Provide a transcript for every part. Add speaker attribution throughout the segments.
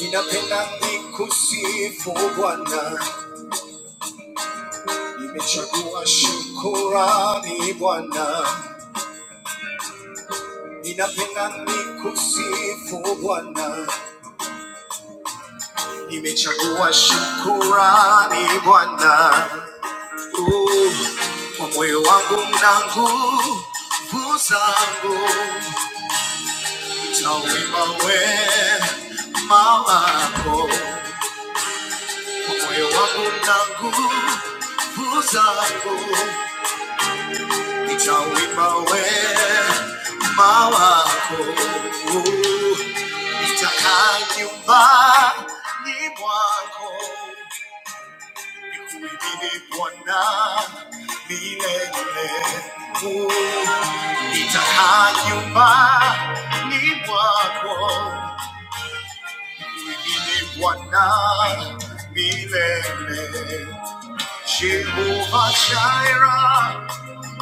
Speaker 1: Ninapenda nikusifu Bwana, nimechagua shukurani Bwana. Ninapenda nikusifu Bwana, nimechagua shukurani Bwana. Uh, Kwa moyo wangu na nguvu zangu, tawima wema wako. Kwa moyo wangu na nguvu zangu, Nitaumba wewe wima wako, nitakayeumba ni mwako, nikuhimidi Bwana milele. Nitakayeumba ni mwako, nikuhimidi Bwana milele. Jehovah Jireh,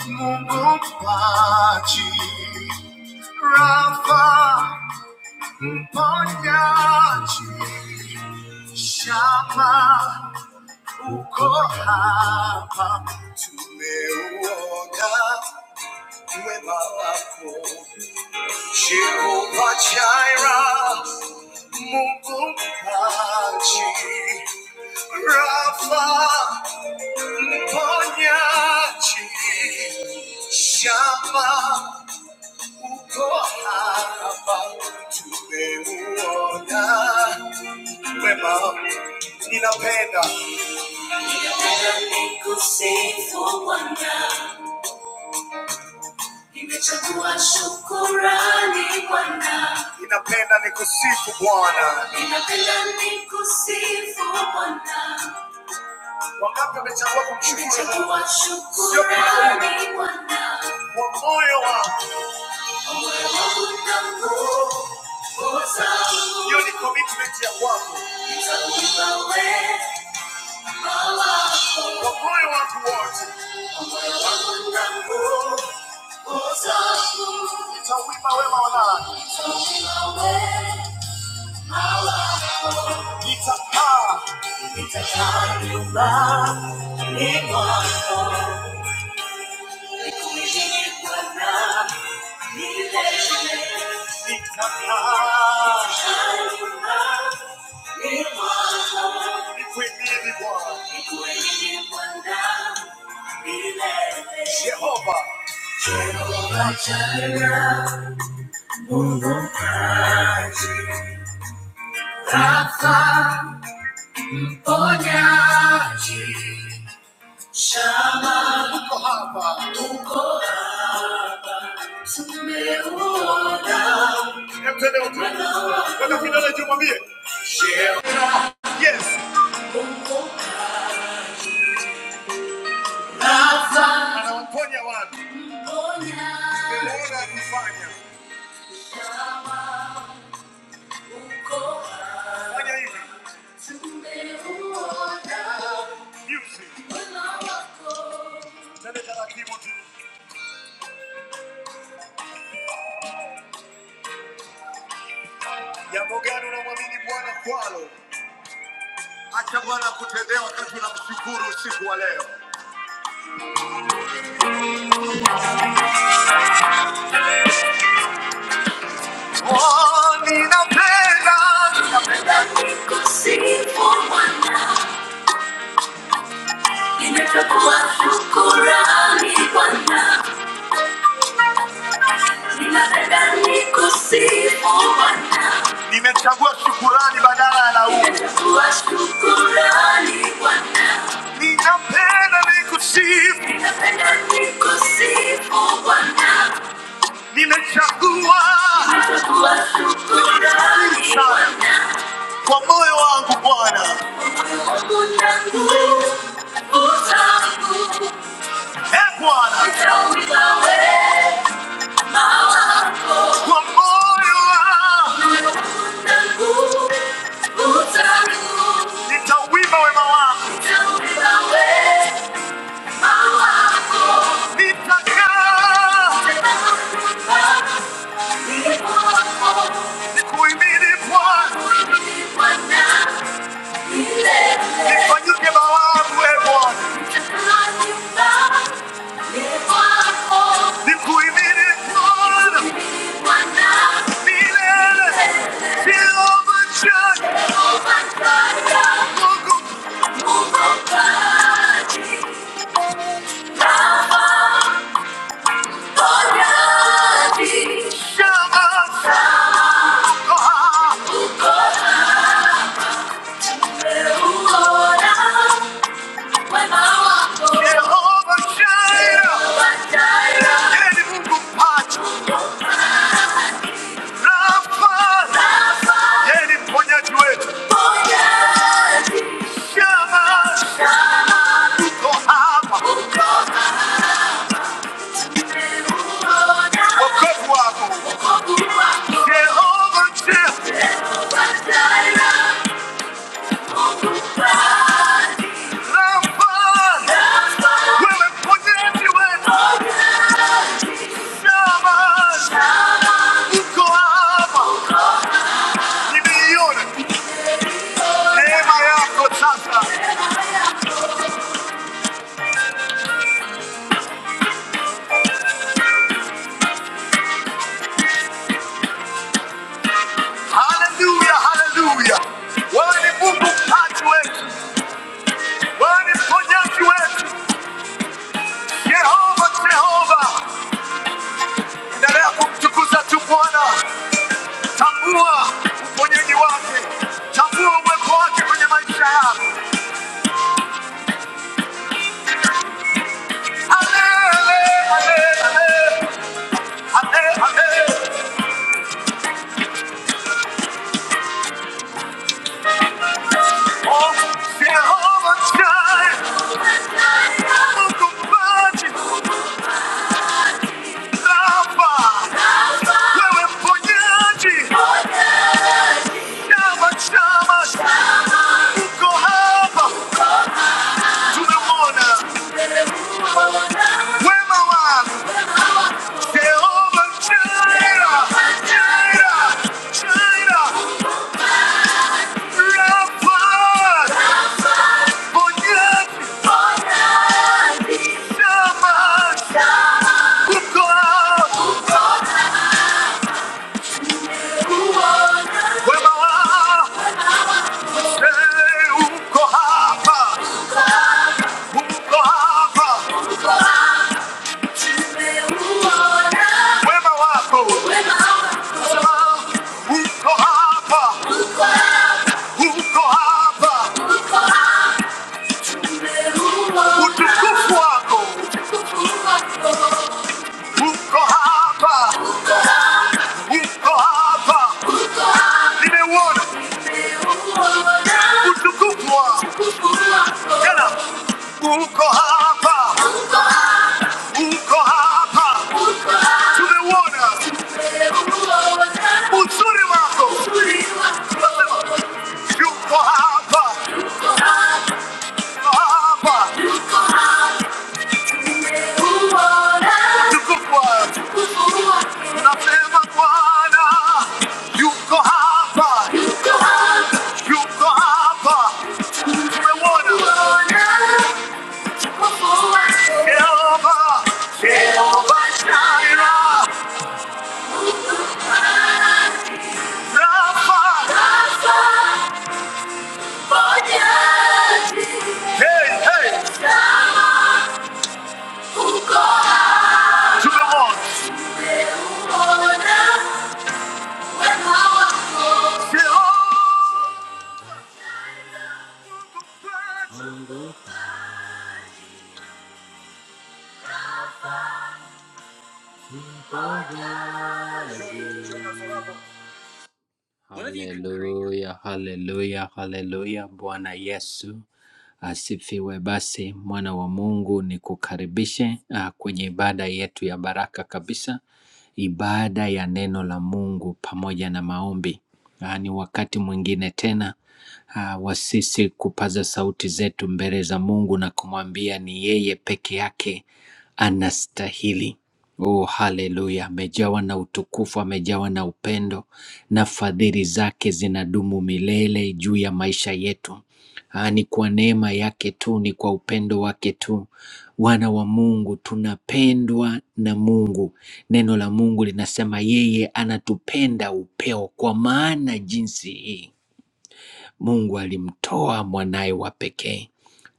Speaker 1: Mungu mpaji Rafa, mponyaji, Shama, uko hapa, tumeuona wema wako. Jehova Jireh, Mungu mpaji, Rafa, mponyaji, Shama, Tumemuona wema, ninapenda ninapenda nikusifu Bwana, nimechagua shukurani Bwana, ninapenda nikusifu Bwana, ninapenda nikusifu Bwana, wangapi wamechagua kumshukuru Mungu? Nimechagua Sio kwa shukrani, Bwana. kwa moyo wangu You're the commitment ya kwako kwa moyo wangu wote, nitauimba wema wa Bwana. Nitakaa Jehovah, Jehovah Jireh, Mungu Weka kidole juu mwambie. Yes. Anawaponya watu. Nimeona akifanya. Fanya hivi. Music. Tende taratibu tu. Jambo gani unamwamini Bwana kwalo? Acha Bwana akutendee wakati unamshukuru usiku wa leo. Oh, ninapenda Ninapenda nikusifu Bwana, nimechukua shukurani Bwana, ninapenda nikusifu Bwana, nimechagua shukurani badala ya laumu, nimechagua shukurani Bwana, ninapenda nikusifu, ninapenda nikusifu Bwana. Nimechagua sana kwa moyo wangu Bwana. Eh Bwana, kwa moyo wangu nitauimba wema wako. i n Thank you. Mfanyike mawazo e Bwana, nikuhimidi Bwana milele, Jehova Jireh, Mungu Shama, Koha, Jehovah Jireh, yeye ni Mungu pacha, Rafa, yeye ni mponyaji wetu. Shama, tuko hapa, wokovu wako. Jehovah Jireh, neema yako sasa. Haleluya, haleluya. Wewe ni Mungu mpaji wetu, wewe ni mponyaji wetu, Yehova Jehova. Endelea kumtukuza tu Bwana, tambua uponyaji wake, tambua uwepo wake kwenye maisha yako. Ale, ale, ale, ale, ale, ale. Oh, Yehova Jai, Mungu mpaji, Rafa, wewe mponyaji Chama, chama, ukohapa, tumemwona wema wangu. Jehova Jireh, Jireh, Jireh, Rafa, Bonyasi, chama, ukohapa, wema wangu. Hey, ukohapa, ukohapa, Wema wako uko hapa, uko hapa, utukufu wako Uko hapa, uko hapa, nimeuona utukufu wako. Tena uko hapa, uko hapa, tumeuona uzuri wako. Nasema yuko hapa, yuko hapa, Hey, hey! Come on. Hallelujah, hallelujah, hallelujah. Bwana Yesu Asifiwe basi mwana wa Mungu, nikukaribishe ah, kwenye ibada yetu ya baraka kabisa, ibada ya neno la Mungu pamoja na maombi. Ah, Ni wakati mwingine tena ah, wa sisi kupaza sauti zetu mbele za Mungu na kumwambia ni yeye peke yake anastahili. Oh, haleluya! Amejawa na utukufu, amejawa na upendo, na fadhili zake zinadumu milele juu ya maisha yetu. Ah, ni kwa neema yake tu, ni kwa upendo wake tu. Wana wa Mungu tunapendwa na Mungu. Neno la Mungu linasema yeye anatupenda upeo, kwa maana jinsi hii Mungu alimtoa mwanaye wa pekee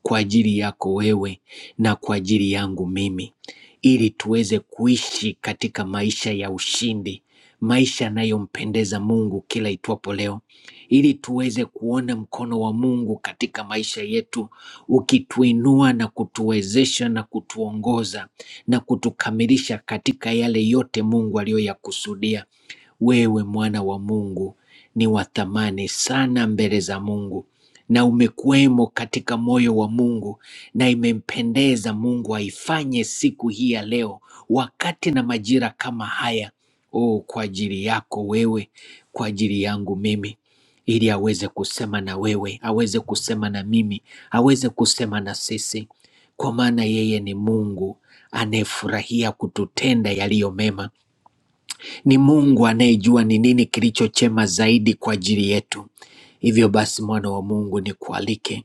Speaker 1: kwa ajili yako wewe na kwa ajili yangu mimi, ili tuweze kuishi katika maisha ya ushindi, maisha yanayompendeza Mungu kila itwapo leo, ili tuweze kuona mkono wa Mungu katika maisha yetu ukituinua na kutuwezesha na kutuongoza na kutukamilisha katika yale yote Mungu aliyoyakusudia wewe mwana wa Mungu ni wa thamani sana mbele za Mungu na umekuwemo katika moyo wa Mungu na imempendeza Mungu aifanye siku hii ya leo wakati na majira kama haya oh, kwa ajili yako wewe, kwa ajili yangu mimi ili aweze kusema na wewe, aweze kusema na mimi, aweze kusema na sisi, kwa maana yeye ni Mungu anayefurahia kututenda yaliyo mema ni Mungu anayejua ni nini kilicho chema zaidi kwa ajili yetu. Hivyo basi, mwana wa Mungu, nikualike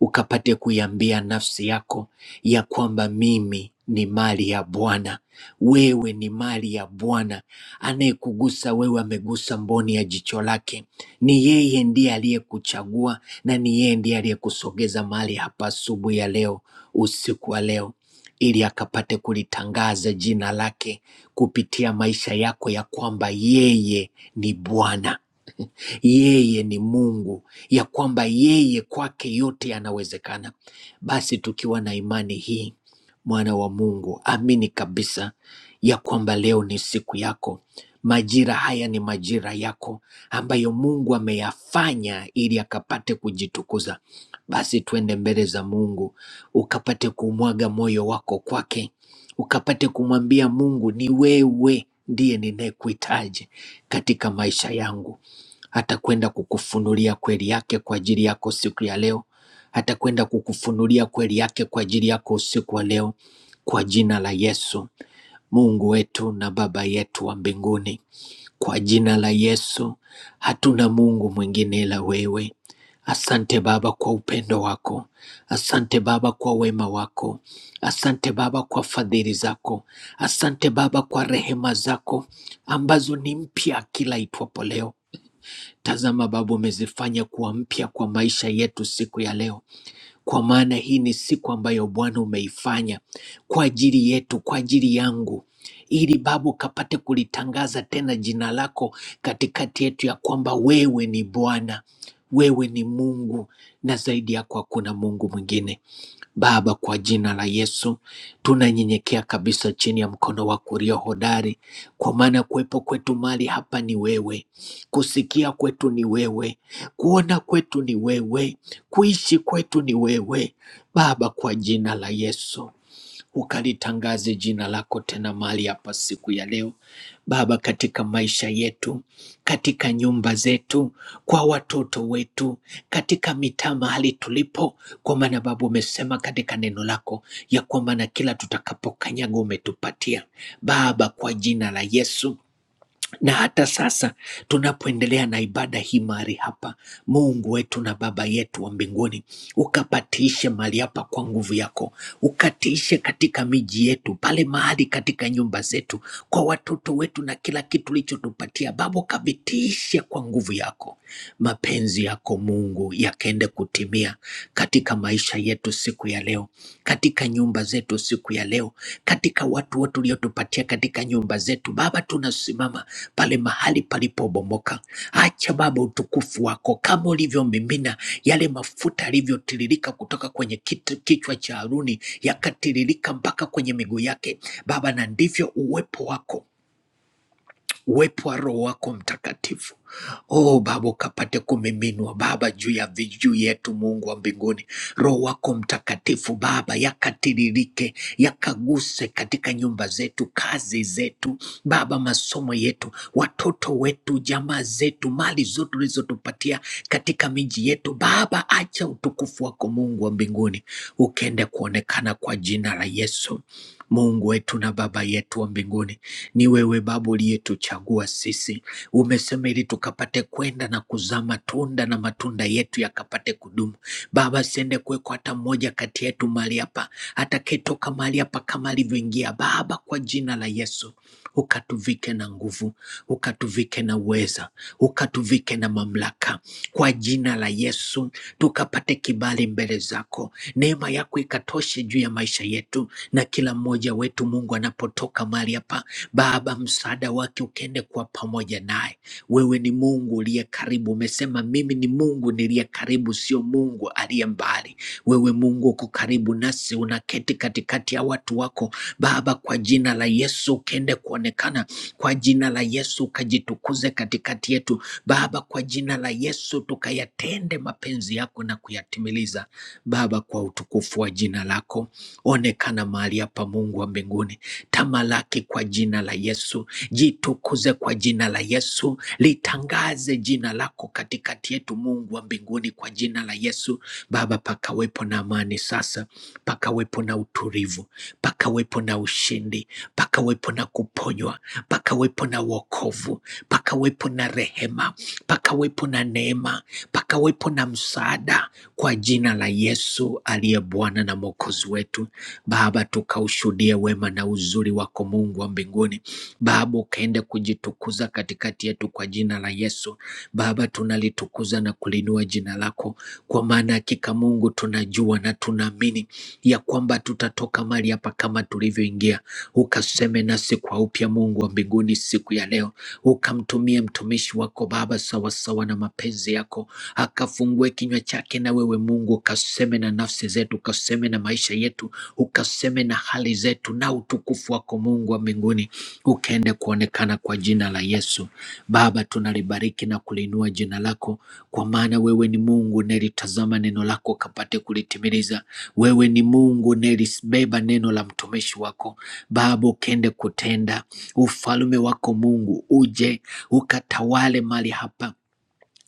Speaker 1: ukapate kuiambia nafsi yako ya kwamba mimi ni mali ya Bwana, wewe ni mali ya Bwana. Anayekugusa wewe amegusa mboni ya jicho lake. Ni yeye ndiye aliyekuchagua na ni yeye ndiye aliyekusogeza mahali hapa asubuhi ya leo, usiku wa leo ili akapate kulitangaza jina lake kupitia maisha yako ya kwamba yeye ni Bwana, yeye ni Mungu, ya kwamba yeye kwake yote yanawezekana. Basi tukiwa na imani hii, mwana wa Mungu, amini kabisa ya kwamba leo ni siku yako. Majira haya ni majira yako ambayo Mungu ameyafanya ili akapate kujitukuza basi twende mbele za Mungu ukapate kumwaga moyo wako kwake, ukapate kumwambia Mungu, ni wewe ndiye ninayekuhitaji katika maisha yangu. Atakwenda kukufunulia kweli yake kwa ajili yako siku ya leo, atakwenda kukufunulia kweli yake kwa ajili yako usiku wa leo, kwa jina la Yesu. Mungu wetu na Baba yetu wa mbinguni, kwa jina la Yesu, hatuna Mungu mwingine ila wewe. Asante Baba kwa upendo wako, asante Baba kwa wema wako, asante Baba kwa fadhili zako, asante Baba kwa rehema zako ambazo ni mpya kila itwapo leo. Tazama Baba, umezifanya kuwa mpya kwa maisha yetu siku ya leo kwa maana hii ni siku ambayo Bwana umeifanya kwa ajili yetu, kwa ajili yangu, ili Baba ukapate kulitangaza tena jina lako katikati yetu, ya kwamba wewe ni Bwana, wewe ni Mungu na zaidi yako hakuna Mungu mwingine. Baba, kwa jina la Yesu tunanyenyekea kabisa chini ya mkono wako ulio hodari, kwa maana kuwepo kwetu mali hapa ni wewe Kusikia kwetu ni wewe, kuona kwetu ni wewe, kuishi kwetu ni wewe. Baba, kwa jina la Yesu, ukalitangaze jina lako tena mahali hapa siku ya leo. Baba, katika maisha yetu, katika nyumba zetu, kwa watoto wetu, katika mitaa mahali tulipo, kwa maana Baba umesema katika neno lako ya kwamba na kila tutakapokanyaga umetupatia. Baba, kwa jina la Yesu na hata sasa tunapoendelea na ibada hii mahali hapa, Mungu wetu na Baba yetu wa mbinguni, ukapatishe mahali hapa kwa nguvu yako, ukatishe katika miji yetu, pale mahali katika nyumba zetu, kwa watoto wetu na kila kitu ulichotupatia Baba, ukavitishe kwa nguvu yako, mapenzi yako Mungu yakaende kutimia katika katika maisha yetu siku ya leo, katika nyumba zetu siku ya leo, katika watu wote uliotupatia katika nyumba zetu. Baba, tunasimama pale mahali palipobomoka. Acha Baba utukufu wako kama ulivyomimina yale mafuta yalivyotiririka kutoka kwenye kitu, kichwa cha Haruni yakatiririka mpaka kwenye miguu yake. Baba, na ndivyo uwepo wako uwepo wa Roho wako Mtakatifu. Oh Baba, ukapate kumiminwa Baba juu ya vijuu yetu, Mungu wa mbinguni. Roho wako Mtakatifu Baba yakatiririke, yakaguse katika nyumba zetu, kazi zetu Baba, masomo yetu, watoto wetu, jamaa zetu, mali zote ulizotupatia katika miji yetu Baba, acha utukufu wako Mungu wa mbinguni ukende kuonekana kwa jina la Yesu. Mungu wetu na Baba yetu wa mbinguni, ni wewe Baba uliyetuchagua sisi. Umesema ili tukapate kwenda na kuzaa matunda na matunda yetu yakapate kudumu. Baba, asiende kuwekwa hata mmoja kati yetu mahali hapa atakayetoka mahali hapa kama alivyoingia. Baba, kwa jina la Yesu ukatuvike na nguvu, ukatuvike na uweza, ukatuvike na mamlaka. Kwa jina la Yesu tukapate kibali mbele zako, neema yako ikatoshe juu ya maisha yetu na kila mmoja wetu. Mungu anapotoka mahali hapa, Baba, msaada wake ukaende kuwa pamoja naye. Wewe ni Mungu uliye karibu, umesema mimi ni Mungu niliye karibu, sio Mungu aliye mbali. Wewe Mungu uko karibu nasi, unaketi katikati ya watu wako Baba. Kwa jina la Yesu ukende kuonekana, kwa jina la Yesu ukajitukuze katikati yetu Baba. Kwa jina la Yesu tukayatende mapenzi yako na kuyatimiliza Baba, kwa utukufu wa jina lako. Onekana mahali hapa, Mungu wa mbinguni, tamalaki kwa jina la Yesu, jitukuze kwa jina la Yesu, litangaze tulitangaze jina lako katikati yetu, Mungu wa mbinguni, kwa jina la Yesu. Baba, pakawepo na amani sasa, pakawepo na utulivu, pakawepo na ushindi, pakawepo na kuponywa, pakawepo na wokovu, pakawepo na rehema, pakawepo na neema, pakawepo na msaada, kwa jina la Yesu aliye Bwana na Mwokozi wetu. Baba, tukaushuhudie wema na uzuri wako Mungu wa mbinguni. Baba, ukaenda kujitukuza katikati yetu kwa jina la Yesu. Baba, tunalitukuza na kulinua jina lako, kwa maana hakika Mungu tunajua na tunaamini ya kwamba tutatoka mali hapa kama tulivyoingia. Ukaseme nasi kwa upya, Mungu wa mbinguni, siku ya leo, ukamtumie mtumishi wako Baba sawasawa na mapenzi yako, akafungue kinywa chake, na wewe Mungu ukaseme na nafsi nafsi zetu, ukaseme na maisha yetu, ukaseme na hali zetu, na utukufu wako Mungu wa mbinguni ukaende kuonekana kwa jina la Yesu. Baba, tunalibariki na kuliinua jina lako, kwa maana wewe ni Mungu unayelitazama neno lako ukapate kulitimiliza. Wewe ni Mungu unayelibeba neno la mtumishi wako. Baba, ukaende kutenda ufalme wako Mungu, uje ukatawale mali hapa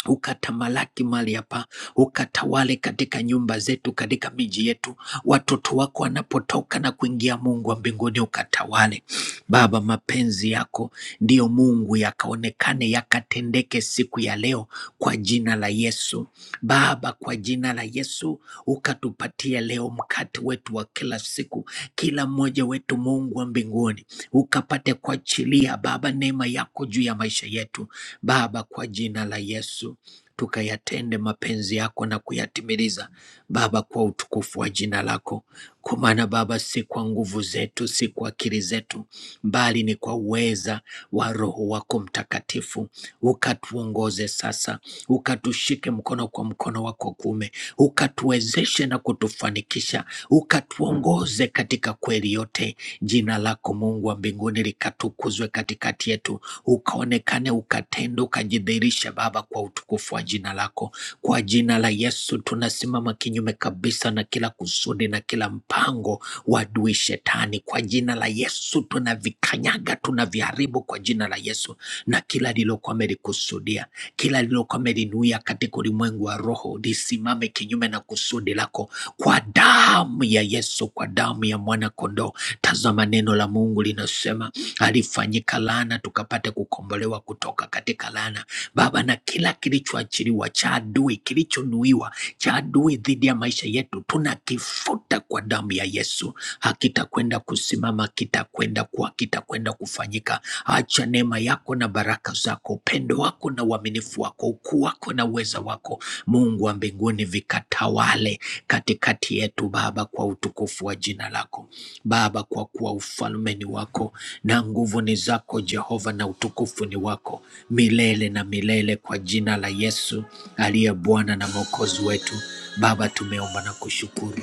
Speaker 1: ukatamalaki mali hapa, ukatawale katika nyumba zetu, katika miji yetu, watoto wako wanapotoka na kuingia, Mungu wa mbinguni ukatawale. Baba, mapenzi yako ndiyo Mungu, yakaonekane yakatendeke siku ya leo kwa jina la Yesu. Baba, kwa jina la Yesu ukatupatie leo mkate wetu wa kila siku, kila mmoja wetu, Mungu wa mbinguni uka tukapate kuachilia Baba neema yako juu ya maisha yetu Baba, kwa jina la Yesu tukayatende mapenzi yako na kuyatimiliza Baba, kwa utukufu wa jina lako. Kwa maana Baba, si kwa nguvu zetu, si kwa akili zetu, bali ni kwa uweza wa Roho wako Mtakatifu. Ukatuongoze sasa, ukatushike mkono kwa mkono wako kuume, ukatuwezeshe na kutu uliotufanikisha, ukatuongoze katika kweli yote. Jina lako Mungu wa mbinguni likatukuzwe katikati yetu, ukaonekane, ukatende, ukajidhihirishe Baba, kwa utukufu wa jina lako. Kwa jina la Yesu tunasimama kinyume kabisa na kila kusudi na kila mpango wa adui shetani. Kwa jina la Yesu tunavikanyaga, tunaviharibu kwa jina la Yesu na kila lilokuwa amelikusudia. Kila lililokamilinuia katika ulimwengu wa roho lisimame kinyume na kusudi lako kwa damu ya Yesu, kwa damu ya mwana kondoo. Tazama, neno la Mungu linasema alifanyika laana tukapate kukombolewa kutoka katika laana. Baba, na kila kilichoachiliwa cha adui, kilichonuiwa cha adui dhidi ya maisha yetu, tunakifuta kwa damu ya Yesu hakitakwenda kusimama, kitakwenda kuwa, kitakwenda kufanyika. Acha neema yako na baraka zako, upendo wako na uaminifu wako, ukuu wako na uweza wako, Mungu wa mbinguni, vikatawale katikati yetu Baba, kwa utukufu wa jina lako Baba, kwa kuwa ufalme ni wako na nguvu ni zako Jehova, na utukufu ni wako milele na milele, kwa jina la Yesu aliye Bwana na Mwokozi wetu. Baba, tumeomba na kushukuru.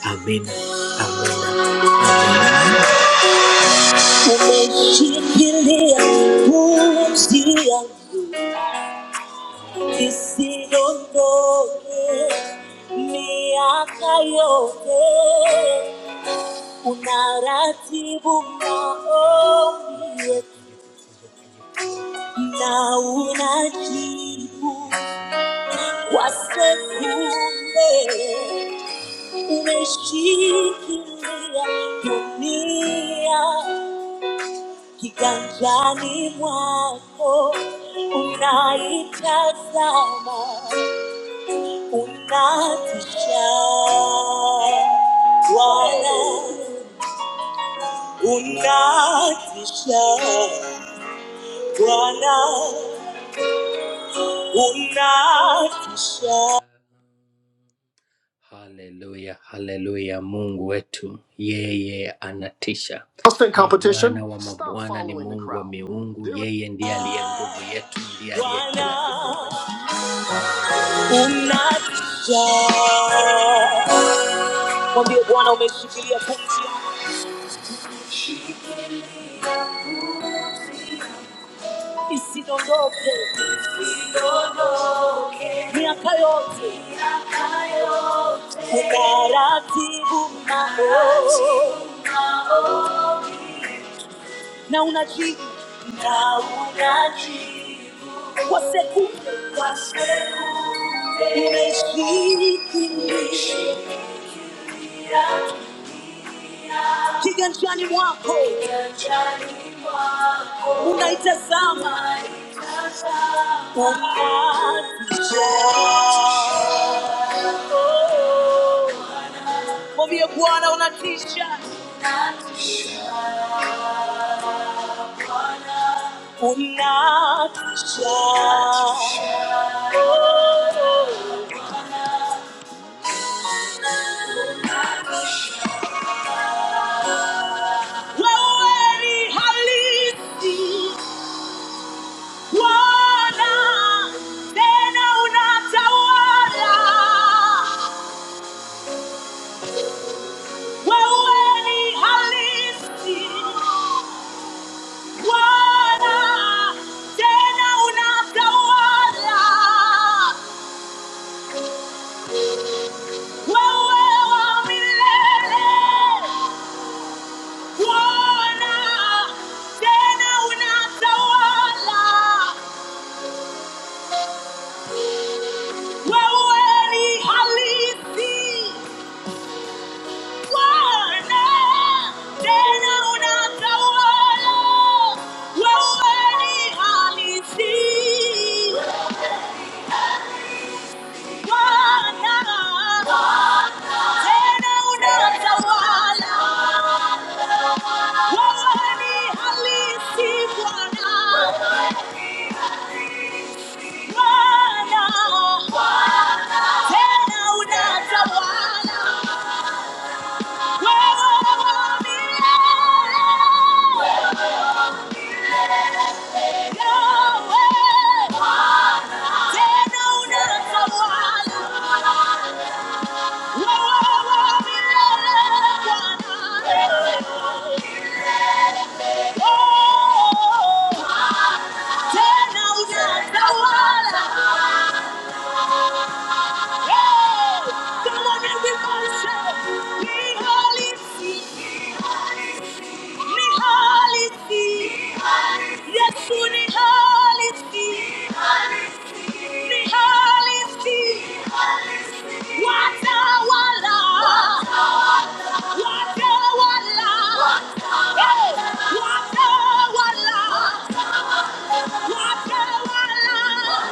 Speaker 1: Amina, amina, amina. Umeshikilia pumzia isiondoke miaka yote, unaratibu maombi yetu na unajibu kwa sekunde. Umeshikilia dunia Kiganjani mwako unaitazama, unatisha Bwana, unatisha Bwana, unatisha. Haleluya, haleluya! Mungu wetu yeye anatisha. Competition. Bwana wa mabwana ni Mungu wa miungu, yeye ndiye aliye nguvu yetu, ndiye aliye kila kitu. unajaa. Mwambie Bwana umeshikilia pumzi yangu isidondoke miaka yote, ukaratibu maombi na unajibu na unajibu kwa sekunde kwa sekunde, umeshikilia kiganjani mwako unaitazama unatisha mwambie bwana unatisha unatisha wewe ni halisi bwana tena unatawala wewe ni halisi Bwana, tena unatawala. Wewe wa milele. Bwana, tena unatawala. Wewe ni halisi. Bwana, tena unatawala. Wewe ni halisi. Oh Watawala, watawala, watawala.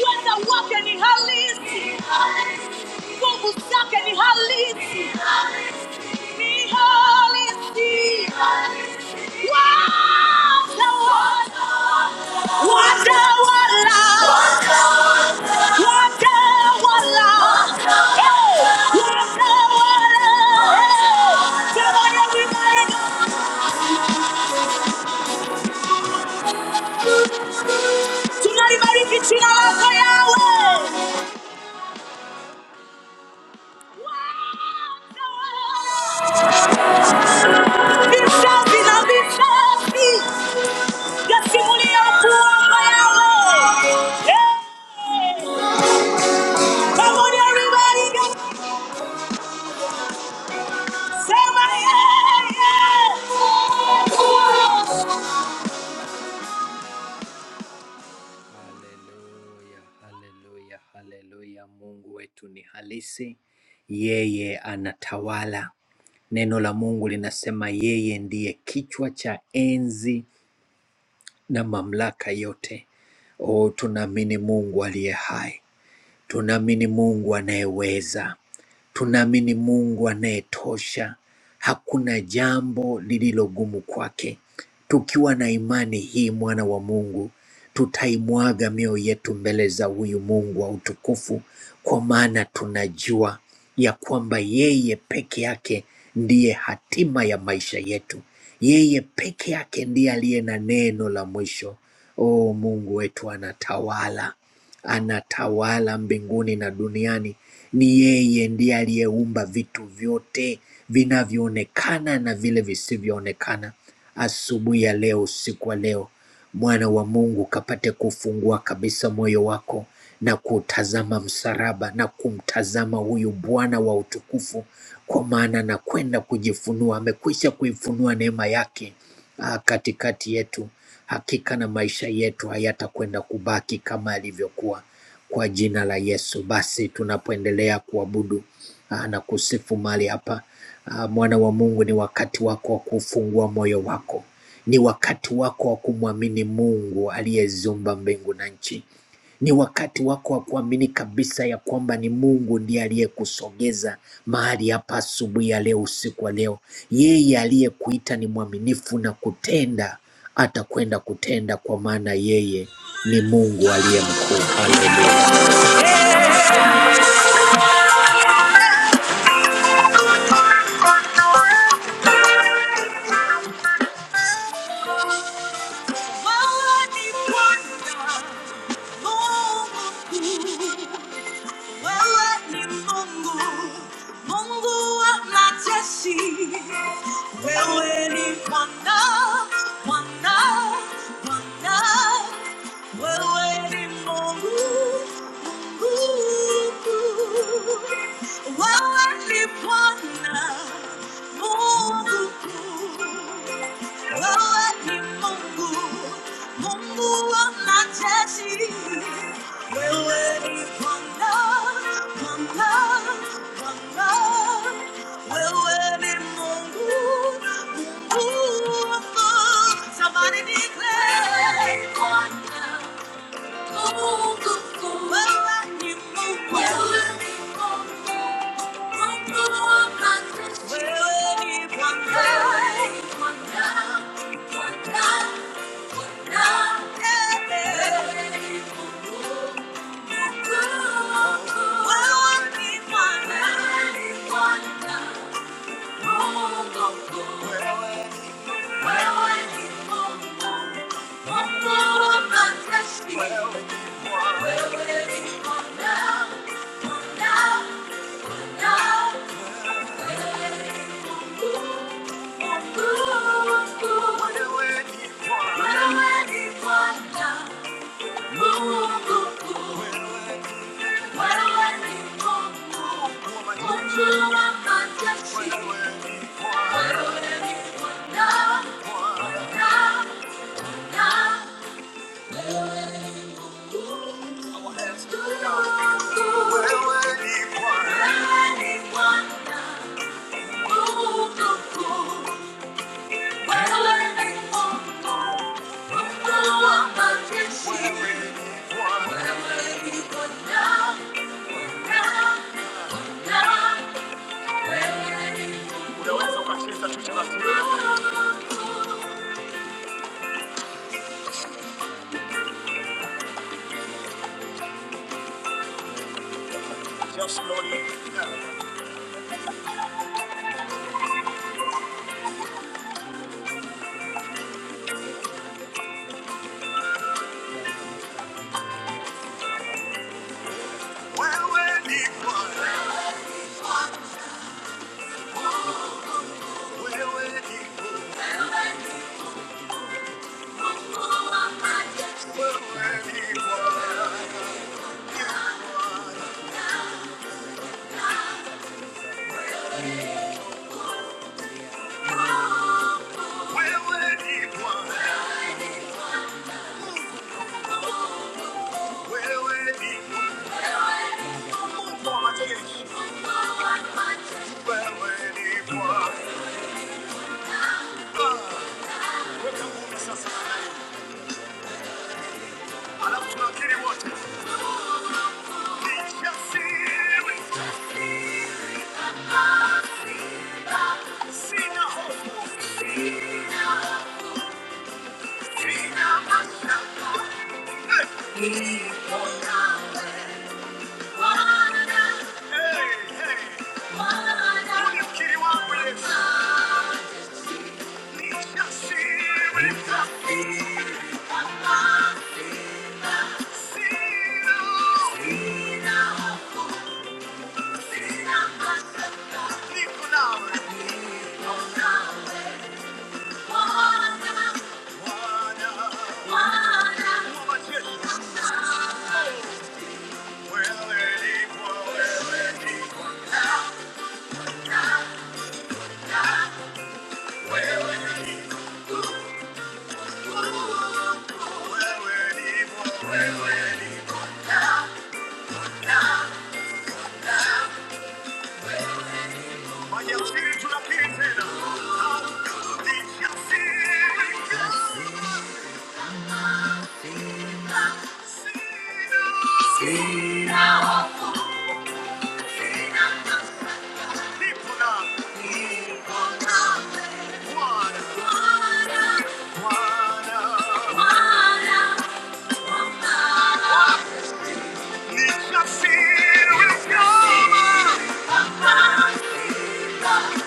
Speaker 1: Whether walking in halisi, kubu zake ni halisi, ni halisi. Wada wala, wada wala, eh, Yasimulia kuwanga yawe. Yeah. Come on everybody, just sema yeah, yeah. Haleluya, haleluya, haleluya. Mungu wetu ni halisi, yeye anatawala. Neno la Mungu linasema yeye ndiye kichwa cha enzi na mamlaka yote. Oh, tunaamini Mungu aliye hai. Tunaamini Mungu anayeweza, tunaamini Mungu anayetosha. Hakuna jambo lililo gumu kwake. Tukiwa na imani hii, mwana wa Mungu, tutaimwaga mioyo yetu mbele za huyu Mungu wa utukufu, kwa maana tunajua ya kwamba yeye peke yake ndiye hatima ya maisha yetu. Yeye peke yake ndiye aliye na neno la mwisho. O Mungu wetu anatawala anatawala mbinguni na duniani. Ni yeye ndiye aliyeumba vitu vyote vinavyoonekana na vile visivyoonekana. Asubuhi ya leo, usiku wa leo, mwana wa Mungu, kapate kufungua kabisa moyo wako na kutazama msalaba na kumtazama huyu Bwana wa utukufu, kwa maana anakwenda kujifunua, amekwisha kuifunua neema yake ah, katikati yetu. Hakika na maisha yetu hayatakwenda kubaki kama yalivyokuwa kwa jina la Yesu. Basi tunapoendelea kuabudu ah, na kusifu mahali hapa ah, mwana wa Mungu, ni wakati wako wa kufungua moyo wako, ni wakati wako wa kumwamini Mungu aliyeziumba mbingu na nchi. Ni wakati wako wa kuamini kabisa ya kwamba ni Mungu ndiye aliyekusogeza mahali hapa asubuhi ya leo, usiku wa leo. Yeye aliyekuita ni mwaminifu na kutenda, atakwenda kutenda, kwa maana yeye ni Mungu aliye mkuu. Haleluya. Wewe ni Mungu, Mungu wa majeshi. Wewe ni Bwana, Bwana, Bwana. Wewe ni Mungu, Mungu. Wewe ni Bwana, Mungu. Wewe ni Mungu, Mungu wa majeshi. We're waiting for love, for love, for love. We're waiting for you, Somebody declare. We're waiting for love, you, you, you. we We're waiting for you, you, We're waiting for love, for love, for Thank you. Wherever you go, down, down, down. Unaweza ukacheza tu taratibu. Just Lord. Wewe ni Bwana. Wewe ni Bwana. Wewe ni Bwana. Wewe ni Bwana. Wewe ni Bwana. Mungu wa majeshi. Wewe ni Bwana. Ah, weka ngumi sasa. Alafu tunakiri wote. Nijasiri. Sina hofu. Thank you. Nisha Siri Kama Wow.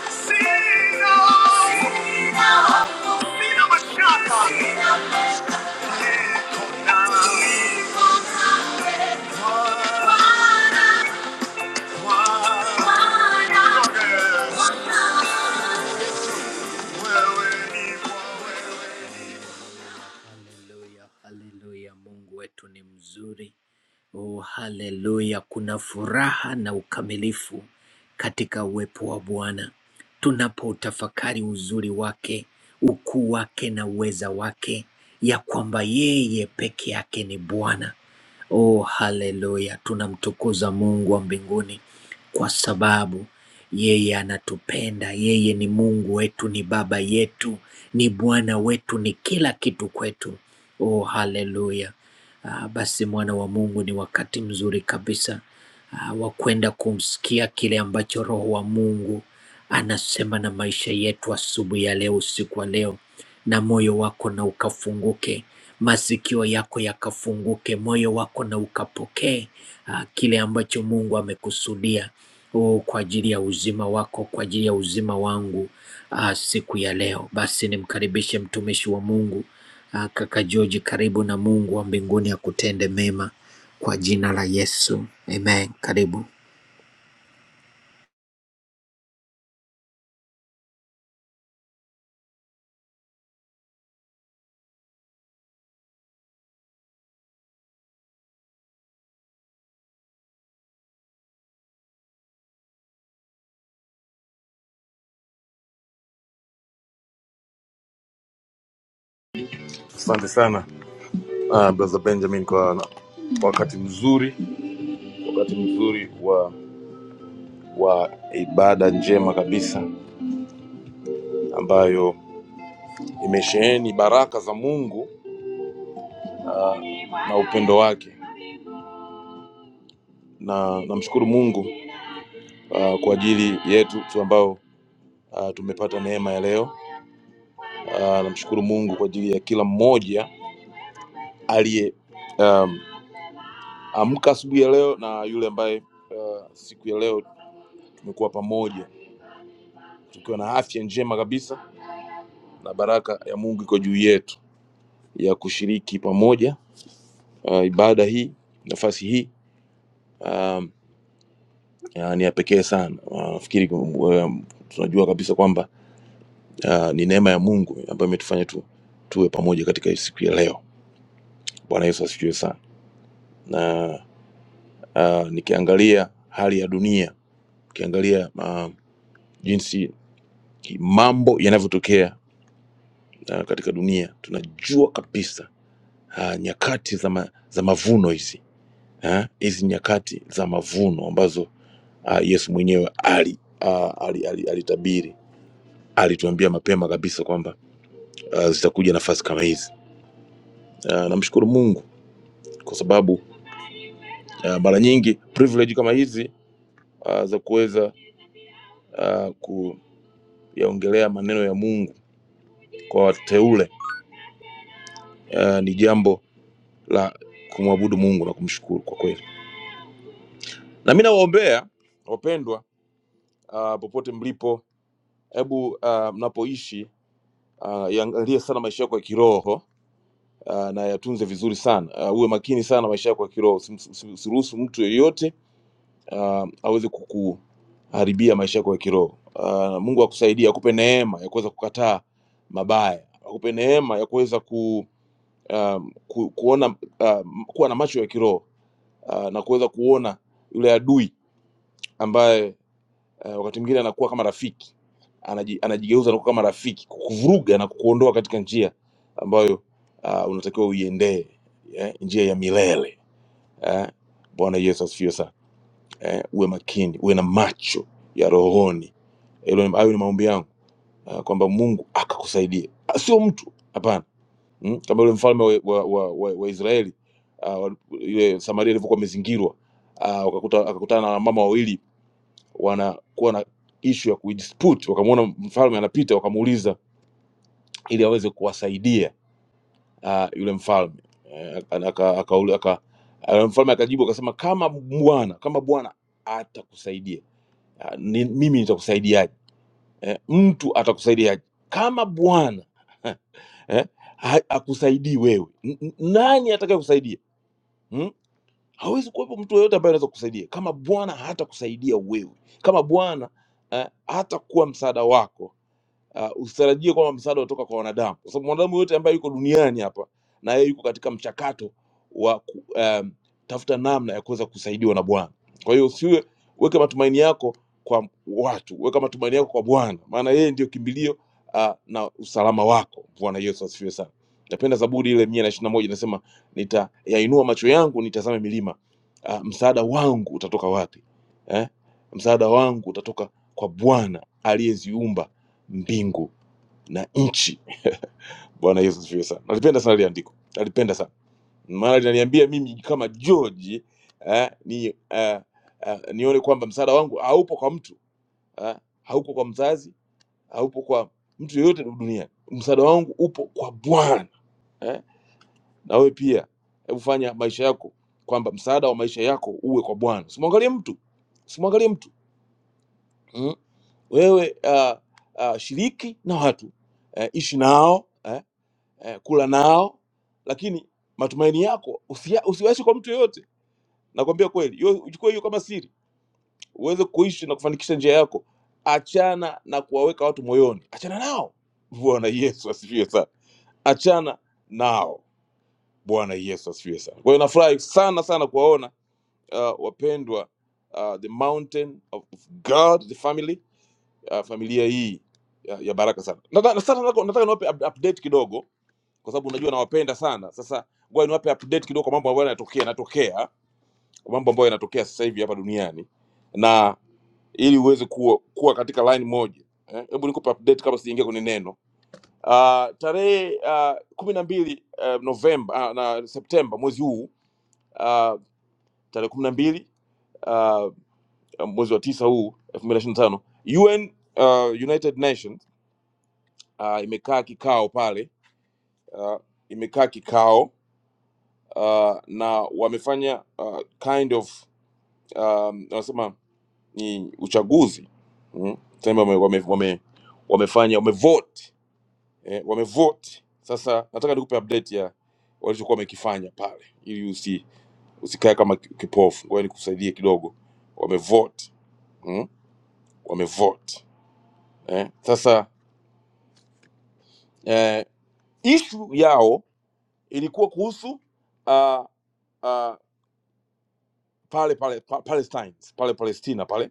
Speaker 1: Haleluya, haleluya, Mungu wetu ni mzuri. Oh, haleluya, kuna furaha na ukamilifu katika uwepo wa Bwana tunapoutafakari uzuri wake, ukuu wake na uweza wake, ya kwamba yeye peke yake ni Bwana. Oh, haleluya, tunamtukuza Mungu wa mbinguni kwa sababu yeye anatupenda, yeye ni Mungu wetu, ni Baba yetu, ni Bwana wetu, ni kila kitu kwetu. Oh, haleluya! Ah, basi mwana wa Mungu, ni wakati mzuri kabisa ah, wa kwenda kumsikia kile ambacho Roho wa Mungu anasema na maisha yetu asubuhi ya leo, usiku wa leo, na moyo wako na ukafunguke, masikio yako yakafunguke, moyo wako na ukapokee ah, kile ambacho Mungu amekusudia oh, kwa ajili ya uzima wako, kwa ajili ya uzima wangu ah, siku ya leo. Basi nimkaribishe mtumishi wa Mungu ah, kaka George, karibu na Mungu wa mbinguni akutende mema kwa jina la Yesu, amen. Karibu.
Speaker 2: Asante sana uh, brother Benjamin kwa na- wakati mzuri, wakati mzuri wa wa ibada njema kabisa ambayo imesheheni baraka za Mungu na upendo wake, na namshukuru Mungu uh, kwa ajili yetu tu ambao uh, tumepata neema ya leo. Uh, namshukuru Mungu kwa ajili ya kila mmoja aliyeamka asubuhi ya leo na yule ambaye uh, siku ya leo tumekuwa pamoja tukiwa na afya njema kabisa na baraka ya Mungu iko juu yetu ya kushiriki pamoja uh, ibada hii nafasi hii um, uh, ni ya pekee sana uh, nafikiri um, tunajua kabisa kwamba uh, ni neema ya mungu ambayo imetufanya tu, tuwe pamoja katika siku ya leo bwana yesu asifiwe sana na uh, nikiangalia hali ya dunia ukiangalia uh, jinsi ki- mambo yanavyotokea uh, katika dunia tunajua kabisa uh, nyakati za, ma, za mavuno hizi eh, hizi uh, nyakati za mavuno ambazo uh, yesu mwenyewe ali uh, alitabiri ali, ali alitabiri. alituambia mapema kabisa kwamba uh, zitakuja nafasi kama hizi uh, namshukuru mungu kwa sababu uh, mara nyingi privilege kama hizi uh, za kuweza uh, kuyaongelea maneno ya mungu kwa wateule uh, ni jambo la kumwabudu mungu na kumshukuru kwa kweli na mi nawaombea wapendwa uh, popote mlipo hebu uh, mnapoishi uh, yaangalie sana maisha yako ya kiroho uh, na yatunze vizuri sana. Uh, uwe makini sana maisha yako ya kiroho, Usim- usi- usiruhusu mtu yeyote uh, aweze kukuharibia maisha yako ya kiroho. Uh, Mungu akusaidie, akupe neema ya kuweza kukataa mabaya, akupe neema ya kuweza ku, um, ku, kuona uh, kuwa na macho ya kiroho uh, na kuweza kuona yule adui ambaye eh, wakati mwingine anakuwa kama rafiki anaji, anajigeuza anakuwa kama rafiki kukuvuruga na kukuondoa katika njia ambayo uh, unatakiwa uiendee yeah? njia ya milele eh? bwana yesu asifiwe sana eh? uwe makini uwe na macho ya rohoni Hilo ni- hayo ni maombi yangu eh, kwamba mungu akakusaidia Ah, sio mtu hapana mm? kama yule mfalme wa, wa, wa, wa, wa israeli uh, ile samaria ilivyokuwa amezingirwa uh, akakuta akakutana na mama wawili wanakuwa na ishu ya kuidispute, wakamwona mfalme anapita, wakamuuliza ili aweze kuwasaidia uh, yule mfalme Eh, aka, aka, aka, aka, aka, mfalme akajibu akasema, kama bwana kama bwana atakusaidia uh, ni, mimi nitakusaidiaje? Eh, mtu atakusaidiaje kama bwana eh, ha- akusaidii wewe, N- n- nani atakaye kusaidia hmm? Hawezi kuwepo mtu yeyote ambaye anaweza kukusaidia kama Bwana hatakusaidia wewe, kama Bwana eh, hatakuwa msaada wako uh, usitarajie kwamba msaada utatoka kwa wanadamu, kwa sababu mwanadamu yote ambaye yuko duniani hapa na yeye yuko katika mchakato wa ku- um, tafuta namna ya kuweza kusaidiwa na Bwana. Kwa hiyo usiwe weka matumaini yako kwa watu, weka matumaini yako kwa Bwana, maana yeye ndio kimbilio uh, na usalama wako. Bwana Yesu asifiwe sana. Napenda Zaburi ile mia na ishirini na moja inasema, nitayainua macho yangu nitazame milima, uh, msaada wangu utatoka wapi? Eh? Msaada wangu utatoka kwa Bwana aliyeziumba mbingu na nchi. Bwana Yesu asifiwe sana. Nalipenda sana ile andiko, nalipenda sana maana linaniambia mimi kama George eh, ni eh, eh, nione kwamba msaada wangu haupo kwa mtu eh, haupo kwa mzazi, haupo kwa mtu yeyote duniani. Msaada wangu upo kwa Bwana eh. Na wewe pia hebu fanya maisha yako kwamba msaada wa maisha yako uwe kwa Bwana. Usimwangalie mtu, usimwangalie mtu mm. Wewe uh, uh, shiriki na watu eh, ishi nao eh, eh, kula nao, lakini matumaini yako usia- usiwaache kwa mtu yoyote. Nakwambia kweli, hiyo- uchukue hiyo kama siri uweze kuishi na kufanikisha njia yako. Achana na kuwaweka watu moyoni, achana nao. Bwana Yesu asifiwe sana, achana nao. Bwana Yesu asifiwe sana. Kwa hiyo nafurahi sana sana kuwaona uh, wapendwa uh, the mountain of of God, the family uh, familia hii ya, ya baraka sana. Nataka nataka nataka niwape up- update kidogo kwa sababu unajua nawapenda sana. Sasa ngoja niwape update kidogo kwa mambo ambayo yanatokea yanatokea, kwa mambo ambayo yanatokea sasa hivi hapa duniani, na ili uweze kuwa, kuwa katika line moja eh, hebu nikupe update kabla sijaingia kwenye neno. Uh, tarehe uh, kumi na mbili uh, Novemba uh, na Septemba mwezi huu uh, tarehe kumi na mbili uh, mwezi wa tisa huu elfu mbili na ishirini na tano UN uh, United Nations uh, imekaa kikao pale uh, imekaa kikao uh, na wamefanya uh, kind of um, wanasema ni uchaguzi mm? Tuseme wame, wame, wame, wamefanya wamevote eh, wamevote. Sasa nataka nikupe update ya walichokuwa wamekifanya pale ili usi usikae kama ki- kipofu. Ngoja nikusaidie kidogo. Wamevote mm? wamevote eh? Sasa eh, issue yao ilikuwa kuhusu uh, uh, pale pale pa, Palestine pale Palestina pale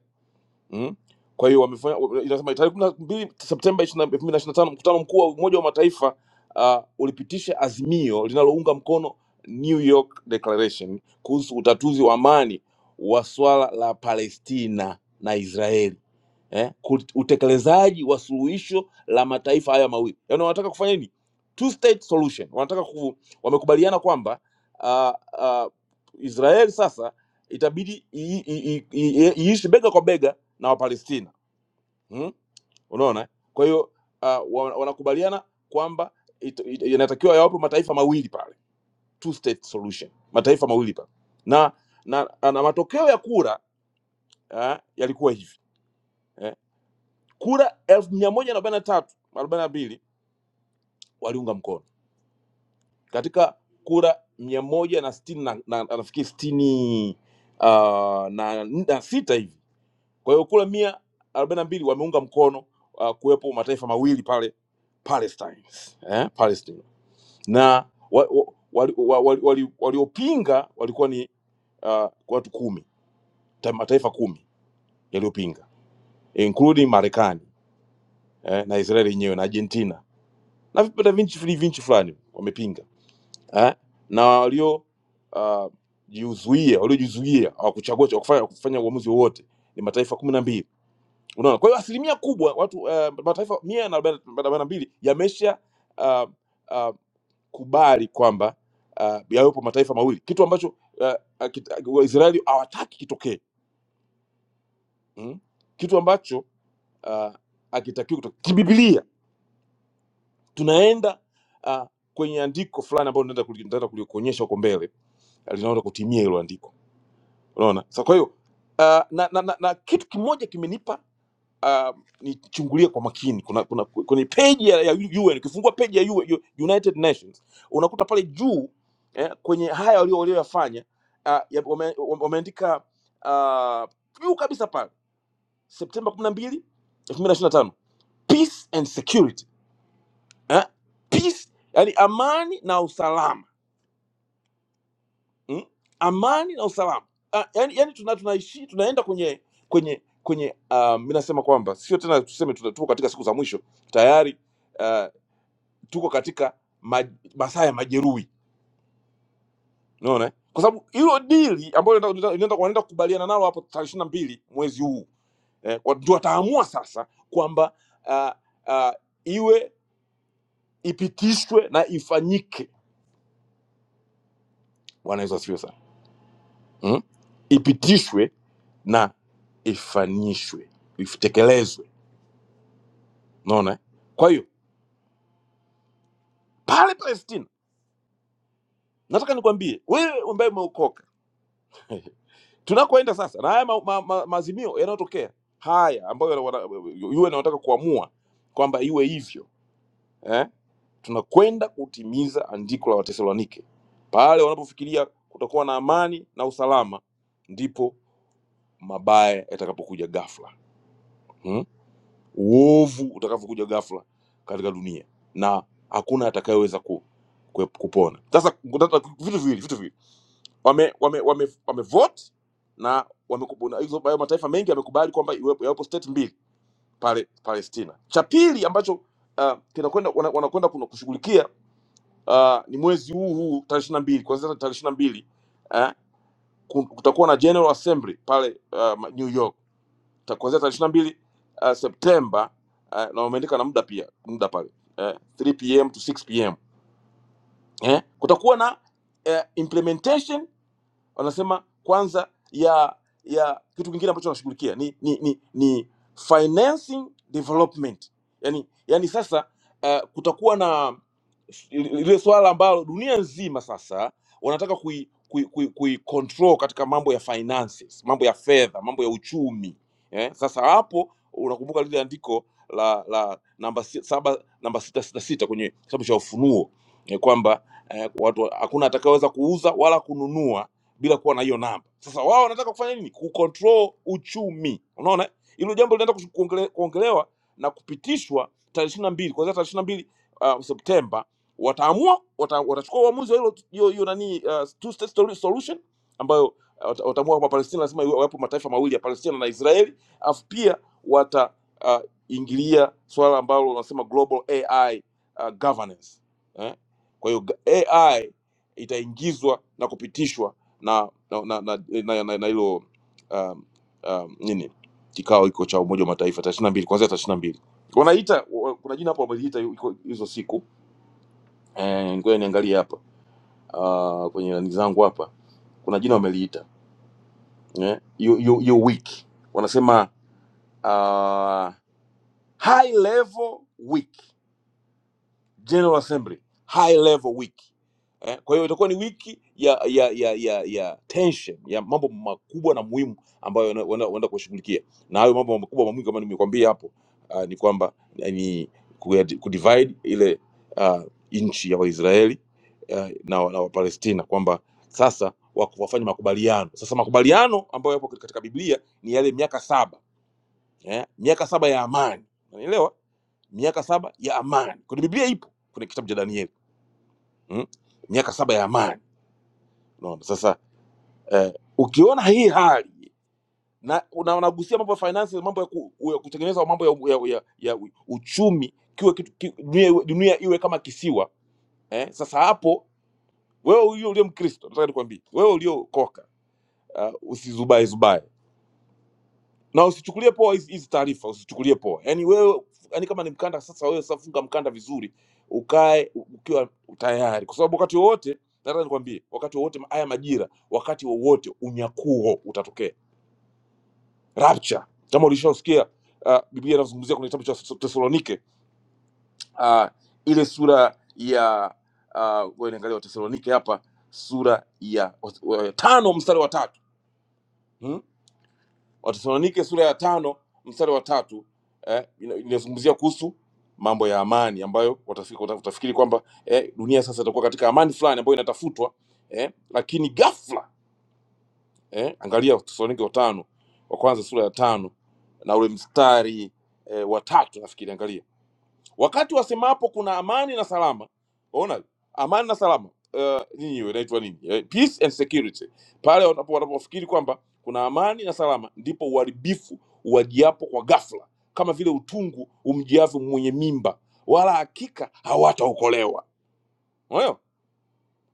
Speaker 2: Mm. Kwa hiyo wamefanya inasema tarehe kumi na mbili Septemba elfu mbili na ishirini na tano mkutano mkuu wa Umoja wa Mataifa uh, ulipitisha azimio linalounga mkono New York Declaration kuhusu utatuzi wa amani wa swala la Palestina na Israeli eh, ku- utekelezaji wa suluhisho la mataifa haya mawili yaani wanataka kufanya nini two state solution wanataka ku, wamekubaliana kwamba uh, uh, Israel sasa itabidi i- i- i- i- iishi bega kwa bega na Wapalestina hmm? Unaona, eh? kwa hiyo uh, wa- wanakubaliana kwamba it- it- inatakiwa yawapo mataifa mawili pale, two state solution, mataifa mawili pale, na na, na matokeo ya kura uh, yalikuwa hivi eh? kura elfu mia moja na arobaini na tatu arobaini na mbili waliunga mkono katika kura mia moja na sitini na, na, na nafikiri sitini uh, na, na sita hivi Kwa hiyo kule mia arobaini na mbili wameunga mkono uh, kuwepo mataifa mawili pale Palestine, eh, Palestine. Na waliopinga wali, wa- wali, wali, waliopinga walikuwa ni uh, watu kumi, ta- mataifa kumi yaliyopinga including Marekani eh, na Israeli yenyewe na Argentina na vipata vinchi fili vinchi fulani wamepinga eh, na walio uh, jiuzuia waliojizuia hawakuchagua cha- wakufanya, wakufanya uamuzi wowote ni mataifa kumi na mbili Unaona, kwa hiyo asilimia kubwa watu uh, mataifa mia na arobaini na mbili yamesha uh, uh, kubali kwamba uh, yawepo mataifa mawili, kitu ambacho uh, uh, kit- uh, Waisraeli hawataki kitokee mm? kitu ambacho uh, akitakiwa kutokea kibibilia. Tunaenda uh, kwenye andiko fulani ambalo nitaenda kuli- nitaenda kulikuonyesha huko mbele, eh, linaenda kutimia hilo andiko. Unaona, sasa kwa hiyo uh, na, na, na, na kitu kimoja kimenipa um, nichungulie kwa makini kuna, kuna kwenye peji ya ya UN ukifungua peji ya UN, United Nations unakuta pale juu eh, kwenye haya walio walioyafanya uh, wameandika wame wame- wameandika, uh, juu kabisa pale Septemba 12 2025 peace and security eh? peace yani amani na usalama mm? amani na usalama ah, yani, yani tuna, tunaishi tunaenda kwenye kwenye kwenye uh, mi nasema kwamba sio tena tuseme tuna- tuko katika siku za mwisho tayari uh, tuko katika ma, masaa ya majeruhi unaona eh? kwa sababu hilo dili ambalo linaenda- linaenda- wanaenda kukubaliana nalo hapo tarehe ishirini na mbili mwezi huu eh, wa- ndio wataamua sasa kwamba uh, uh, iwe ipitishwe na ifanyike bwana yesu asifiwe sana mm, ipitishwe na ifanyishwe itekelezwe unaona eh? kwa hiyo pale palestina nataka nikwambie wewe ambaye umeokoka tunakoenda sasa na haya ma, ma, ma, maazimio yanayotokea haya ambayo yana- wana- yule anataka kuamua kwamba iwe hivyo eh? tunakwenda kutimiza andiko la watesalonike pale wanapofikiria kutakuwa na amani na usalama ndipo mabaya yatakapokuja ghafla Hmm? uovu utakavyokuja ghafla katika dunia na hakuna atakayeweza ku, ku, kupona sasa kuna- vitu viwili vitu viwili wame wame wame, wame vote na wameku- na hizo hayo mataifa mengi yamekubali kwamba iwepo- yawepo state mbili pale palestina cha pili ambacho uh, kinakwenda wana- wanakwenda kuna kushughulikia uh, ni mwezi huu huu tarehe 22 kuanzia tarehe 22 mbili eh, kutakuwa na general assembly pale uh, new york Ta- kuanzia tarehe 22 uh, Septemba uh, na wameandika na muda pia muda pale uh, 3 pm to 6 pm eh? Kutakuwa na uh, implementation wanasema kwanza ya ya kitu kingine ambacho wanashughulikia ni, ni, ni, ni financing development yani, yani sasa uh, kutakuwa na lile swala ambalo dunia nzima sasa wanataka kui, kui, kui, kui control katika mambo ya finances, mambo ya fedha, mambo ya uchumi eh. Sasa hapo unakumbuka lile andiko la la namba si- saba namba sita sita sita kwenye kitabu cha Ufunuo eh, kwamba eh, watu hakuna atakayeweza kuuza wala kununua bila kuwa na hiyo namba. Sasa wao wanataka kufanya nini? Kucontrol uchumi. Unaona eh? hilo jambo linaenda kushu- kuongele- kuongelewa na kupitishwa tarehe ishirini na mbili kuanzia tarehe ishirini na mbili uh, Septemba. Wataamua wata, watachukua uamuzi wa hilo hiyo hiyo nani uh, two state solu- solution ambayo uh, wata- wataamua kwamba Palestina lazima iwe- yapo mataifa mawili ya Palestina na Israeli, alafu pia wata uh, ingilia swala ambalo wanasema global AI uh, governance eh? Kwa hiyo ga- AI itaingizwa na kupitishwa na na na na na, na, na hilo um, um, nini kikao hiko cha Umoja wa Mataifa tarehe 22 kuanzia tarehe 22 wanaita wa- kuna jina hapo wameliita iko- hizo siku eh, ngoja niangalie hapa uh, kwenye nani zangu hapa kuna jina wameliita eh, hiyo hiyo hiyo week wanasema uh, high level week General Assembly high level wiki eh, kwa hiyo itakuwa ni wiki ya ya ya ya, ya tension ya mambo makubwa na muhimu ambayo wana- wana- wanaenda kushughulikia na hayo mambo makubwa na muhimu kama nimekwambia hapo uh, ni kwamba eh, ni kuya- kudivide ile uh, nchi ya Waisraeli uh, na, na Wapalestina kwamba sasa wako- wafanye makubaliano. Sasa makubaliano ambayo yapo katika Biblia ni yale miaka saba eh, miaka saba ya amani, unaelewa? miaka saba ya amani kwenye biblia ipo kwenye kitabu cha danieli mm? miaka saba ya amani unaona sasa eh, ukiona hii hali na na unagusia mambo ya finances mambo ya, ku, ya kutengeneza mambo ya, ya, ya, ya uchumi kiwe kitu ki, dunia, iwe- dunia iwe kama kisiwa eh? sasa hapo wewe ulio ulio mkristo nataka nikwambie wewe uliokoka uh, usizubae zubae na usichukulie poa hizi hizi taarifa usichukulie poa yani wewe yani kama ni mkanda sasa wewe sasa funga mkanda vizuri ukae u- ukiwa tayari kwa sababu wakati wowote nataka nikwambie wakati wowote ma- haya majira wakati wowote unyakuo utatokea rapture kama ulishausikia uh, biblia inazungumzia kwenye kitabu cha Tes- tesalonike uh, ile sura ya uh, wewe niangalia watesalonike hapa sura ya wa- wa- tano mstari wa tatu Hmm? Watesalonike sura ya tano mstari wa tatu eh, ina- inazungumzia kuhusu mambo ya amani ambayo watafikiri, watafikiri kwamba eh, dunia sasa itakuwa katika amani fulani ambayo inatafutwa eh, lakini ghafla eh, angalia Watesalonike wa tano wa kwanza sura ya tano na ule mstari eh, wa tatu nafikiri, angalia wakati wasemapo kuna amani na salama. Ona amani na salama nyinyi inaitwa nini eh, peace and security pale wanapo- wanapofikiri kwamba kuna amani na salama ndipo uharibifu uwajiapo kwa ghafla kama vile utungu umjiavyo mwenye mimba wala hakika hawataokolewa Unaelewa?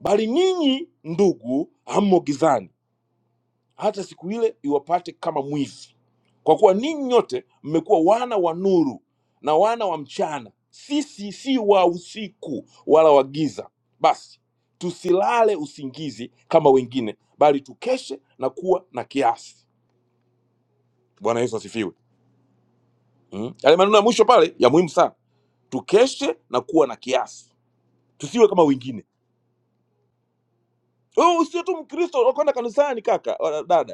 Speaker 2: bali ninyi ndugu hammo gizani hata siku ile iwapate kama mwizi, kwa kuwa ninyi nyote mmekuwa wana wa nuru na wana wa mchana. Sisi si wa usiku wala wa giza. Basi tusilale usingizi kama wengine, bali tukeshe na kuwa na kiasi. Bwana Yesu asifiwe. Mm. Yale maneno ya mwisho pale ya muhimu sana, tukeshe na kuwa na kiasi, tusiwe kama wengine. Oh, sio tu Mkristo unakwenda kanisani kaka wala dada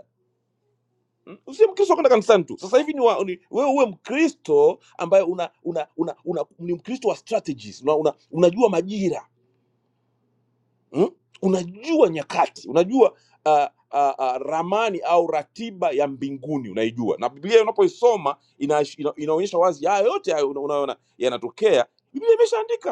Speaker 2: Mm, Usiwe Mkristo wa kwenda kanisani tu. Sasa hivi ni wa, ni, wewe uwe Mkristo ambaye una, una, una, una ni Mkristo wa strategies. Una, una, unajua majira mm? Unajua nyakati, unajua uh, uh, uh, ramani au ratiba ya mbinguni unaijua, na Biblia unapoisoma ina, ina, inaonyesha wazi haya yote hayo una- unayoona yanatokea, Biblia imeshaandika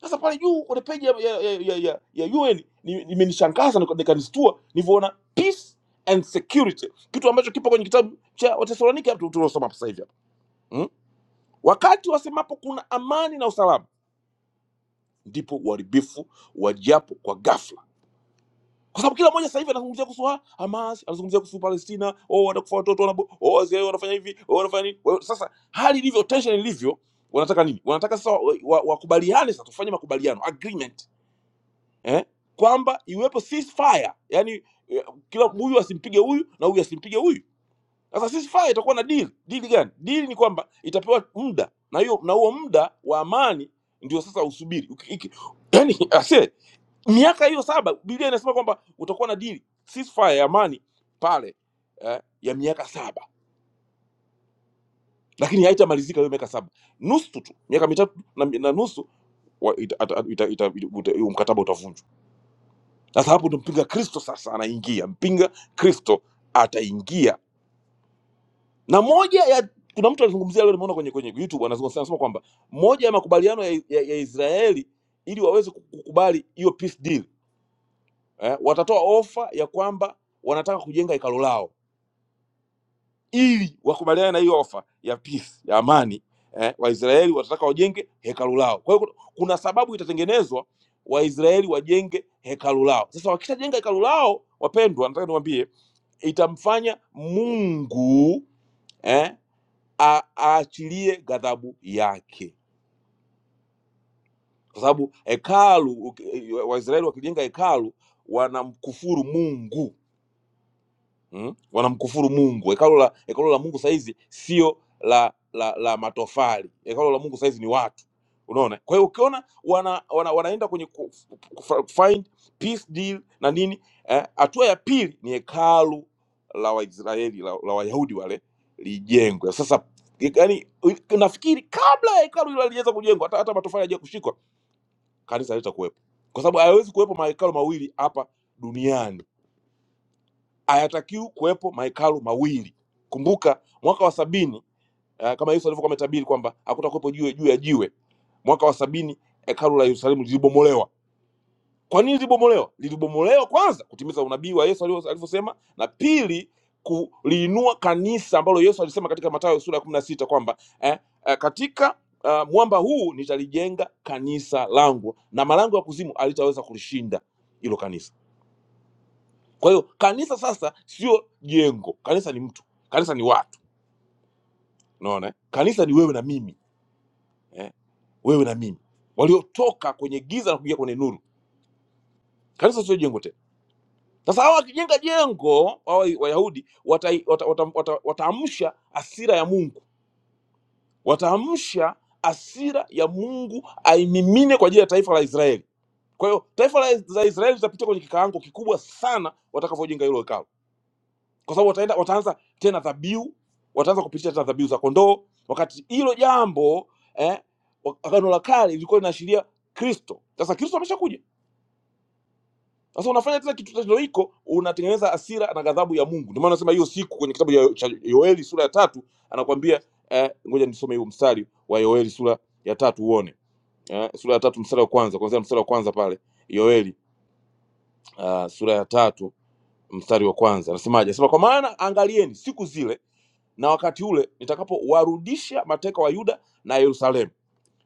Speaker 2: sasa pale juu kwenye peji ya, ya, ya, ya, ya, ya UN ni- imenishangaza nika- nikanistua nilivyoona peace and security, kitu ambacho kipo kwenye kitabu cha Wathesalonike hapo tuliosoma hapo sasa hivi hapo mm? Wakati wasemapo kuna amani na usalama, ndipo uharibifu wajapo kwa ghafla, kwa sababu kila mmoja sasa hivi anazungumzia kuhusu ha- Hamas, anazungumzia kuhusu Palestina, oh, wanakufa watoto, wanabo- oh, wazee wanafanya hivi, oh, wanafanya nini. Kwa hiyo Sasa hali ilivyo, tension ilivyo, wanataka nini? Wanataka sasa wakubaliane wa, wa wakubaliane sasa, tufanye makubaliano agreement eh, kwamba iwepo ceasefire, yani eh, kila huyu asimpige huyu na huyu asimpige huyu. Sasa ceasefire itakuwa na deal. Deal gani? Deal ni kwamba itapewa muda na hiyo na huo muda wa amani ndio sasa usubiri. Uki- iki- Yani ase miaka hiyo saba, Biblia inasema kwamba utakuwa na deal ceasefire ya amani pale eh, ya miaka saba, lakini haitamalizika hiyo miaka saba, nusu tu, miaka mitatu na, na nusu wa- ita- ata- ita- ita- ita- uta- huo mkataba utavunjwa. sasa hapo ndo mpinga kristo sasa anaingia mpinga kristo ataingia na moja ya kuna mtu alizungumzia leo nimeona kwenye kwenye youtube anazungumza anasema kwamba moja ya makubaliano ya, ya, ya israeli ili waweze kukubali hiyo peace deal eh, watatoa ofa ya kwamba wanataka kujenga hekalo lao ili wakubaliane na hiyo ofa ya peace ya amani eh, waisraeli watataka wajenge hekalu lao kwa hiyo kuna kuna sababu itatengenezwa waisraeli wajenge hekalu lao sasa wakishajenga hekalu lao wapendwa nataka niwaambie itamfanya Mungu eh, a- aachilie ghadhabu yake, kwa sababu hekalu, uki- Waisraeli wakijenga hekalu wanamkufuru Mungu mm? wanamkufuru mungu hekalo la hekalo la mungu sahizi sio la la la matofali hekalo la mungu sahizi ni watu unaona kwa hiyo ukiona wana, wana, wanaenda kwenye ku, ku, find peace deal na nini eh, hatua ya pili ni hekalu la waisraeli la, la wayahudi wale lijengwe sasa yani nafikiri kabla ya hekalu hilo halijaweza kujengwa hata, hata matofali hajakushikwa kanisa halitakuwepo kwa sababu hayawezi kuwepo mahekalo mawili hapa duniani hayatakiwi kuwepo mahekalu mawili. Kumbuka mwaka wa sabini uh, kama Yesu alivyokuwa ametabiri kwamba hakutakuwepo jiwe juu ya jiwe. Mwaka wa sabini hekalu la Yerusalemu lilibomolewa. Kwa nini lilibomolewa? Lilibomolewa kwanza kutimiza unabii wa Yesu alivyo- alivyosema, na pili kuliinua kanisa ambalo Yesu alisema katika Mathayo sura ya kumi na sita kwamba eh, eh, katika uh, mwamba huu nitalijenga kanisa langu na malango ya kuzimu alitaweza kulishinda hilo kanisa. Kwa hiyo kanisa sasa sio jengo, kanisa ni mtu, kanisa ni watu, unaona eh? Kanisa ni wewe na mimi eh? wewe na mimi waliotoka kwenye giza na kuingia kwenye nuru. Kanisa sio jengo tena. Sasa hawa wakijenga jengo, hawa Wayahudi watamsha wata, wata, wata, wata wataamsha hasira ya Mungu, wataamsha hasira ya Mungu aimimine kwa ajili ya taifa la Israeli. Kwa hiyo taifa la, la Israeli litapitia kwenye kikaango kikubwa sana watakapojenga hilo hekalu kwa sababu wataenda wataanza tena dhabihu, wataanza kupitisha tena dhabihu za kondoo. Wakati hilo jambo eh, wa- agano la kale lilikuwa linaashiria Kristo. Sasa Kristo ameshakuja, sasa unafanya tena kitu tendo hiko, unatengeneza hasira na ghadhabu ya Mungu. Ndio maana nasema hiyo siku kwenye kitabu ya- cha Yoeli sura ya tatu anakuambia eh, ngoja nisome hiyo mstari wa Yoeli sura ya tatu uone eh, sura ya tatu mstari wa kwanza, kuanzia mstari wa kwanza pale Yoeli uh, sura ya tatu mstari wa kwanza anasemaje? Anasema kwa maana angalieni siku zile na wakati ule nitakapowarudisha mateka wa Yuda na Yerusalemu,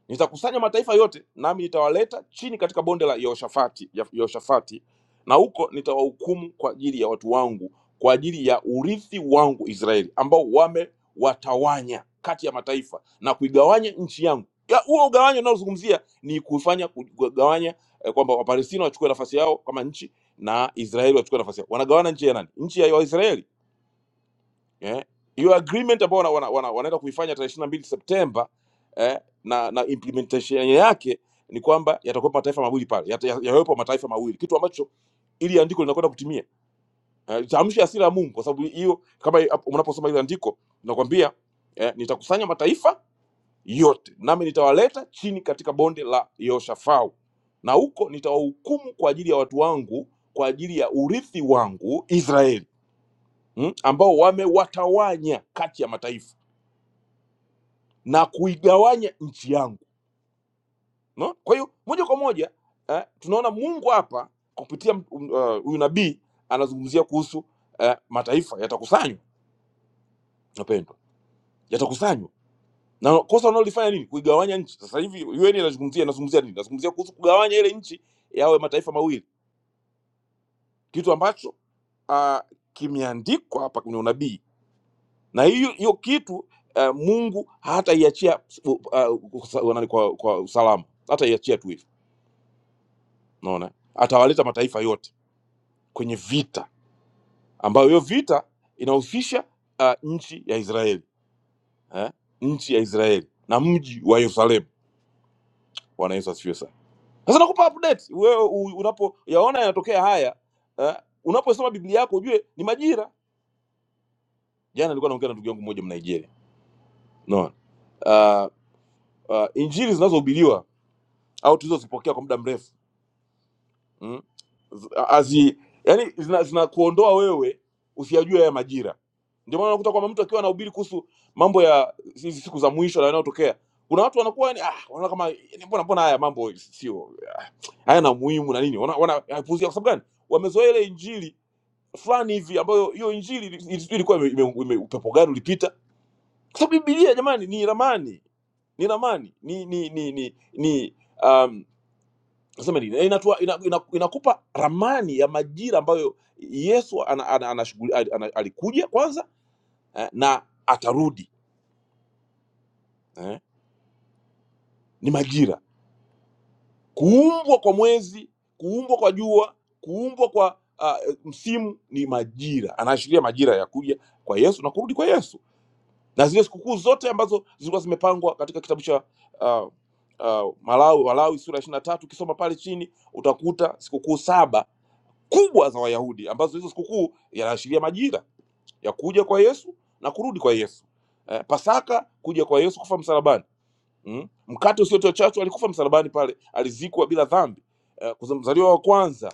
Speaker 2: nitakusanya mataifa yote, nami nitawaleta chini katika bonde la Yehoshafati, ya- Yehoshafati, na huko nitawahukumu kwa ajili ya watu wangu, kwa ajili ya urithi wangu Israeli, ambao wamewatawanya kati ya mataifa na kuigawanya nchi yangu. Ya, Huo ugawanyo unaozungumzia ni kufanya kugawanya eh, kwamba Wapalestina wachukue nafasi yao kama nchi na Israeli wachukue nafasi yao. Wanagawana nchi ya nani? Nchi ya Waisraeli eh, hiyo agreement ambao wana, wana, wana, wanaenda kuifanya tarehe ishirini na mbili Septemba eh, na, na implementation yake ni kwamba yatakuwepo mataifa mawili pale, yata- ya- yawepo mataifa mawili, kitu ambacho ili andiko linakwenda kutimia eh, tamshi hasira ya Mungu, kwa sababu hiyo kama i- hapo unaposoma ile andiko linakwambia eh, nitakusanya mataifa yote nami nitawaleta chini katika bonde la Yehoshafau na huko nitawahukumu kwa ajili ya watu wangu, kwa ajili ya urithi wangu Israeli mm, ambao wamewatawanya kati ya mataifa na kuigawanya nchi yangu no? kwa hiyo moja kwa moja eh, tunaona mungu hapa kupitia m- m- eh, huyu uh, nabii anazungumzia kuhusu eh, mataifa yatakusanywa napendwa yatakusanywa na kosa wanaolifanya nini kuigawanya nchi sasa hivi un inazungumzia inazungumzia nini inazungumzia kuhusu kugawanya ile nchi yawe mataifa mawili kitu ambacho uh, kimeandikwa hapa kwenye unabii na hiyo hiyo kitu uh, mungu hataiachia uh, uh, kwa, kwa usalama hataiachia tu hivyo naona atawaleta mataifa yote kwenye vita ambayo hiyo vita inahusisha uh, nchi ya Israeli eh? nchi ya Israeli na mji wa Yerusalemu. Bwana Yesu asifiwe sana. Sasa nakupa update wewe u- unapoyaona yanatokea haya eh? unaposoma Biblia yako ujue ni majira. Jana nilikuwa naongea na ndugu yangu mmoja Mnigeria, naona uh, uh, injili zinazohubiriwa au tulizozipokea kwa muda mrefu mm? Z- azi yani zina, zinakuondoa wewe usiyajue haya majira. Ndio maana unakuta kwamba mtu akiwa anahubiri kuhusu mambo ya hizi siku za mwisho na yanayotokea, kuna watu wanakuwa yani, ah, wanaona kama yani, mbona mbona haya mambo sio hayana umuhimu na nini, wanapuuzia wana, wanayapuuzia kwa sababu gani? Wamezoea ile injili fulani hivi ambayo hiyo injili ili- ili- ilikuwa ime, ime, ime, upepo gani ulipita, kwa sababu Biblia jamani ni ramani, ni ramani, ni ni ni ni, ni um, nasema nini Eh, inatua, ina, ina, inakupa ramani ya majira ambayo yesu ana, ana, ana, ana, ana, alikuja kwanza eh, na atarudi eh, ni majira kuumbwa kwa mwezi kuumbwa kwa jua kuumbwa kwa uh, msimu ni majira anaashiria majira ya kuja kwa yesu na kurudi kwa yesu na zile sikukuu zote ambazo zilikuwa zimepangwa katika kitabu cha uh, uh, malawi, malawi sura ya ishiri na tatu ukisoma pale chini utakuta sikukuu saba kubwa za Wayahudi ambazo hizo sikukuu yanaashiria majira ya kuja kwa Yesu na kurudi kwa Yesu. Eh, Pasaka kuja kwa Yesu kufa msalabani. Mm? Mkate usiotiwa chachu alikufa msalabani pale, alizikwa bila dhambi. Eh, kuza- mzaliwa wa kwanza,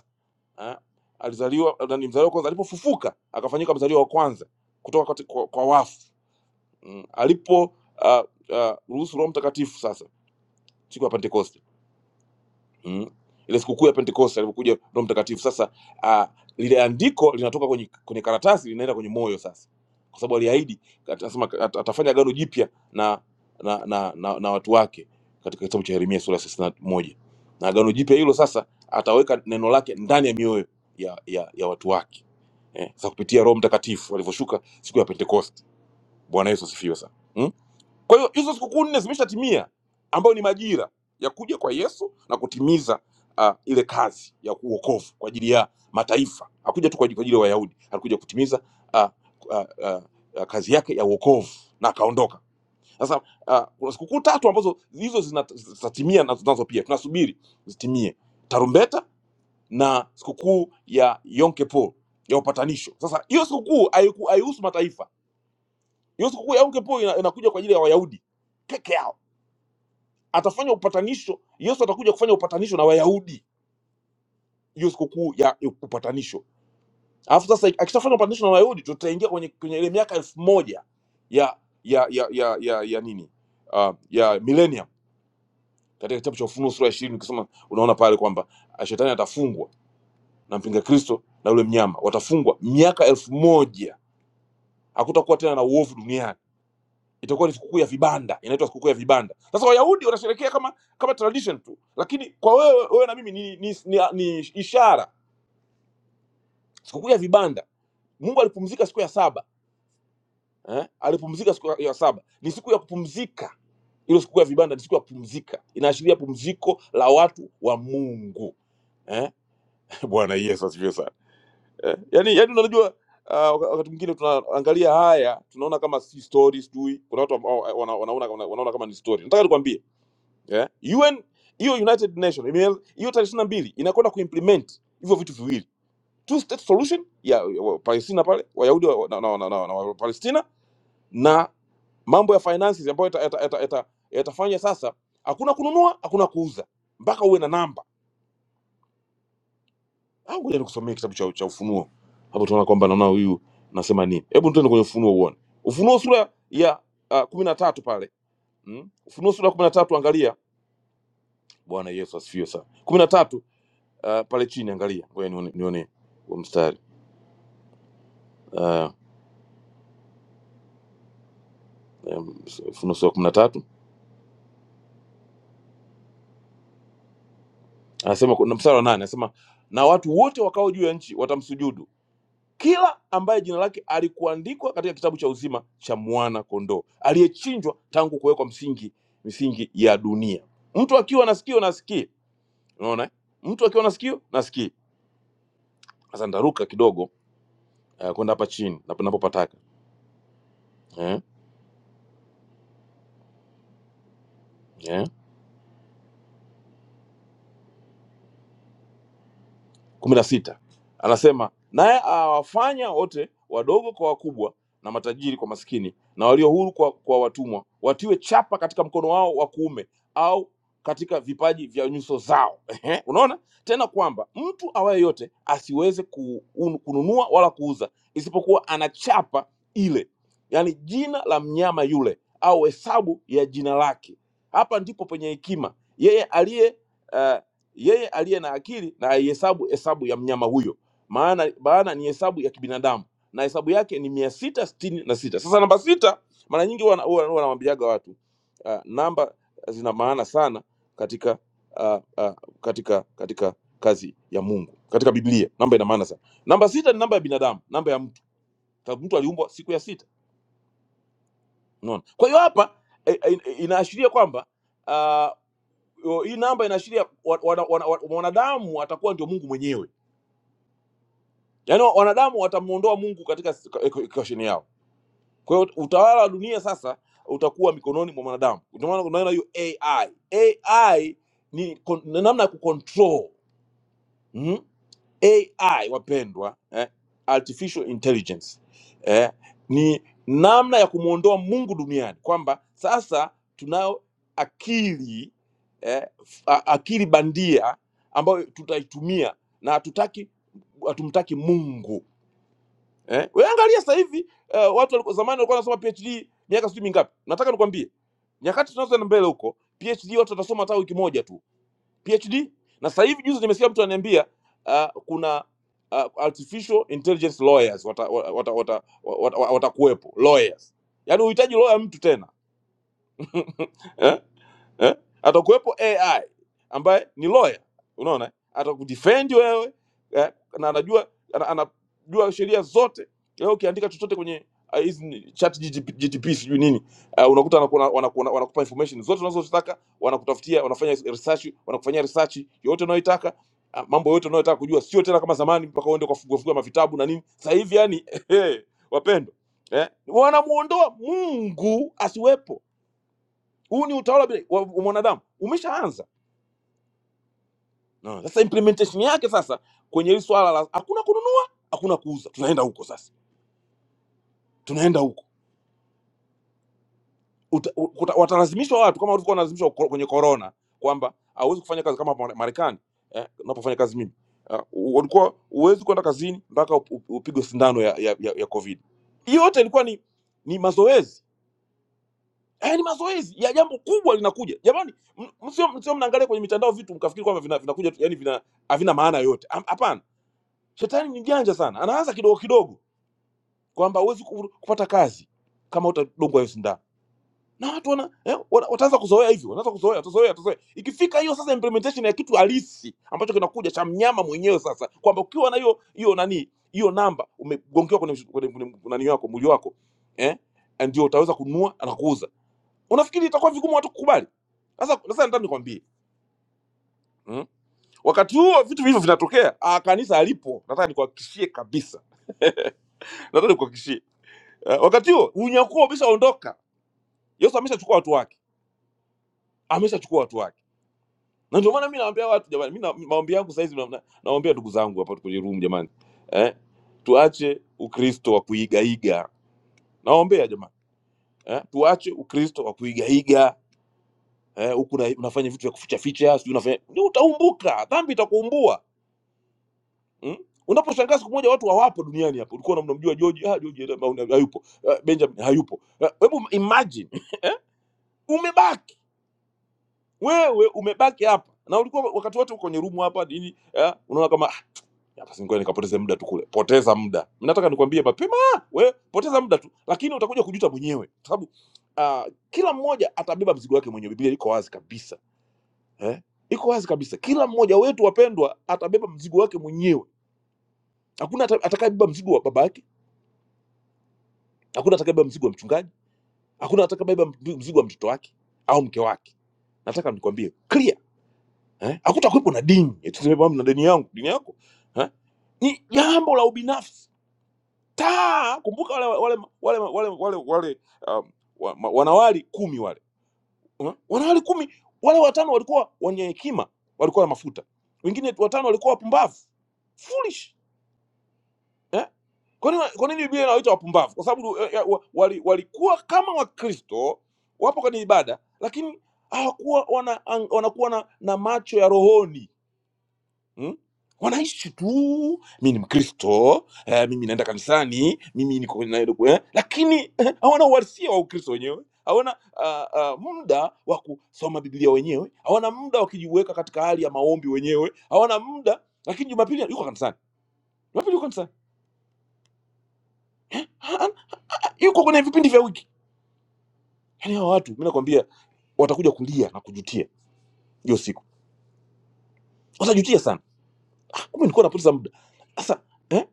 Speaker 2: eh, alizaliwa ni mzaliwa wa kwanza alipofufuka akafanyika mzaliwa wa kwanza kutoka kati, kwa, kwa wafu. Mm? Alipo uh, uh, ruhusu Roho Mtakatifu sasa siku ya Pentekoste mm. ile sikukuu ya pentekoste alivyokuja roho mtakatifu sasa uh, lile andiko linatoka kwenye, kwenye karatasi linaenda kwenye moyo sasa kwa sababu aliahidi atasema at- atafanya agano jipya na na, na na na watu wake katika kitabu cha yeremia sura ya 31 moja na agano jipya hilo sasa ataweka neno lake ndani ya mioyo ya, ya, ya watu wake eh, sasa kupitia roho mtakatifu alivyoshuka siku ya pentekoste bwana yesu asifiwe sana Mm? Kwa hiyo hizo sikukuu nne zimeshatimia, ambayo ni majira ya kuja kwa Yesu na kutimiza uh, ile kazi ya uokovu kwa ajili ya mataifa. Hakuja tu kwa ajili kwa ajili ya Wayahudi, alikuja kutimiza uh, uh, uh, uh, kazi yake ya uokovu na akaondoka. Sasa uh, kuna sikukuu tatu ambazo hizo zina- zitatimia nazo nazo pia tunasubiri zitimie, tarumbeta na sikukuu ya Yom Kippur ya upatanisho. Sasa hiyo sikukuu haiku- haihusu mataifa. Hiyo sikukuu ya Yom Kippur ina- inakuja kwa ajili ya Wayahudi peke yao atafanya upatanisho yesu atakuja kufanya upatanisho na wayahudi hiyo sikukuu ya upatanisho alafu sasa akishafanya upatanisho na wayahudi tutaingia kwenye kwenye ile miaka elfu moja ya ya ya ya ya, ya nini uh, ya millennium katika kitabu cha ufunuo sura ya ishirini ukisoma unaona pale kwamba ah, shetani atafungwa na mpinga kristo na yule mnyama watafungwa miaka elfu moja hakutakuwa tena na uovu duniani itakuwa ni sikukuu ya vibanda inaitwa sikukuu ya vibanda sasa wayahudi wanasherekea kama kama tradition tu lakini kwa wewe wewe na mimi ni, ni, ni, ni ishara sikukuu ya vibanda mungu alipumzika siku ya saba eh? alipumzika siku ya saba ni siku ya kupumzika hilo sikukuu ya vibanda ni siku ya kupumzika inaashiria pumziko la watu wa mungu eh? bwana yesu asifiwe sana eh? yani, yani unajua uh, wakati mwingine tunaangalia haya tunaona kama si story sijui kuna watu ambao wana- wanaona wanaona kama ni story nataka nikwambie yeah? UN hiyo United Nations ime- hiyo tarehe 22 mbili inakwenda kuimplement hivyo vitu viwili, two state solution ya ya wa- Palestina pale Wayahudi wa, na, na, na, na, na wa Palestina na mambo ya finances ambayo yatafanya yata, yata, yata, yatafanya sasa, hakuna kununua, hakuna kuuza mpaka uwe na namba. Au ngoja nikusomee kitabu cha, cha Ufunuo hapo, tunaona kwamba naona huyu nasema nini. Hebu tuende kwenye Ufunuo uone Ufunuo sura ya uh, kumi na tatu pale mm? Ufunuo sura ya kumi na tatu angalia. Bwana Yesu asifiwe sana. 13 uh, pale chini angalia ngoja nione nione huo mstari uh, funuo sura kumi na tatu anasema kuna mstari wa nane anasema na watu wote wakao juu ya nchi watamsujudu kila ambaye jina lake alikuandikwa katika kitabu cha uzima cha mwana kondoo aliyechinjwa tangu kuwekwa msingi misingi ya dunia mtu akiwa na sikio nasikie unaona eh? mtu akiwa na sikio nasikie sasa ndaruka kidogo uh, kwenda hapa chini napo- napopataka eh? Eh? kumi na sita anasema naye awafanya wote wadogo kwa wakubwa na matajiri kwa maskini na walio huru kwa, kwa watumwa watiwe chapa katika mkono wao wa kuume au katika vipaji vya nyuso zao Ehe, unaona tena kwamba mtu awaye yote asiweze ku, un, kununua wala kuuza isipokuwa ana chapa ile yaani jina la mnyama yule au hesabu ya jina lake hapa ndipo penye hekima yeye aliye eh, yeye aliye na akili na aihesabu hesabu ya mnyama huyo maana maana ni hesabu ya kibinadamu na hesabu yake ni mia sita sitini na sita sasa namba sita mara nyingi huwa huwa- huwa wanawambiaga watu uh, namba zina maana sana katika uh, uh, katika katika kazi ya mungu katika biblia namba ina maana sana namba sita ni namba ya binadamu namba ya mtu Ta- mtu aliumbwa siku ya sita unaona kwa hiyo hapa eh, eh, inaashiria kwamba uh, hii namba inaashiria wa- wana- wana- wa- mwanadamu atakuwa ndio mungu mwenyewe yaani wanadamu watamuondoa mungu katika equation yao kwa hiyo utawala wa dunia sasa utakuwa mikononi mwa mwanadamu ndio maana unaona hiyo ai ai ni kon- ni namna ya kucontrol mm? ai wapendwa eh? artificial intelligence eh? ni namna ya kumwondoa mungu duniani kwamba sasa tunayo akili eh? a- akili bandia ambayo tutaitumia na hatutaki hatumtaki mungu eh? Wewe angalia sasa hivi uh, watu walikuwa zamani walikuwa wanasoma PhD miaka sijui mingapi. Nataka nikwambie nyakati tunazoenda mbele huko, PhD watu watasoma hata wiki moja tu PhD. Na sasa hivi juzi nimesikia mtu ananiambia uh, kuna uh, artificial intelligence lawyers watakuwepo wata, wata, wata, wata, wata watakuwepo, lawyers, yaani uhitaji lawyer mtu tena eh? eh? atakuwepo AI ambaye ni lawyer, unaona, atakudefend wewe eh? na anajua ana, anajua sheria zote. Leo ukiandika chochote kwenye ah, hizi ni chat GTP, GTP sijui nini uh, unakuta wanakuwa- wanakuwa- wanakupa information zote unazozitaka, wanakutafutia, wanafanya research, wanakufanyia research yote unayoitaka ah, mambo yote unayotaka kujua, sio tena kama zamani mpaka uende ukafunguafungua mavitabu na nini. Sasa hivi yani wapendwa eh, wanamuondoa Mungu asiwepo huu ni utawala wa bila- wa- wa mwanadamu umeshaanza no. sasa implementation yake sasa kwenye hili swala la hakuna kununua hakuna kuuza tunaenda huko sasa tunaenda huko Uta- ukuta- watalazimishwa watu kama walivyokuwa wanalazimishwa ko- kwenye corona kwamba hauwezi kufanya kazi kama Mare- marekani eh, unapofanya kazi mimi Eh, u- walikuwa huwezi kwenda kazini mpaka up- up- upigwe sindano ya, ya, ya, ya covid yote ilikuwa ni ni mazoezi Eh, ni mazoezi ya jambo kubwa linakuja. Jamani, m- msio msio mnaangalia kwenye mitandao vitu mkafikiri kwamba vina, vinakuja tu, yani vina havina maana yoyote. Am- Hapana. Shetani ni mjanja sana. Anaanza kidogo kidogo kwamba huwezi ku- kupata kazi kama utadungwa hiyo sindano. Na watu wana, eh, wana- wataanza kuzoea hivyo. Wanaanza kuzoea, watazoea, watazoea. Ikifika hiyo sasa implementation ya kitu halisi ambacho kinakuja cha mnyama mwenyewe sasa kwamba ukiwa na hiyo hiyo nani hiyo namba umegongewa kwenye kwenye kwenye nani yako mwili wako eh ndio utaweza kununua na kuuza unafikiri itakuwa vigumu watu kukubali? Sasa sasa nataka nikwambie Mm. Wakati huo vitu hivyo vinatokea, ah, kanisa alipo, nataka nikuhakikishie kabisa, nataka nikuhakikishie uh, wakati huo unyakuo umeshaondoka, Yesu ameshachukua watu wake, ameshachukua watu wake, na ndio maana mimi nawaambia watu jamani, mimi na- maombi yangu saa hizi na- na- nawaambia ndugu zangu hapa kwenye room jamani, eh, tuache Ukristo wa kuigaiga, nawaombea jamani, eh, tuache Ukristo wa kuigaiga eh, huku na- unafanya vitu vya kuficha ficha, sijui unafanya, Ndio utaumbuka, dhambi itakuumbua Mm? Unaposhangaa siku moja watu hawapo duniani hapa, ulikuwa unamjua George, ah, George eh, mauna- hayupo, ah, Benjamin hayupo. Ah, Hebu imagine eh? Umebaki wewe, umebaki hapa na ulikuwa wakati wote uko kwenye rumu hapa nini eh? Unaona kama ah, hapa singoja nikapoteze muda tu kule. Poteza muda, nataka nikwambie mapema wewe, poteza muda tu, lakini utakuja kujuta mwenyewe, kwa sababu ah, kila mmoja atabeba mzigo wake mwenyewe. Biblia iko wazi kabisa eh? Iko wazi kabisa, kila mmoja wetu wapendwa, atabeba mzigo wake mwenyewe. Hakuna ata- atakayebeba mzigo wa babake hakuna atakabeba mzigo wa mchungaji hakuna atakabeba mb- mzigo wa mtoto wake au mke wake nataka nikwambie clear eh? hakutakuwepo na dini Eti tuseme kwamba na dini yangu dini yako eh? ni jambo la ubinafsi taa kumbuka wale wale wale wale wale, wale um, wa, ma- wanawali kumi wale eh? wanawali kumi wale watano walikuwa wenye hekima walikuwa na mafuta wengine watano walikuwa wapumbavu foolish Eh? kwa nini kwa nini biblia inawaita wapumbavu kwa sababu eh, eh, wa- wali- walikuwa kama wakristo wapo kwenye ibada lakini hawakuwa wana, ang- wanakuwa na, na macho ya rohoni hmm? wanaishi tu mi ni mkristo eh, mimi naenda kanisani mimi niko kwenye- na- eh, lakini eh, hawana uhalisia wa ukristo wenyewe hawana uh, uh, muda wa kusoma biblia wenyewe hawana muda wa kujiweka katika hali ya maombi wenyewe hawana muda lakini jumapili yuko kanisani jumapili yuko kanisani Ha- ha- yuko kwenye vipindi vya wiki Yaani hao watu mimi nakwambia watakuja kulia na kujutia hiyo siku. Watajutia sana. "Ah, Kumbe nilikuwa napoteza muda. Sasa eh?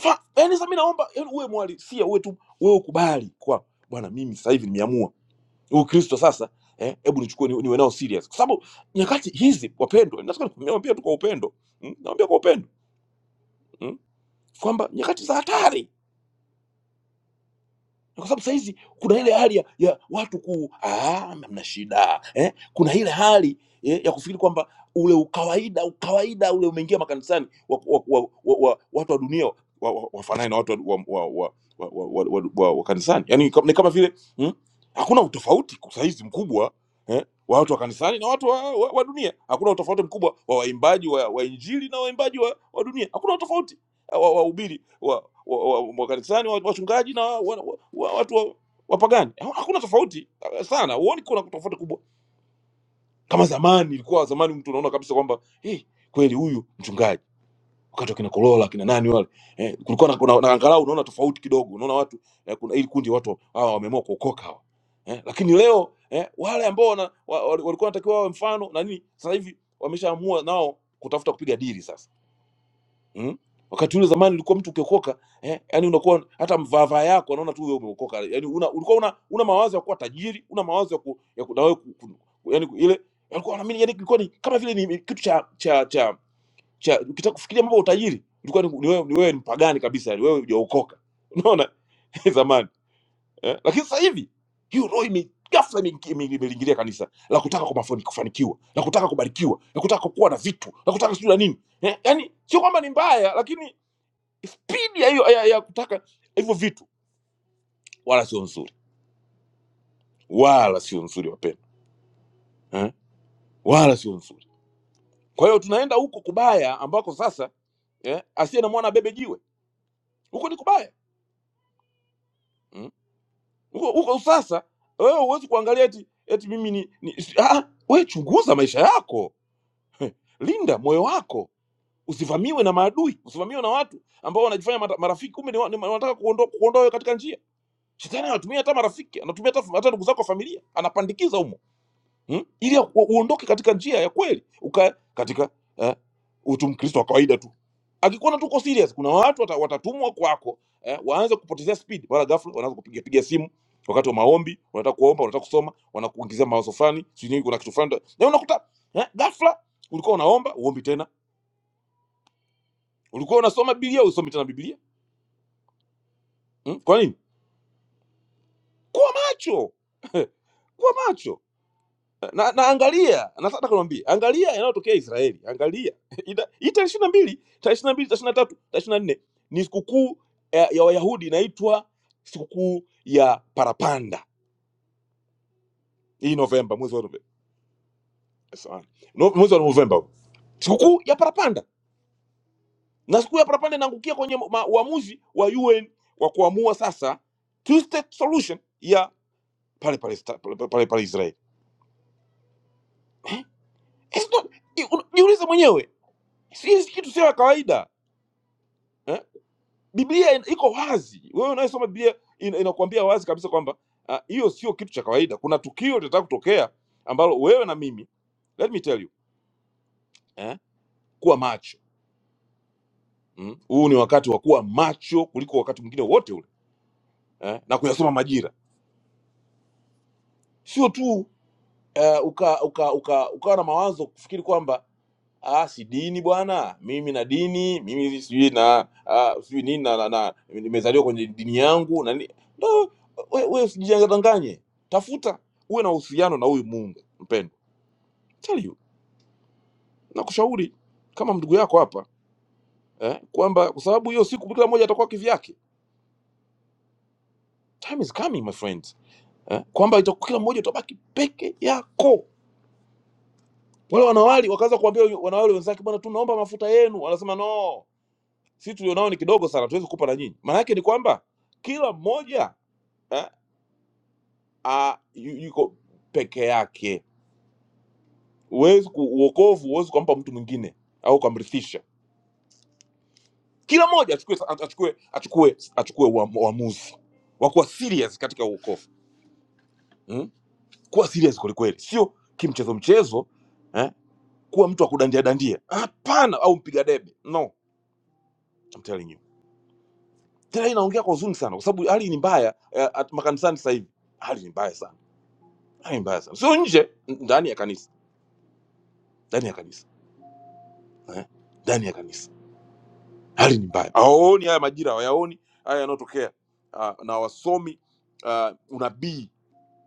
Speaker 2: Fa, yaani sasa mimi naomba yaani uwe mhalisia uwe tu wewe ukubali kwa bwana mimi sasa hivi nimeamua. Huu Kristo sasa eh hebu nichukue ni- niwe ni nao serious. Kwa sababu nyakati hizi wapendwa, nataka niwaambie tu kwa upendo. Mm? Naambia kwa upendo. Mm? Kwamba nyakati za hatari kwa sababu sahizi kuna ile hali ya, ya watu ku "Ah, mna shida eh? Kuna ile hali eh, ya kufikiri kwamba ule ukawaida ukawaida ule umeingia makanisani wa, wa, wa, wa, wa, watu wa dunia wafanane wa, wa, wafanane na watu wa, wa, wa, wa, wa, wa, wa, wa, wa kanisani yani, ni kama vile mm, hakuna utofauti kwa sahizi mkubwa eh, wa watu wa kanisani na watu wa, wa, wa dunia. Hakuna utofauti mkubwa wa waimbaji wa, wa injili na waimbaji wa, wa dunia, hakuna utofauti wa- wahubiri wa, wa, wa, wa, wakanisani wa- wachungaji na wa, wa, wa, watu wa, wapagani Ha- hakuna tofauti eh, sana huoni kuna tofauti kubwa kama zamani ilikuwa zamani mtu unaona kabisa kwamba hey, kweli huyu mchungaji wakati wakina kolola kina nani wale eh, kulikuwa na, kuna, na angalau unaona tofauti kidogo unaona watu eh, kuna ili kundi watu hawa wameamua kuokoka hawa eh, lakini leo eh, wale ambao wana, wa, wa, walikuwa wanatakiwa wawe mfano na nini sasa hivi wameshaamua nao kutafuta kupiga dili sasa Mm? Wakati ule zamani ulikuwa mtu ukiokoka eh, yani unakuwa hata mvaavaa yako anaona tu wewe umeokoka. Yani una, ulikuwa una, una mawazo ya kuwa tajiri, una mawazo ya ku, ya ku, na wewe ku, ku, ku, yani ile alikuwa anaamini yani ilikuwa ni kama vile ni kitu cha cha cha, cha ukitaka kufikiria mambo ya utajiri ilikuwa ni, ni wewe ni wewe ni mpagani kabisa, yani wewe hujaokoka. Unaona zamani eh? Lakini sasa hivi hiyo roho ime ghafla ime- ime- imeliingilia kanisa la kutaka kumafani- kufanikiwa, la kutaka kubarikiwa, la kutaka kuwa na vitu, la kutaka sijui na nini eh? Yani sio kwamba ni mbaya, lakini spidi ya hiyo ya, ya kutaka hivyo vitu wala sio nzuri wala sio nzuri wapendwa eh? wala sio nzuri kwa hiyo tunaenda huko kubaya ambako sasa eh, asiye na mwana bebe jiwe huko ni kubaya mm. huko, huko sasa wewe huwezi kuangalia eti, eti mimi ni, ni ah, we chunguza maisha yako linda moyo wako usivamiwe na maadui usivamiwe na watu ambao wanajifanya mata- marafiki kumbe ni wa- ni wanataka kuondoa kuondoa wewe katika njia shetani anatumia hata marafiki anatumia hata hata ndugu zako wa familia anapandikiza humo mm? ili u- uondoke katika njia ya kweli ukae katika eh, utu mkristo wa kawaida tu akikuona tuko serious kuna watu wata, watatumwa kwako eh, waanze kupotezea speed mara ghafla wanaanza kupiga piga simu wakati wa maombi wanataka kuomba wanataka kusoma wanakuingizia mawazo fulani sijui nini, kuna kitu fulani na unakuta eh, ghafla ulikuwa unaomba uombi tena ulikuwa unasoma biblia usomi tena biblia mm? kwa nini kuwa macho kuwa macho na, na angalia nataka kuambia angalia yanayotokea israeli angalia Ita- hii tarehe ishiri na mbili tarehe ishiri na mbili tarehe 23, tatu tarehe 24 nne ni sikukuu ya, ya wayahudi inaitwa sikukuu ya parapanda hii novemba mwezi wa novemba samahani. No- mwezi wa novemba huu. sikukuu ya parapanda na sikukuu ya parapanda inaangukia kwenye ma- uamuzi wa un wa kuamua sasa two state solution ya pale pale pale, pale, pale israeli It's not- jiulize mwenyewe si si kitu sio ya kawaida Eh? Biblia in- iko wazi. Wewe unayesoma Biblia in- inakuambia wazi kabisa kwamba ah, hiyo sio kitu cha kawaida. Kuna tukio litataka kutokea ambalo wewe na mimi, let me tell you, eh, kuwa macho. Mm? Huu ni wakati wa kuwa macho kuliko wakati mwingine wote ule eh, na kuyasoma majira, sio tu uh, uka, uka, uka, ukawa na mawazo kufikiri kwamba ah, si dini bwana, mimi na dini mimi si sijui na ah, sijui nini na, na, na nimezaliwa kwenye dini yangu na ni- no, we, we usijidanganye, tafuta uwe na uhusiano na huyu Mungu mpendwa. Tell you, nakushauri kama ndugu yako hapa eh, kwamba kwa sababu hiyo siku kila mmoja atakuwa kivyake. Time is coming my friends eh, kwamba itakuwa kila mmoja utabaki peke yako Wale wanawali wakaanza kuambia yu- wanawali wenzake, bwana, tunaomba mafuta yenu. Wanasema no, sisi tulionao ni kidogo sana, tuwezi kupa na nyinyi. Maana yake ni kwamba kila mmoja eh, a, yu- yuko peke yake. Huwezi ku- uokovu huwezi kumpa mtu mwingine au kumrithisha. Kila mmoja achukue achukue achukue achukue uam- uamuzi wa kuwa serious katika uokovu hmm? Kuwa serious kwelikweli, sio kimchezo mchezo eh? Kuwa mtu akudandia dandia, hapana, au mpiga debe no, I'm telling you tena inaongea kwa huzuni sana, kwa sababu hali ni mbaya eh, at makanisani sasa hivi hali ni mbaya sana, hali ni mbaya sana, sio nje, n- ndani ya kanisa, ndani ya kanisa eh, ndani ya kanisa hali ni mbaya. Hawaoni haya majira, hawayaoni haya yanayotokea, ah, na wasomi ah, unabii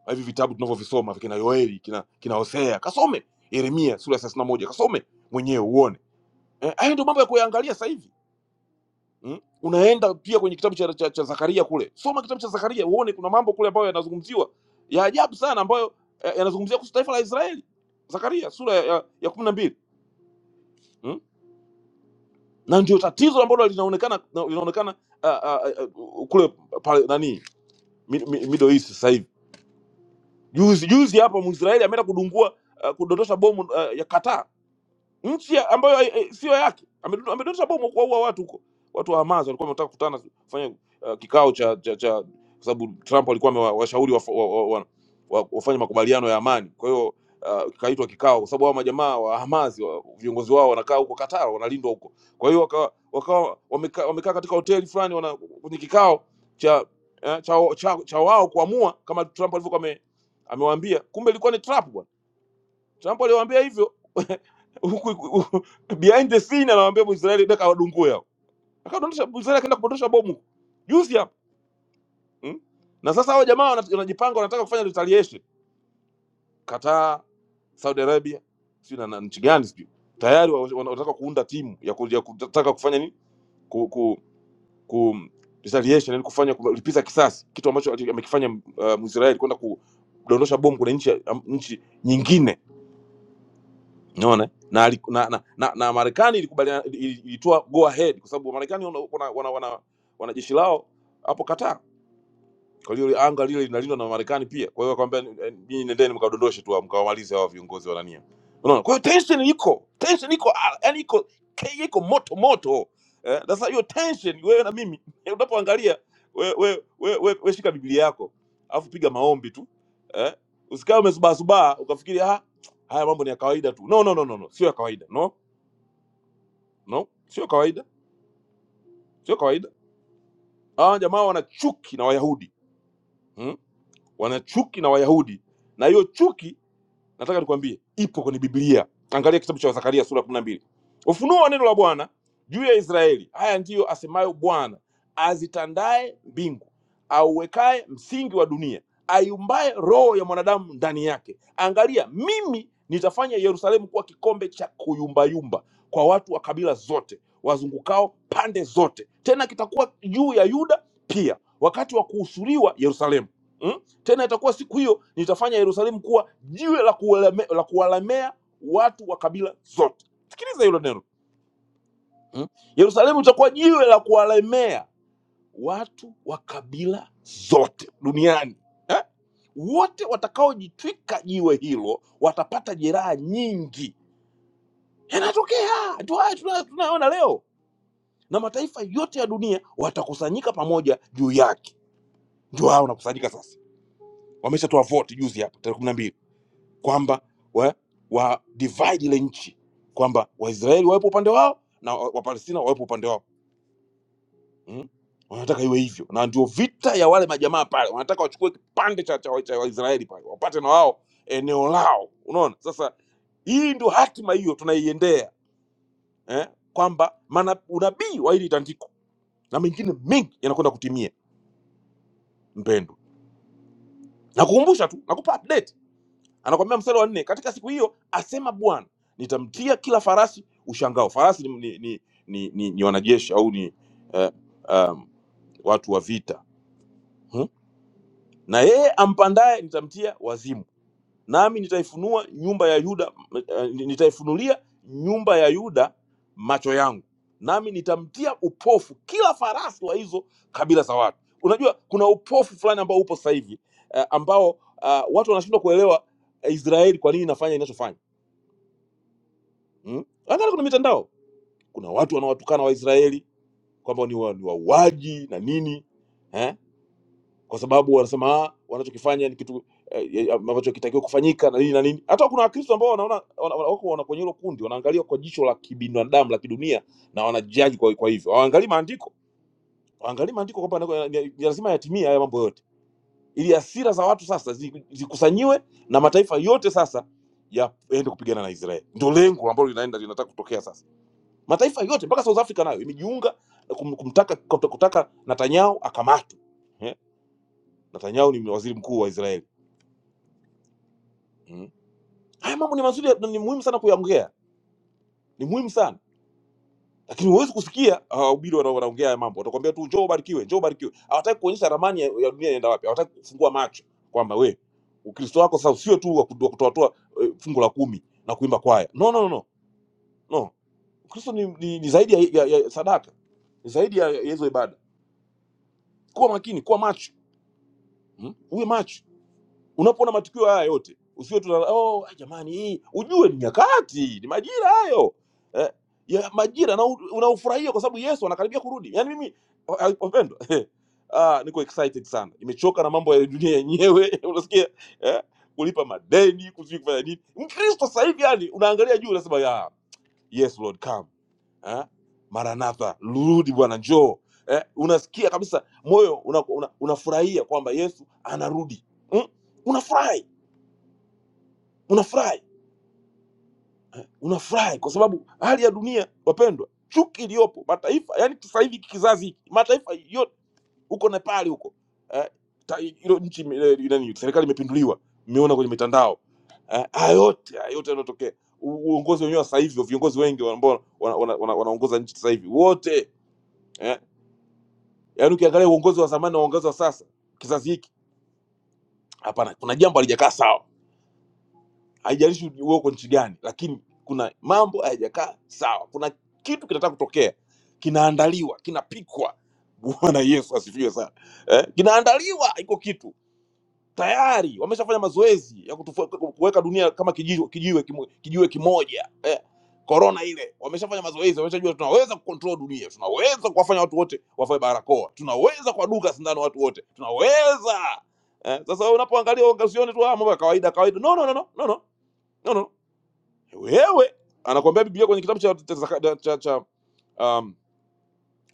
Speaker 2: wa hivi vitabu tunavyovisoma kina Yoeli kina kina Hosea, kasome Yeremia sura ya 31 kasome mwenyewe uone eh, haya ndio mambo ya kuyaangalia sasa hivi Mm? Unaenda pia kwenye kitabu cha, cha, cha Zakaria kule, soma kitabu cha Zakaria uone kuna mambo kule ambayo yanazungumziwa ya ajabu sana, ambayo eh, yanazungumzia kuhusu taifa la Israeli. Zakaria sura ya, ya, ya kumi na mbili mm? na ndio tatizo ambalo linaonekana na- linaonekana uh, uh, uh, kule pale nani Mi- Mi- Middle East sasa hivi. Juzi juzi hapa Mwisraeli ameenda kudungua uh, kudondosha bomu uh, ya Qatar nchi ya- ambayo hai- eh, sio yake. Amedu- Amedondosha bomu kuwaua watu huko, watu wa Hamas walikuwa wametaka kukutana kufanya uh, kikao cha cha, cha kwa sababu Trump alikuwa amewashauri waf- wa, wa, wa, wa, wafanye makubaliano ya amani. Kwa hiyo uh, kaitwa kikao, kwa sababu hao majamaa wa Hamas wa, viongozi wao wanakaa huko Qatar, wanalindwa huko. Kwa hiyo wakawa wakawa wamekaa wamekaa katika hoteli fulani, wana kwenye kikao cha eh, cha, cha, cha wao kuamua kama Trump alivyokuwa ame- amewaambia. Kumbe ilikuwa ni trap bwana Trump aliwaambia hivyo huku- huku- behind the scene anawaambia Israeli deka wadungue hao, akadondosha Israeli, akaenda kupotosha bomu juzi hapa mm? Na sasa hao jamaa wana- wanajipanga, wanataka kufanya retaliation. Qatar, Saudi Arabia, sio na na nchi gani sijui, tayari wa- wana- wanataka kuunda timu ya ku- ya kutaka kufanya nini ku, ku, ku retaliation, yani kufanya kulipiza kisasi, kitu ambacho ati- amekifanya uh, Israeli kwenda kudondosha bomu kwenye nchi ya- am- nchi nyingine Unaona? Na, ali- na, na, na, na Marekani ilikubaliana ili- ilitoa go ahead kwa sababu Marekani wana, wana, wana, wana, wana jeshi lao hapo Qatar kwa hiyo anga lile linalindwa na Marekani pia. Kwa hiyo akamwambia eh, nyinyi nendeni mkadondoshe tu mkawamalize hao viongozi wa nania. Unaona? Kwa hiyo tension iko, tension iko, ah, yaani iko ke- iko moto moto. Eh, sasa hiyo tension wewe na mimi eh, unapoangalia wewe wewe we, we, we shika Biblia yako, alafu piga maombi tu. Eh? Usikae umezubaa ukafikiri ah haya mambo ni ya kawaida tu. No no no no no, sio ya kawaida. No. No, sio kawaida. Sio kawaida. Hawa jamaa wana chuki na Wayahudi. Hmm? Wana chuki na Wayahudi. Na hiyo chuki nataka nikwambie ipo kwenye biblia angalia kitabu cha zakaria sura kumi na mbili ufunuo wa neno la bwana juu ya israeli haya ndiyo asemayo bwana azitandaye mbingu auwekaye msingi wa dunia aiumbaye roho ya mwanadamu ndani yake angalia mimi nitafanya yerusalemu kuwa kikombe cha kuyumbayumba kwa watu wa kabila zote wazungukao pande zote tena kitakuwa juu ya yuda pia wakati wa kuhusuriwa yerusalemu Mm? Tena itakuwa siku hiyo nitafanya Yerusalemu kuwa jiwe la kuwalemea, la kuwalemea watu wa kabila zote. Sikiliza hilo neno hmm? Yerusalemu itakuwa jiwe la kuwalemea watu wa kabila zote duniani eh? Wote watakaojitwika jiwe hilo watapata jeraha nyingi. Yanatokea ndio haya tuna- tunayoona leo, na mataifa yote ya dunia watakusanyika pamoja juu yake. Ndio hao wanakusanyika sasa, wameshatoa voti juzi hapa tarehe 12 kwamba wa, wa divide ile nchi kwamba waisraeli wawepo upande wao na wa- wapalestina wawepo upande wao mm? wanataka iwe hivyo na ndio vita ya wale majamaa pale wanataka wachukue kipande cha, cha, wa- cha waisraeli pale wapate na wao eneo lao unaona sasa hii ndio hatima hiyo tunaiendea eh? kwamba mana- unabii wa hili tandiko na mengine mengi yanakwenda kutimia mpendo nakukumbusha tu nakupa update anakwambia mstari wa nne katika siku hiyo asema bwana nitamtia kila farasi ushangao farasi ni, ni, ni, ni, ni, ni wanajeshi au ni eh, um, watu wa vita hmm? na yeye ampandaye nitamtia wazimu nami nitaifunua nyumba ya yuda eh, nitaifunulia nyumba ya yuda macho yangu nami nitamtia upofu kila farasi wa hizo kabila za watu unajua kuna upofu fulani ambao upo sasa hivi eh, ambao ah, watu wanashindwa kuelewa eh, israeli kwa nini inafanya inachofanya mm? Angalia kuna mitandao, kuna watu wanawatukana Waisraeli kwamba ni wa- ni wauaji na nini eh? kwa sababu wanasema "Ah, wanachokifanya ni kitu eh, eh, ambacho hakitakiwi kufanyika na nini na nini. Hata kuna Wakristo ambao wanaona wana, wana, wako wana kwenye hilo kundi, wanaangalia kwa jicho la kibinadamu la kidunia na wanajaji kwa, kwa hivyo hawaangalii maandiko, hawaangalii maandiko kwamba nako- ni- ni lazima yatimie haya mambo yote, ili hasira za watu sasa zi- zikusanyiwe na mataifa yote sasa yaende kupigana na Israeli. Ndio lengo ambalo linaenda linataka kutokea sasa mataifa yote mpaka South Africa nayo imejiunga na kum, kumtaka kuta- kutaka Netanyahu akamatwe eh? Netanyahu ni waziri mkuu wa Israeli mm. Haya mambo ni mazuri na ni muhimu sana kuyaongea, ni muhimu sana lakini huwezi kusikia ah, wahubiri wana- wanaongea haya mambo, watakwambia tu njoo ubarikiwe, njoo ubarikiwe. Hawataki kuonyesha ramani ya, ya dunia inaenda wapi, hawataki kufungua macho kwamba we Ukristo wako sasa sio tu wa kudu- wa kutoatoa eh, fungu la kumi na kuimba kwaya. No, no, no, no. no. Ukristo ni, ni, ni zaidi ya, ya, ya sadaka, ni zaidi ya ya hizo ibada. Kuwa makini, kuwa macho mm? uwe macho unapoona matukio haya yote usiwe tu na- oh, ah, jamani hii ujue ni nyakati ni majira hayo eh, ya majira na u- unaufurahia kwa sababu yesu anakaribia kurudi yaani mimi wa- wapendwa ah, niko excited sana nimechoka na mambo ya dunia yenyewe unasikia eh, kulipa madeni kusijui kufanya nini mkristo sasa hivi yani unaangalia juu unasema ya yes lord come eh? Maranatha, rudi Bwana, njoo eh? Unasikia kabisa moyo unafurahia una, una unafurahia kwamba Yesu anarudi mm? Unafurahi, unafurahi, unafurahi kwa sababu hali ya dunia, wapendwa, chuki iliyopo mataifa, yani sasa hivi kizazi hiki mataifa yote huko Nepali huko eh? ta- Ilo nchi ime- ile- ile nini, serikali imepinduliwa, mmeona kwenye mitandao eh? Haya yote haya yote yanayotokea, u- uongozi wenyewe wa sasa hivi, viongozi wengi ambao wana- wana- wana- wanaongoza nchi sasa hivi wote eh, yaani ukiangalia uongozi wa zamani na uongozi wa sasa kizazi hiki hapana kuna jambo halijakaa sawa haijalishi uwe uko nchi gani lakini kuna mambo hayajakaa sawa kuna kitu kinataka kutokea kinaandaliwa kinapikwa bwana yesu asifiwe sana eh, kinaandaliwa iko kitu tayari wameshafanya mazoezi ya kutufu- kuweka dunia kama kijiwe, kijiwe, kimo- kijiwe kimoja eh. Corona ile wameshafanya mazoezi, wameshajua tunaweza kucontrol dunia, tunaweza kuwafanya watu wote wavae barakoa, tunaweza kuwadunga sindano watu wote, tunaweza eh. Sasa wewe unapoangalia wanga- usione tu "Ah, mambo ya kawaida kawaida, no no no no no no no, no. Wewe anakuambia Biblia kwenye kitabu cha cha, cha, cha um,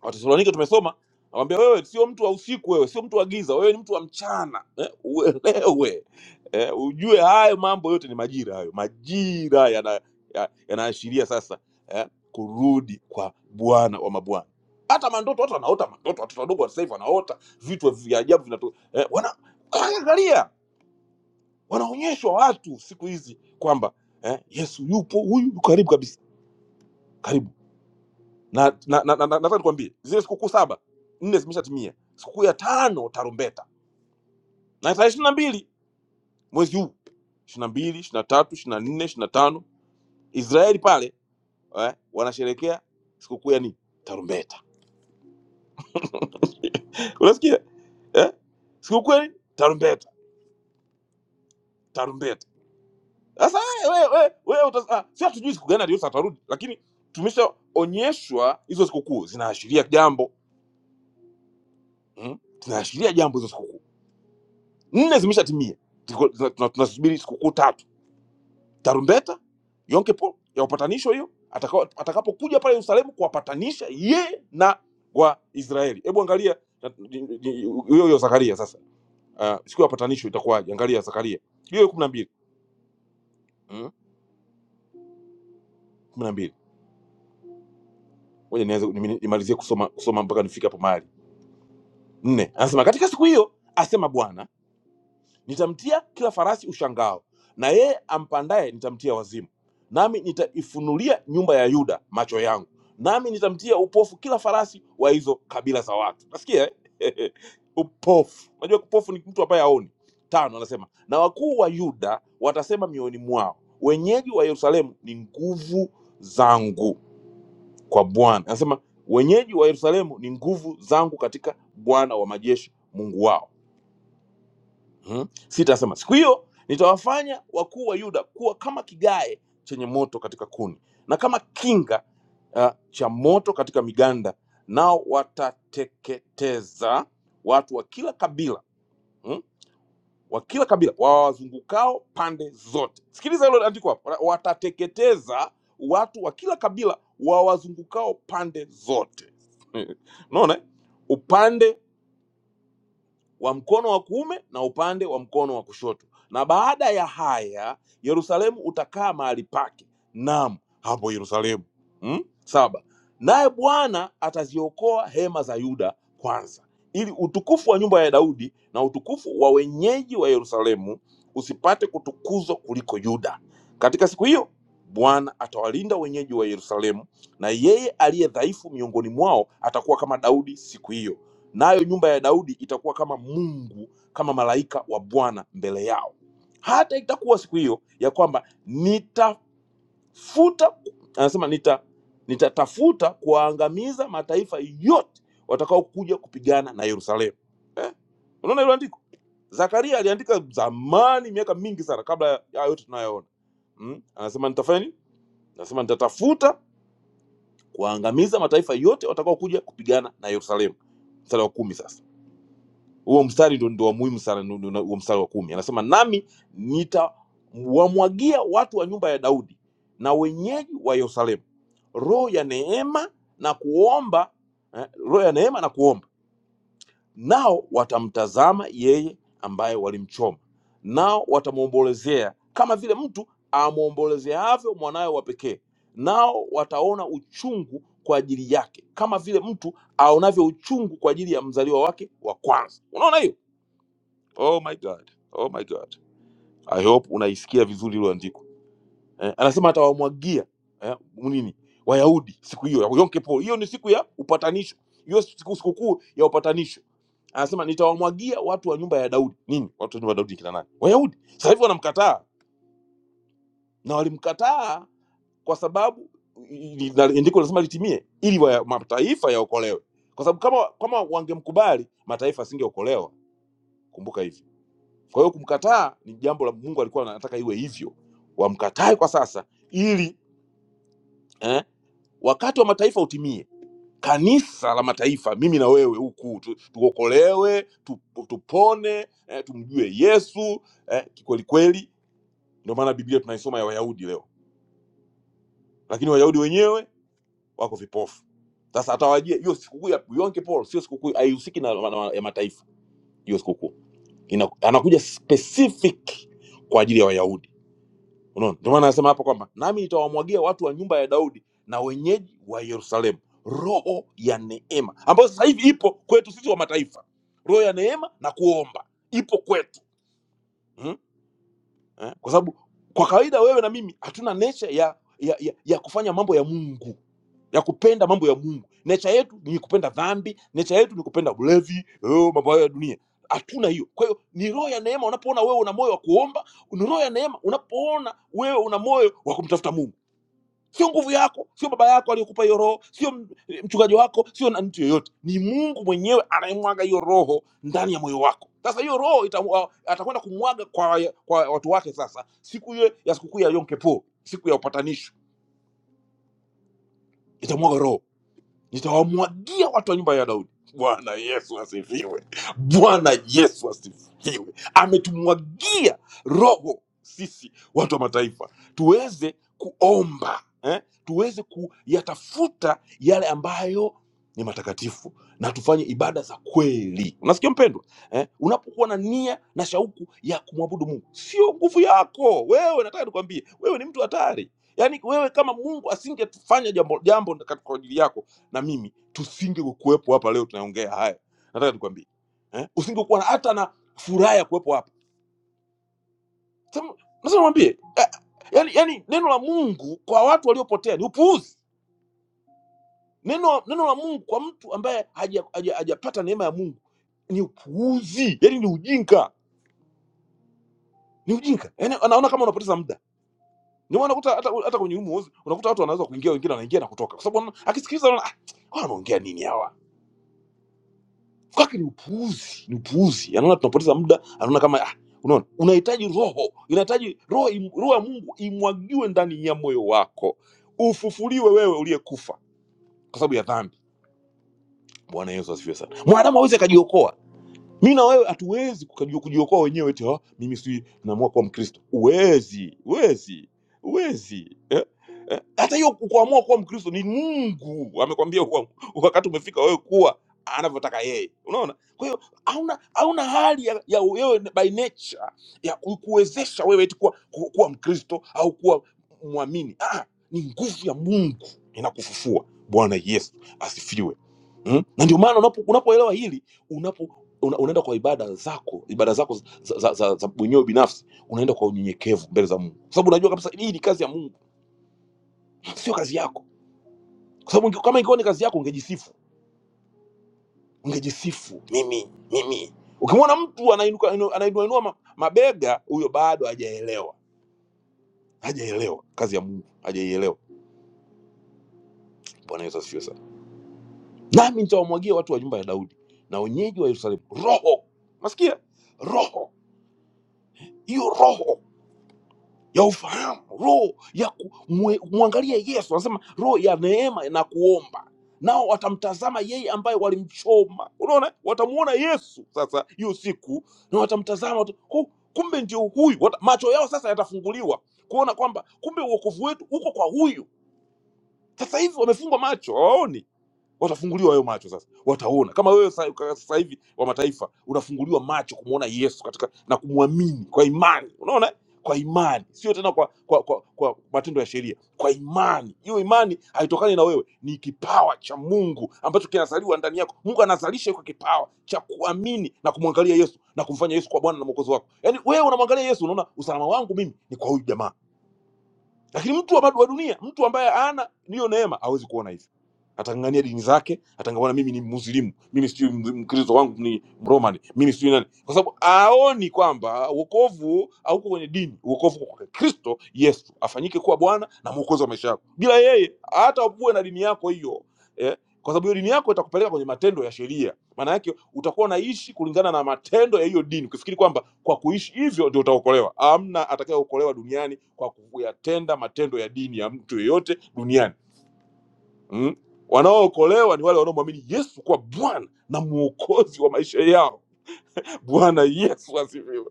Speaker 2: Watesalonika tumesoma awambia, wewe sio mtu wa usiku, wewe sio mtu wa giza, wewe ni mtu wa mchana eh, uelewe eh, ujue hayo mambo yote ni majira. Hayo majira yana- ya- yanaashiria sasa eh, kurudi kwa Bwana wa mabwana. Hata mandoto, watu wanaota mandoto, watoto wadogo wa sasa hivi wanaota vitu vya ajabu vinatu, eh, wana angalia, wanaonyeshwa watu siku hizi kwamba eh, Yesu yupo, huyu yu karibu kabisa, karibu na na- na- na- na- nataka nikwambie zile sikukuu saba nne zimeshatimia sikukuu ya tano tarumbeta na tarehe ishirini na mbili mwezi huu ishirini na mbili ishirini na tatu ishirini na nne ishirini na tano israeli pale eh, wanasherekea sikukuu ya nini tarumbeta unasikia eh? sikukuu ya nini tarumbeta tarumbeta sasa wewe wewe wewe utas- ah, si hatujui siku gani aliyosa atarudi lakini tumeshaonyeshwa hizo sikukuu zinaashiria jambo mm? zinaashiria jambo hizo sikukuu nne zimeshatimia Tuko- tuna- tuna- tunasubiri sikukuu tatu tarumbeta yom kippur ya upatanisho hiyo ataka- atakapokuja pale yerusalemu kuwapatanisha yeye na waisraeli hebu angalia na- ni- ni- hiyo hiyo zakaria sasa Ah, siku ya upatanisho itakuwaje angalia zakaria hiyo hiyo kumi na mbili Mm, kumi na mbili ngoja nianze nimi- nimalizie kusoma kusoma mpaka nifike hapo mahali nne anasema katika siku hiyo asema bwana Nitamtia kila farasi ushangao, na yeye ampandaye nitamtia wazimu. Nami nitaifunulia nyumba ya Yuda macho yangu, nami nitamtia upofu kila farasi wa hizo kabila za watu. Nasikia eh? upofu. Unajua upofu ni mtu ambaye haoni. Tano anasema na wakuu wa Yuda watasema mioyoni mwao, wenyeji wa Yerusalemu ni nguvu zangu kwa Bwana. Anasema wenyeji wa Yerusalemu ni nguvu zangu katika Bwana wa majeshi Mungu wao Mhm. Sita asema siku hiyo nitawafanya wakuu wa Yuda kuwa kama kigae chenye moto katika kuni na kama kinga uh, cha moto katika miganda, nao watateketeza watu wa kila kabila mm, wa kila kabila wawazungukao pande zote. Sikiliza hilo andiko hapo, watateketeza watu wa kila kabila wawazungukao pande zote. Unaona eh? upande wa mkono wa kuume na upande wa mkono wa kushoto. Na baada ya haya Yerusalemu utakaa mahali pake, naam hapo Yerusalemu. Mm? Saba, naye Bwana ataziokoa hema za Yuda kwanza, ili utukufu wa nyumba ya Daudi na utukufu wa wenyeji wa Yerusalemu usipate kutukuzwa kuliko Yuda. Katika siku hiyo Bwana atawalinda wenyeji wa Yerusalemu, na yeye aliye dhaifu miongoni mwao atakuwa kama Daudi siku hiyo nayo nyumba ya Daudi itakuwa kama Mungu, kama malaika wa Bwana mbele yao. Hata itakuwa siku hiyo ya kwamba nitafuta, anasema nita nitatafuta kuwaangamiza mataifa yote watakaokuja kupigana na Yerusalemu. Eh, unaona hilo andiko? Zakaria aliandika zamani, miaka mingi sana kabla ya ya yote tunayoona. Mm? Anasema nitafanya nini? Anasema nitatafuta kuwaangamiza mataifa yote watakaokuja kupigana na Yerusalemu. Mstari wa kumi sasa huo mstari ndo, ndo wa muhimu sana ndo- ndo- ndo- huo mstari wa kumi anasema nami nitawamwagia watu wa nyumba ya daudi na wenyeji wa yerusalemu roho ya neema na kuomba eh, roho ya neema na kuomba nao watamtazama yeye ambaye walimchoma nao watamwombolezea kama vile mtu amwombolezeavyo mwanawe wa pekee nao wataona uchungu kwa ajili yake kama vile mtu aonavyo uchungu kwa ajili ya mzaliwa wake wa kwanza unaona hiyo oh my god oh my god i hope unaisikia vizuri hilo andiko eh, anasema atawamwagia eh, nini wayahudi siku hiyo ya Yom Kippur. hiyo ni siku ya upatanisho hiyo siku sikukuu ya upatanisho anasema nitawamwagia watu wa nyumba ya daudi nini watu wa nyumba ya daudi ni kina nani wayahudi sasa hivi wanamkataa na walimkataa kwa sababu i- i- na andiko lazima litimie ili waya- mataifa yaokolewe kwa sababu kama kama wangemkubali mataifa asingeokolewa kumbuka hivi Kwa hiyo kumkataa ni jambo la Mungu alikuwa anataka iwe hivyo, wamkatae kwa sasa ili eh, wakati wa mataifa utimie, kanisa la mataifa, mimi na wewe huku tu, tuokolewe tu, tupone eh, tumjue Yesu eh, kikweli kweli. Ndio maana Biblia tunaisoma ya Wayahudi leo, lakini Wayahudi wenyewe wako vipofu. Sasa atawajia hiyo sikukuu ya Yom Kippur, sio sikukuu, haihusiki na, na, na ya mataifa. Hiyo sikukuu Ina- anakuja specific kwa ajili ya Wayahudi Unaona, ndio maana anasema hapa kwamba nami nitawamwagia watu wa nyumba ya Daudi na wenyeji wa Yerusalemu roho ya neema, ambayo sasa hivi ipo kwetu sisi wa mataifa, roho ya neema na kuomba ipo kwetu Hmm? eh? kwa sababu kwa kawaida wewe na mimi hatuna nature ya, ya, ya, ya kufanya mambo ya mungu ya kupenda mambo ya mungu nature yetu ni kupenda dhambi nature yetu ni kupenda ulevi eh, mambo hayo ya dunia hatuna hiyo kwa hiyo ni roho ya neema unapoona wewe una moyo wa kuomba ni roho ya neema unapoona wewe una moyo wa kumtafuta mungu sio nguvu yako sio baba yako aliyekupa hiyo roho sio m- mchungaji wako sio na mtu yoyote ni mungu mwenyewe anayemwaga hiyo roho ndani ya moyo wako sasa hiyo roho ita- atakwenda kumwaga kwa, kwa watu wake sasa siku ile ya sikukuu ya yom kippur siku ya upatanisho itamwaga roho nitawamwagia watu wa nyumba ya Daudi. Bwana Yesu asifiwe! Bwana Yesu asifiwe! Ametumwagia Roho sisi watu wa mataifa tuweze kuomba eh? tuweze kuyatafuta yale ambayo ni matakatifu na tufanye ibada za kweli. Unasikia mpendwa eh? unapokuwa na nia na shauku ya kumwabudu Mungu, sio nguvu yako wewe. Nataka nikwambie, wewe ni mtu hatari. Yaani wewe kama Mungu asingetufanya jambo jambo kwa ajili yako na mimi tusingekuwepo hapa leo tunaongea haya nataka nikwambie eh? usingekuwa na- hata na furaha ya kuwepo hapa Sema- nasema nikwambie eh, yani, yani neno la mungu kwa watu waliopotea ni upuuzi neno neno la mungu kwa mtu ambaye hajapata haja- haja- hajapata neema ya mungu ni upuuzi yani ni ujinga ni ujinga yani anaona kama unapoteza muda ndio maana unakuta hata, hata kwenye humu unakuta watu wanaweza kuingia wengine wanaingia na kutoka kwa sababu wana- akisikiliza anaona, "Ah, hawa wanaongea nini hawa kake ni upuuzi ni upuuzi anaona tunapoteza muda anaona kama ah, unaona unahitaji roho inahitaji roho im- roho ya mungu imwagiwe ndani ya moyo wako ufufuliwe wewe uliyekufa kwa sababu ya dhambi bwana yesu asifiwe sana mwanadamu awezi akajiokoa mi na wewe hatuwezi kukajua- kujiokoa wenyewe eti "Ah, mimi si naamua kuwa mkristo uwezi uwezi uwezi eh? Eh? hata hiyo kuamua kuwa mkristo ni mungu amekwambia kuwa- wakati umefika wewe kuwa anavyotaka yeye unaona kwa hiyo hauna hauna hali ya, ya wewe by nature ya ku- kuwezesha wewe eti kuwa, ku- kuwa mkristo au kuwa mwamini ah, ah, ni nguvu ya mungu inakufufua bwana yesu asifiwe mm? na ndio maana unapo- unapoelewa hili una, unaenda kwa ibada zako ibada zako za, za, za, za za mwenyewe binafsi unaenda kwa unyenyekevu mbele za mungu kwa sababu unajua kabisa hii ni kazi ya mungu sio kazi yako kwa sababu inge- kama ingekuwa ni kazi yako ungejisifu ungejisifu mimi mimi ukimwona mtu anainuka- inu- anainuainua ma, mabega huyo bado hajaelewa hajaelewa kazi ya mungu hajaielewa bwana yesu asifiwe sana nami nitawamwagia watu wa nyumba ya daudi na wenyeji wa yerusalemu roho nasikia roho hiyo roho ya ufahamu, roho ya ku- mwe- kumwangalia Yesu. Anasema roho ya neema na kuomba, nao watamtazama yeye ambaye walimchoma. Unaona, watamuona Yesu sasa hiyo siku, na watamtazama watu, "Hu- kumbe ndio huyu. Wata- Macho yao sasa yatafunguliwa kuona kwamba kumbe uokovu wetu uko kwa huyu. Sasa hivi wamefungwa macho, hawaoni watafunguliwa hayo macho sasa, wataona kama wewe sa- kaka sasa hivi wa mataifa unafunguliwa macho kumwona Yesu katika na kumwamini kwa imani. Unaona, eh? kwa imani, sio tena kwa kwa, kwa, kwa matendo ya sheria, kwa imani. Hiyo imani haitokani na wewe, ni kipawa cha Mungu ambacho kinazaliwa ndani yako. Mungu anazalisha hicho kipawa cha kuamini na kumwangalia Yesu na kumfanya Yesu kwa Bwana na Mwokozi wako. Yaani wewe unamwangalia Yesu, unaona usalama wangu mimi ni kwa huyu jamaa lakini mtu wa, bado wa dunia mtu ambaye ana niyo neema hawezi kuona hivyo atang'ang'ania dini zake atangamana mimi ni muslimu mimi sijui m- mkristo wangu ni mromani mimi sijui nani kwa sababu aoni kwamba uokovu hauko kwenye dini uokovu uko kwa kristo yesu afanyike kuwa bwana na mwokozi wa maisha yako bila yeye hata uwe na dini yako hiyo eh, kwa sababu hiyo dini yako itakupeleka kwenye matendo ya sheria maana yake utakuwa unaishi kulingana na matendo ya hiyo dini ukifikiri kwamba kwa kuishi hivyo ndio utaokolewa amna atakayeokolewa duniani kwa kuyatenda matendo ya dini ya mtu yeyote duniani mm? wanaookolewa ni wale wanaomwamini yesu kwa bwana na mwokozi wa maisha yao bwana yesu asifiwe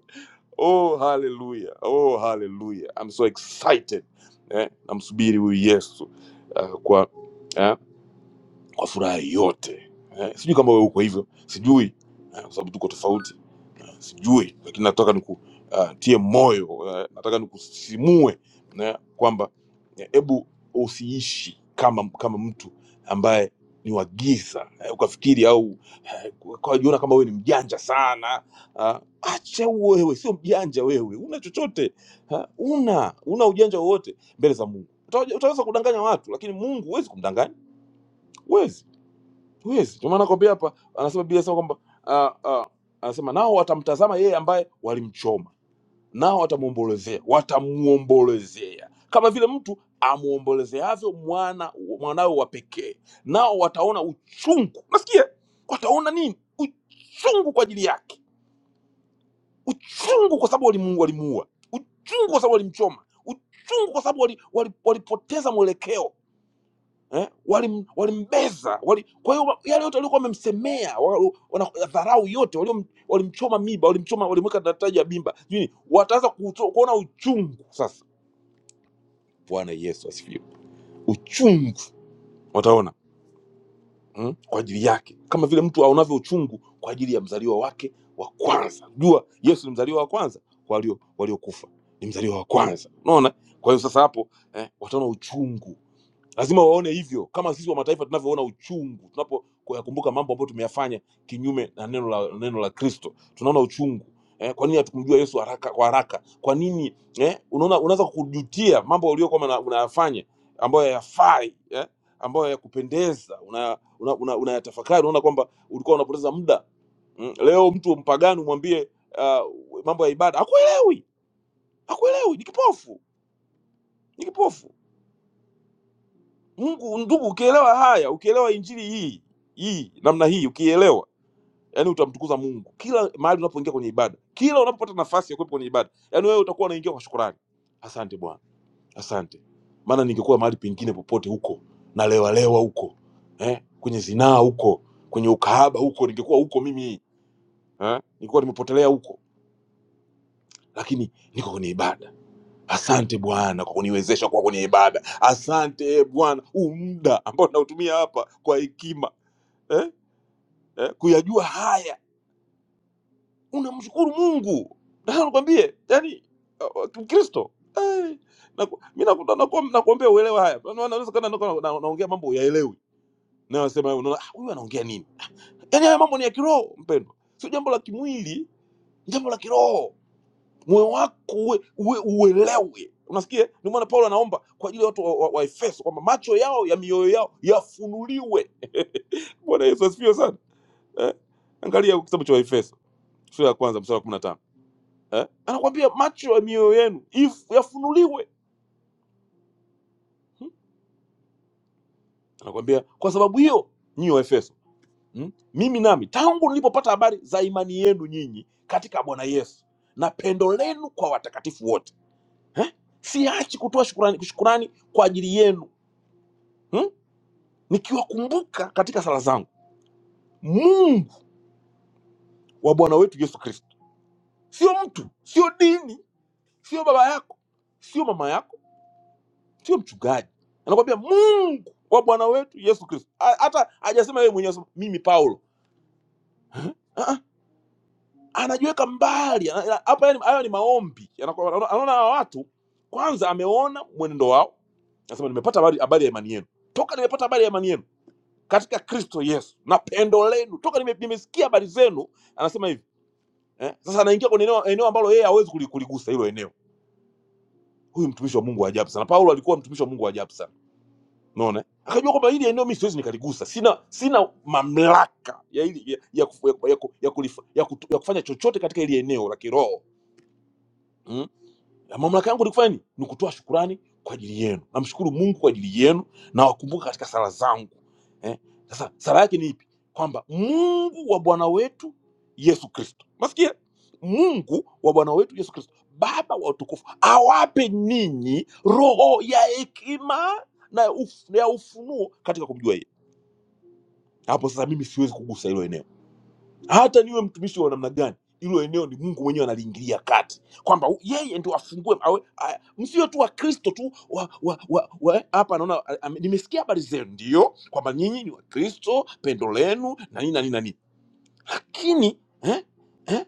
Speaker 2: oh haleluya oh haleluya I'm so excited eh, namsubiri huyu yesu uh, kwa eh, kwa furaha yote eh, sijui kama wewe uko hivyo sijui eh, kwa sababu tuko tofauti sijui lakini nataka nikutie moyo eh, nataka nikusisimue na kwamba eh, hebu usiishi kama kama mtu ambaye ni wa giza eh, ukafikiri au eh, ukajiona kama wewe ni mjanja sana ah, acha wewe sio mjanja wewe una chochote ha, una una ujanja wowote mbele za mungu Utawaja- utaweza kudanganya watu lakini mungu huwezi kumdanganya huwezi Huwezi. Ndio maana nakwambia hapa, anasema Biblia inasema kwamba ah, ah, anasema nao watamtazama yeye ambaye walimchoma, nao watamwombolezea, watamwombolezea kama vile mtu amwombolezeavyo mwana mwanawe wa pekee, nao wataona uchungu. Nasikia wataona nini? Uchungu kwa ajili yake, uchungu kwa sababu walimu- walimuua, uchungu kwa sababu walimchoma, uchungu kwa sababu walipoteza wali- wali- walipoteza mwelekeo eh, walim- walimbeza wali, kwa hiyo yale yote waliokuwa wamemsemea wa- wana- dharau yote waliom- walimchoma miba walimchoma walimweka daraja ya bimba sijui nini, wataanza kuto- kuona uchungu sasa bwana yesu asifiwe uchungu wataona mm, kwa ajili yake kama vile mtu aonavyo uchungu kwa ajili ya mzaliwa wake wa kwanza jua yesu ni mzaliwa wa kwanza kwa walio- waliokufa walio ni mzaliwa wa kwanza unaona kwa hiyo sasa hapo eh, wataona uchungu lazima waone hivyo kama sisi wa mataifa tunavyoona uchungu tunapoyakumbuka mambo ambayo tumeyafanya kinyume na neno la neno la kristo tunaona uchungu eh, kwa nini hatukumjua yesu haraka kwa haraka kwa nini eh, unaona unaweza kujutia mambo uliokuwa una- unayafanya ambayo hayafai eh, ambayo yakupendeza unayatafakari una, una, unayatafakari, unaona kwamba ulikuwa unapoteza muda mm. leo mtu mpagani umwambie uh, mambo ya ibada akuelewi akuelewi ni kipofu ni kipofu Mungu ndugu, ukielewa haya, ukielewa injili hii hii namna hii, ukielewa yani utamtukuza Mungu kila mahali unapoingia kwenye ibada, kila unapopata nafasi ya kuwepo kwenye ibada, yani wewe utakuwa unaingia kwa shukrani, asante Bwana, asante, maana ningekuwa mahali pengine popote huko nalewalewa huko eh, kwenye zinaa huko, kwenye ukahaba huko, ningekuwa huko mimi eh, ningekuwa nimepotelea huko, lakini niko kwenye ibada. Asante Bwana kwa kuniwezesha kuwa kwenye ibada. Asante Bwana huu muda ambao nautumia hapa kwa hekima eh, eh, kuyajua haya, unamshukuru Mungu. Nataka nikwambie, yani uh, uh, Mkristo eh, naku- mi nakuta- naku- nakuambia uelewe haya. Maana Unaweza kana niko na- na- naongea mambo uyaelewi, na nasema unaona, "Ah, huyu anaongea nini? Yaani haya mambo ni ya kiroho, mpendwa, sio jambo la kimwili, ni jambo la kiroho. Moyo wako uwe, uwe uelewe. Unasikia? Ndio maana Paulo anaomba kwa ajili ya watu wa, wa, wa Efeso kwamba macho yao ya mioyo yao yafunuliwe. Bwana Yesu asifiwe sana eh? Angalia kitabu cha Waefeso sura ya kwanza mstari wa kumi na tano eh? anakwambia macho ya mioyo yenu if- yafunuliwe hmm? anakwambia kwa sababu hiyo nyinyi wa Efeso hmm? mimi nami tangu nilipopata habari za imani yenu nyinyi katika Bwana Yesu na pendo lenu kwa watakatifu wote eh? siachi kutoa shukurani, shukurani kwa ajili yenu hmm? nikiwakumbuka katika sala zangu Mungu wa Bwana wetu Yesu Kristo, sio mtu, sio dini, sio baba yako, sio mama yako sio mchungaji anakwambia mungu wa bwana wetu yesu kristo Ha- hata hajasema yeye mwenyewe anasema, mimi paulo Ah, ah, anajiweka mbali Ana- ana- hapa yani- hayo ni maombi Anakuwa- anaona anaona hawa watu kwanza ameona mwenendo wao anasema nimepata habari, habari ya imani yenu toka nimepata habari ya imani yenu katika kristo yesu na pendo lenu toka nime, nimesikia habari zenu anasema hivi eh? sasa anaingia kwenye eneo, eneo ambalo yeye hawezi kuli- kuligusa hilo eneo huyu mtumishi wa mungu wa ajabu sana paulo alikuwa mtumishi wa mungu wa ajabu sana umeona akajua kwamba hili eneo mimi siwezi nikaligusa sina sina mamlaka ya, hili, ya, ya, ku- ya, ku- ya, ku- ya, kulifa- ya, kutu- ya kufanya chochote katika hili eneo la kiroho Mm? Na mamlaka yangu ni kufanya nini? Ni kutoa shukurani kwa ajili yenu. Namshukuru Mungu kwa ajili yenu na wakumbuka katika sala zangu. Eh? Sasa sala yake ni ipi? Kwamba Mungu wa Bwana wetu Yesu Kristo. Masikia? Mungu wa Bwana wetu Yesu Kristo, Baba wa utukufu, awape ninyi roho ya hekima na ya uf- na ya ufunuo katika kumjua yeye. Hapo sasa mimi siwezi kugusa hilo eneo hata niwe mtumishi wa namna gani hilo eneo ni mungu mwenyewe analiingilia kati kwamba u- yeye ndio afungue awe a- msio tu wakristo tu wa, wa, wa, wa, hapa naona a- ame- nimesikia habari zenu ndio kwamba nyinyi ni wakristo pendo lenu na nini na nini na nini lakini eh? eh,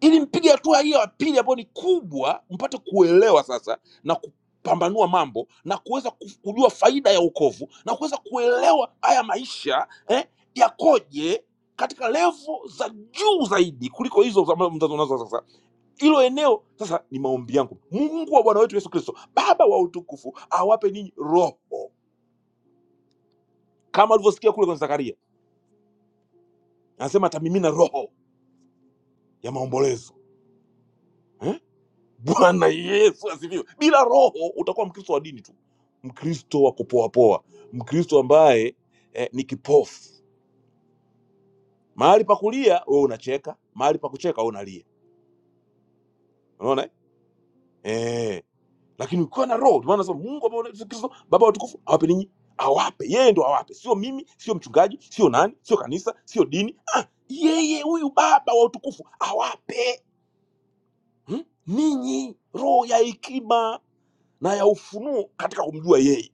Speaker 2: ili mpige hatua hiyo ya pili ambayo ni kubwa, mpate kuelewa sasa na kupambanua mambo na kuweza kuf- kujua faida ya wokovu na kuweza kuelewa haya maisha eh, yakoje katika levo za juu zaidi kuliko hizo za mzazo nazo sasa. Hilo eneo sasa ni maombi yangu. Mungu wa Bwana wetu Yesu Kristo, Baba wa utukufu, awape ninyi roho kama alivyosikia kule kwenye Zakaria, anasema atamimina roho ya maombolezo eh? Bwana Yesu asifiwe. Bila Roho utakuwa Mkristo wa dini tu, Mkristo wa kupoapoa, Mkristo ambaye eh, ni kipofu. Mahali pa kulia wewe unacheka, mahali pa kucheka wewe unalia. Unaona eh? Eh, lakini ukiwa na Roho, maana nasema Mungu ambaye unaitwa Kristo, Baba watukufu, awape ninyi, awape yeye, ndo awape, sio mimi, sio mchungaji, sio nani, sio kanisa, sio dini. Ah, yeye huyu Baba wa utukufu awape hmm? ninyi roho ya hekima na ya ufunuo katika kumjua yeye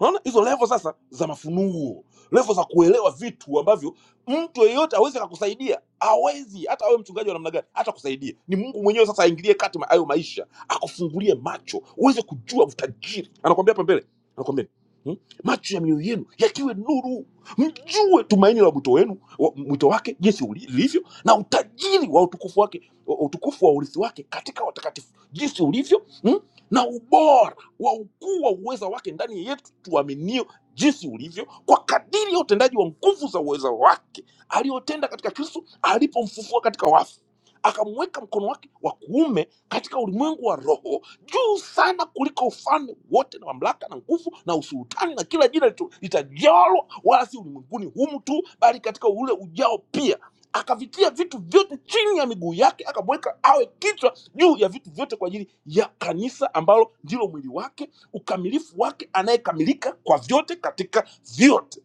Speaker 2: unaona hizo levo sasa za mafunuo levo za kuelewa vitu ambavyo mtu yeyote awezi akakusaidia awezi hata awe mchungaji wa namna gani hata kusaidia ni mungu mwenyewe sasa aingilie kati ma- hayo maisha akufungulie macho uweze kujua utajiri anakwambia hapa mbele anakwambia hmm? macho ya mioyo yenu yakiwe nuru mjue tumaini la mwito wenu wa- mwito wake jinsi uli- lilivyo na utajiri wa utukufu wake wa- utukufu wa urithi wake katika watakatifu jinsi ulivyo hmm? na ubora wa ukuu wa uweza wake ndani yetu tuaminio jinsi ulivyo kwa kadiri ya utendaji wa nguvu za uweza wake aliyotenda katika kristo alipomfufua katika wafu akamweka mkono wake wa kuume katika ulimwengu wa roho juu sana kuliko ufalme wote na mamlaka na nguvu na usultani na kila jina litu- litajalwa wala si ulimwenguni humu tu bali katika ule ujao pia akavitia vitu vyote chini ya miguu yake akamweka awe kichwa juu ya vitu vyote kwa ajili ya kanisa ambalo ndilo mwili wake, ukamilifu wake, anayekamilika kwa vyote katika vyote.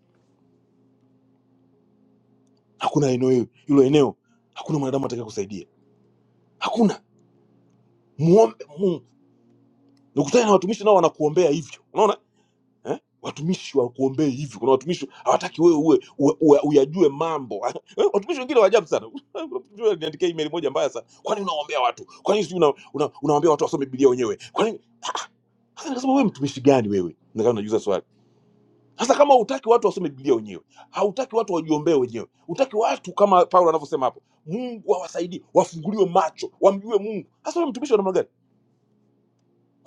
Speaker 2: Hakuna eneo hilo hilo eneo, hakuna mwanadamu atakaye kusaidia, hakuna. Muombe Mungu. Nikutane na watumishi nao wanakuombea hivyo, unaona eh? Watumishi wakuombee hivyo. Kuna watumishi hawataki wewe uwe, uwe, uwe uyajue mambo Eh, watumishi wengine wa ajabu sana. Niandikia email moja mbaya sana, kwani unawaombea watu? Kwani sijui una, una, unawaambia watu wasome Biblia wenyewe? Kwani sasa nikasema wewe mtumishi gani wewe? Nikawa najiuliza swali Sasa kama hutaki watu wasome Biblia wenyewe, hautaki watu wajiombee wenyewe, hutaki watu kama Paulo anavyosema hapo, Mungu awasaidie, wafunguliwe macho, wamjue Mungu. Sasa wewe mtumishi wa namna gani?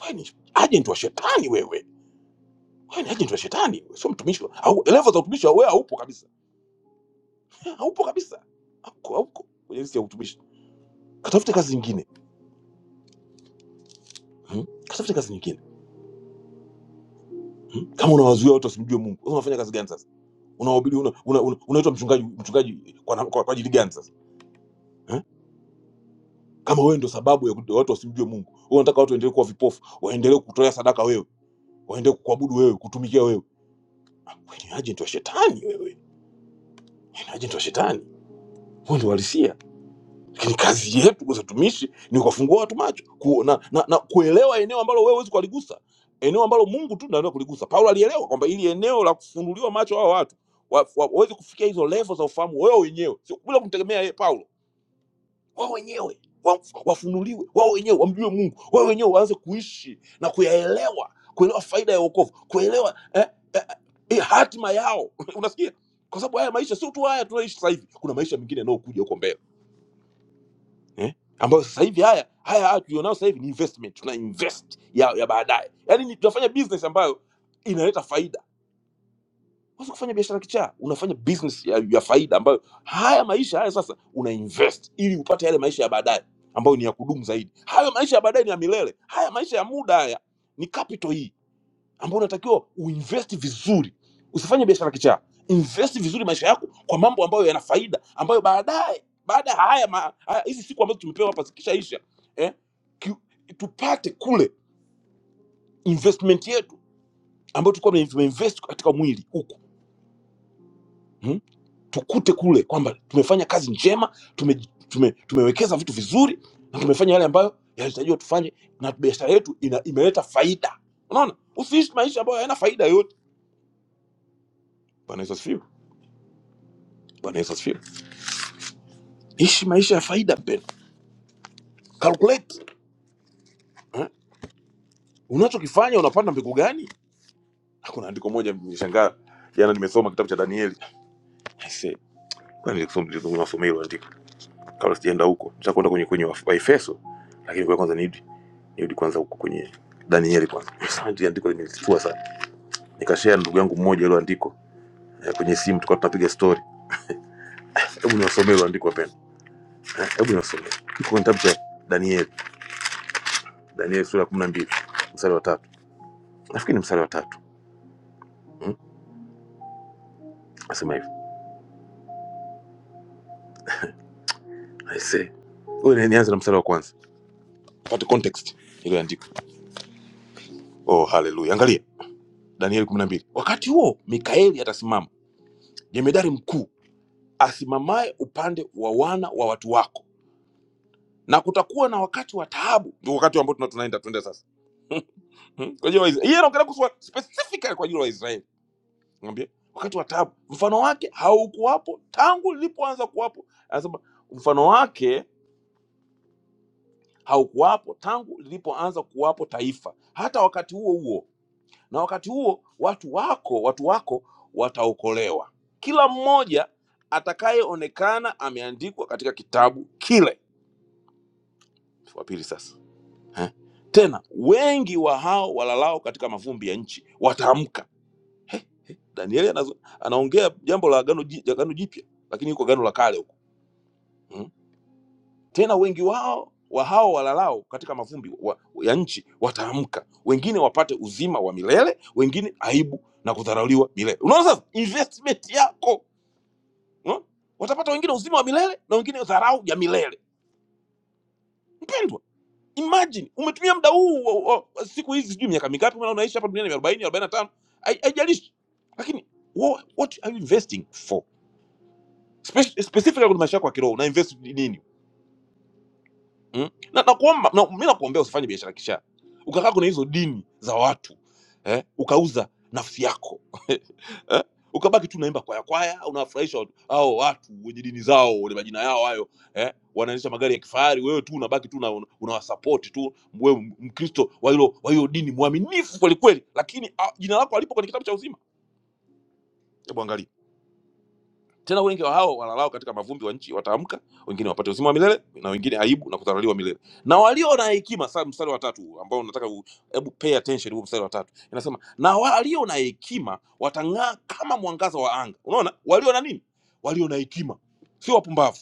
Speaker 2: Wewe ni agent wa shetani wewe. Wewe ni agent wa shetani, wewe sio mtumishi. wa- Au level za utumishi wewe haupo kabisa. Eh, Haupo kabisa. Hauko hauko. Kwenye list ya utumishi. Katafute kazi nyingine. Hmm? Katafute kazi nyingine. Hmm? Kama unawazuia watu wasimjue Mungu, sasa unafanya kazi gani sasa? Unawahubiri una, una, una, unaitwa mchungaji mchungaji kwa, na- kwa, kwa ajili gani sasa? Hmm? kama wewe ndo sababu ya kuti- watu wasimjue mungu wewe unataka watu waendelee kuwa vipofu waendelee kutolea sadaka wewe waendelee kuabudu wewe kutumikia wewe wewe ni agent wa shetani wewe Wewe ni agent wa shetani huo ndio uhalisia lakini kazi yetu kwa watumishi ni kuwafungua watu macho kuona na, na kuelewa eneo ambalo wewe huwezi kuligusa eneo ambalo mungu tu ndiye anaweza kuligusa paulo alielewa kwamba ili eneo la kufunuliwa macho hao watu waweze wa- wa- waweze kufikia hizo level za ufahamu wewe wenyewe sio bila kumtegemea yeye paulo wao wenyewe wa- wafunuliwe wao wenyewe wamjue mungu wao wenyewe waanze kuishi na kuyaelewa kuelewa faida ya wokovu kuelewa eh, eh, eh, hatima yao unasikia kwa sababu haya maisha sio tu haya tunaishi sasa hivi kuna maisha mengine yanayokuja huko mbele eh? ambayo sasa hivi haya haya haya tulionayo sasa hivi ni investment tuna invest ya, ya baadaye yaani ni- tunafanya business ambayo inaleta faida Unaweza kufanya biashara kichaa, unafanya business ya, ya faida ambayo haya maisha haya sasa una invest ili upate yale maisha ya baadaye ambayo ni ya kudumu zaidi. Hayo maisha ya baadaye ni ya milele, haya maisha ya muda haya ni capital hii ambayo unatakiwa uinvest vizuri. Usifanye biashara kichaa, invest vizuri maisha yako kwa mambo ambayo yana faida, ambayo baadaye baada ya haya ma- haya- hizi siku ambazo tumepewa hapa zikishaisha eh, ki- tupate kule investment yetu ambayo tulikuwa tumeinvest katika mwili huku tukute kule kwamba tumefanya kazi njema tume, tume, tumewekeza vitu vizuri na tumefanya yale ambayo yalitarajiwa tufanye na biashara yetu ina, imeleta faida unaona usiishi maisha ambayo hayana faida yoyote bwana yesu asifiwe bwana yesu asifiwe ishi maisha ya faida mpendwa calculate eh? unachokifanya unapanda mbegu gani kuna andiko moja nimeshangaa jana nimesoma kitabu cha danieli I say, kwani nilisoma- nilisoma- nilisoma hilo andiko kabla sijaenda huko nitakwenda kwenye kwenye Waf- waefeso lakini kwa kwanza nirudi nirudi kwanza huko kwenye danieli kwanza Asante, andiko limenichukua sana nikashare na ndugu yangu mmoja ile andiko eh, kwenye simu tukawa tunapiga story hebu niwasomee ile andiko wapendwa Eh, hebu niwasomee iko kwenye kitabu cha danieli danieli sura ya kumi na mbili mstari wa tatu nafikiri ni mstari wa tatu hmm? nasema hivi I say huyu ni- nianze na mstari wa kwanza pate context ile andiko oh haleluya angalia danieli kumi na mbili wakati huo mikaeli atasimama jemedari mkuu asimamaye upande wa wana wa watu wako, na kutakuwa na wakati wa taabu. Ndio wakati ambao tuna- tunaenda tuende sasa kwa ajili ya Waisraeli. Yeye anaongelea kuhusu wa- specifically kwa ajili ya Waisraeli, mwambie wakati wa taabu. Mfano wake haukuwapo tangu lilipoanza kuwapo, anasema mfano wake haukuwapo tangu lilipoanza kuwapo taifa, hata wakati huo huo, na wakati huo watu wako watu wako wataokolewa, kila mmoja atakayeonekana ameandikwa katika kitabu kile wa pili sasa eh? tena wengi wa hao walalao katika mavumbi ya nchi wataamka danieli anazo- anaongea jambo la agano ji- agano jipya lakini yuko agano la kale huko mm? tena wengi wao wa hao walalao katika mavumbi wa, ya nchi wataamka wengine wapate uzima wa milele wengine aibu na kudharauliwa milele unaona sasa investment yako unaona? watapata wengine uzima wa milele na wengine dharau ya milele mpendwa imagine umetumia muda huu wa- wa- wa- siku hizi sijui miaka mingapi maana unaishi hapa duniani 40 45 hai- haijalishi lakini wha- what are you investing for Spe- specifically kwenye maisha yako ya kiroho una invest nini Mm? Na nakuomba na, mi nakuombea usifanye biashara kisha ukakaa kuna hizo dini za watu eh? ukauza nafsi yako eh? ukabaki tu unaimba kwaya kwaya unawafurahisha watu hao watu wenye dini zao wenye majina yao hayo eh? wanaendesha magari ya kifahari wewe tu unabaki tu una- unawasapoti tu wewe m- mkristo wa hilo wa hiyo dini mwaminifu kwelikweli lakini ah, jina lako alipo kwenye kitabu cha uzima hebu angalia tena wengi wa hao walalao katika mavumbi wa nchi wataamka, wengine wapate uzima wa milele na wengine aibu na kudharauliwa milele. Na walio na hekima, sasa mstari wa tatu huu ambao nataka u- hebu pay attention huu mstari wa tatu. Inasema, na walio na hekima watang'aa kama mwangaza wa anga. Unaona? Walio na nini? Walio na hekima. Sio wapumbavu.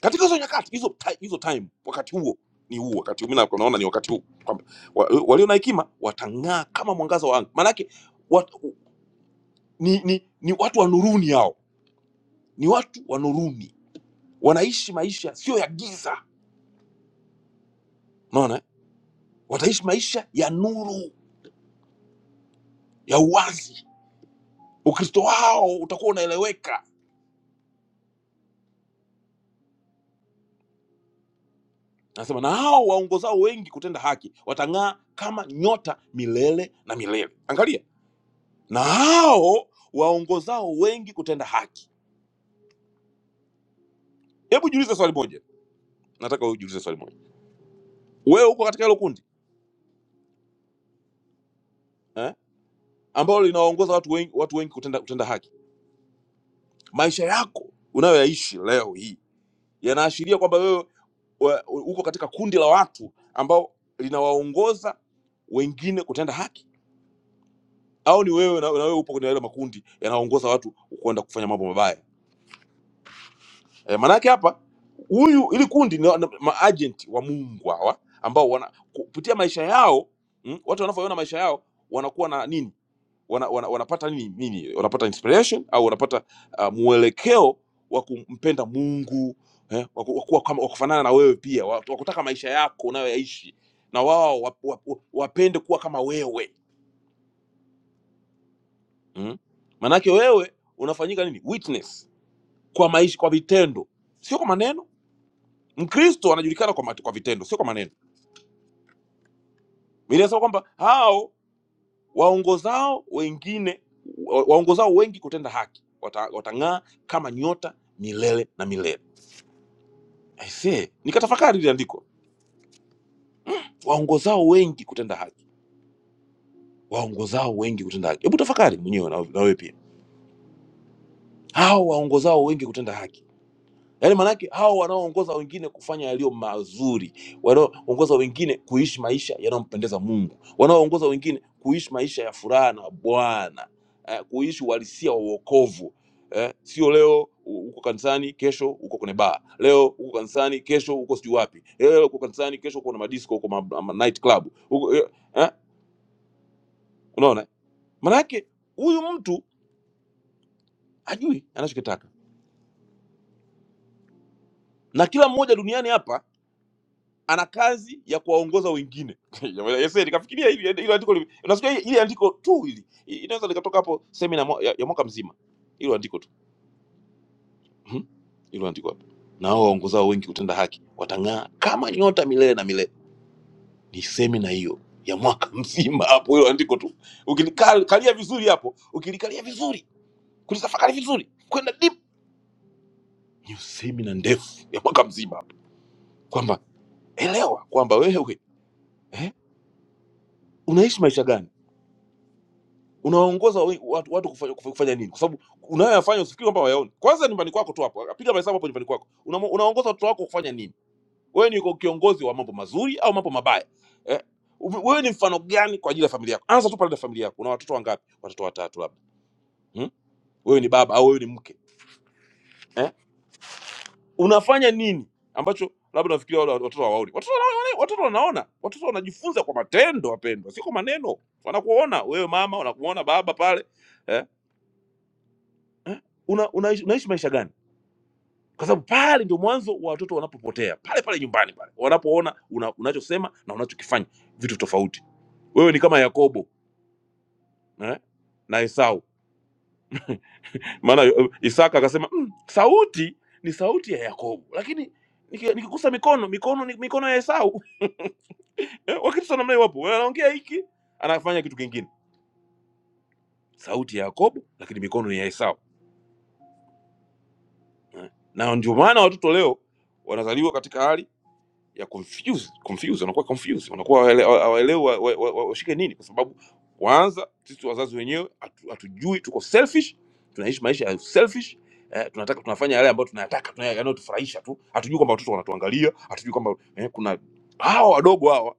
Speaker 2: Katika hizo nyakati, hizo ti- hizo time, wakati huo ni huu wakati huu. Mimi na- naona ni wakati huu kwamba wa- walio na hekima watang'aa kama mwangaza wa anga. Maana yake wat, ni, ni, ni watu wa nuruni hao. Ni watu wa nuruni wanaishi maisha sio ya giza unaona eh? wataishi maisha ya nuru ya uwazi ukristo wao utakuwa unaeleweka nasema na hao waongozao wengi kutenda haki watang'aa kama nyota milele na milele angalia na hao waongozao wengi kutenda haki hebu jiulize swali moja nataka ujiulize swali moja wewe uko katika hilo kundi eh? ambalo linawaongoza watu wengi, watu wengi kutenda, kutenda haki maisha yako unayoyaishi leo hii yanaashiria kwamba wewe wa- uko katika kundi la watu ambao linawaongoza wengine kutenda haki au ni wewe na, na wewe upo kwenye yale makundi yanaongoza watu kwenda kufanya mambo mabaya e, maanake hapa huyu ili kundi ni wana- maagent wa Mungu hawa ambao wana kupitia maisha yao mm, watu wanavyoona maisha yao wanakuwa na nini wana, wana, wanapata nini, nini wanapata inspiration au wanapata uh, mwelekeo wa kumpenda Mungu eh, wa ku- wa kuwa kama- wa kufanana na wewe pia wa wa kutaka maisha yako unayoyaishi na wao wa- wa- wa- wapende kuwa kama wewe mm. Manake wewe unafanyika nini witness kwa maisha, kwa vitendo, sio kwa maneno. Mkristo anajulikana kwa, mate- kwa vitendo, sio kwa maneno. Biblia inasema kwamba hao waongozao wengine wa- waongozao wengi kutenda haki wata- watang'aa kama nyota milele na milele. Aisee, nikatafakari ile andiko, waongozao wengi kutenda haki, waongozao wengi kutenda haki. Hebu tafakari mwenyewe na na wewe pia, hao waongozao wengi kutenda haki yaani maanake hao wanaoongoza wengine kufanya yaliyo mazuri wanaoongoza wengine kuishi maisha yanayompendeza mungu wanaoongoza wengine kuishi maisha ya furaha na bwana eh, kuishi uhalisia wa uokovu eh, sio leo u- uko kanisani kesho uko kwenye baa leo uko kanisani kesho uko sijui wapi leo uko kanisani kesho uko na madisco uko ma, ma, night club uko, eh, eh, unaona maanake huyu mtu hajui anachokitaka na kila mmoja duniani hapa ana kazi ya kuwaongoza wengine. Yes, nikafikiria hivi yaani hilo andiko, lime- unasikia hili hili andiko tu hili I- inaweza likatoka hapo semina mo- ya, ya mwaka mzima, hilo andiko tu Mhm. hilo andiko hapo, na hao waongozao wengi kutenda haki watang'aa kama nyota milele na milele. Ni semina hiyo ya mwaka mzima hapo, hilo andiko tu ukilikalia vizuri hapo, ukilikalia vizuri, kulitafakari vizuri, kwenda deep, ni semina ndefu ya mwaka mzima hapo, kwamba elewa kwamba wewe eh, unaishi maisha gani unawaongoza wa- watu, watu kufanya, kufa- kufanya nini? Kwa sababu unayoyafanya usifikiri kwamba wayaoni. Kwanza nyumbani kwako tu hapo, piga mahesabu hapo nyumbani kwako, Unamo- unawaongoza watoto wako kufanya nini? Wewe ni kiongozi wa mambo mazuri au mambo mabaya eh? Ume- Wewe ni mfano gani kwa ajili ya familia yako? Anza tu pale na familia yako. Una watoto wangapi? Watoto watatu labda hmm? Wewe ni baba au wewe ni mke eh? Unafanya nini ambacho labda nafikiria wale watoto hawaoni? Watoto wanaona, watoto wanaona, watoto wanajifunza kwa matendo, wapendwa, sio kwa maneno. Wanakuona wewe mama, wanakuona baba pale eh? eh? una, unaishi, unaishi maisha gani kwa sababu pale ndio mwanzo wa watoto wanapopotea pale pale nyumbani pale wanapoona una, unachosema na unachokifanya vitu tofauti wewe ni kama yakobo eh? na esau maana eh, isaka akasema mm, sauti ni sauti ya yakobo lakini niki- nikigusa mikono mikono ni mikono ya esau Eh, wakristo namna hiyo wapo wanaongea hiki anafanya kitu kingine sauti ya yakobo lakini mikono ni ya esau eh? na ndio maana watoto leo wanazaliwa katika hali ya confuse confuse, wanakuwa confuse, wanakuwa hawaele- hawaelewi wa- wa- wa- washike nini, kwa sababu kwanza sisi wazazi wenyewe hatu- hatujui, tuko selfish, tunaishi maisha ya selfish eh, tunataka tunafanya yale ambayo tunayataka tuna- yanayotufurahisha tu, hatujui kwamba watoto wanatuangalia, hatujui kwamba eh, kuna hawa wadogo hawa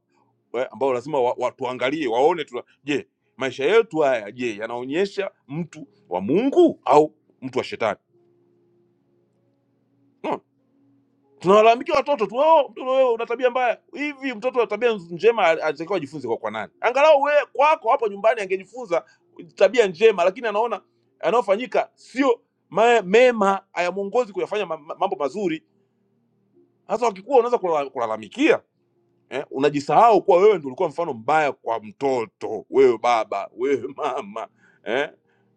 Speaker 2: eh, ambao lazima wa- watuangalie waone tuna, je maisha yetu haya je yanaonyesha mtu wa Mungu au mtu wa shetani? No. tunawalalamikia watoto tu, oh, mtoto wewe una tabia mbaya hivi. Mtoto wa tabia nz- njema al- alitakiwa ajifunze kwa kwa nani? Angalau wewe kwako hapo nyumbani angejifunza tabia njema, lakini anaona yanayofanyika sio ma- mema, hayamwongozi kuyafanya ma- ma- mambo mazuri. Sasa wakikuwa unaweza kulalam- kulalamikia eh, unajisahau kuwa wewe ndio ulikuwa mfano mbaya kwa mtoto, wewe baba, wewe mama eh,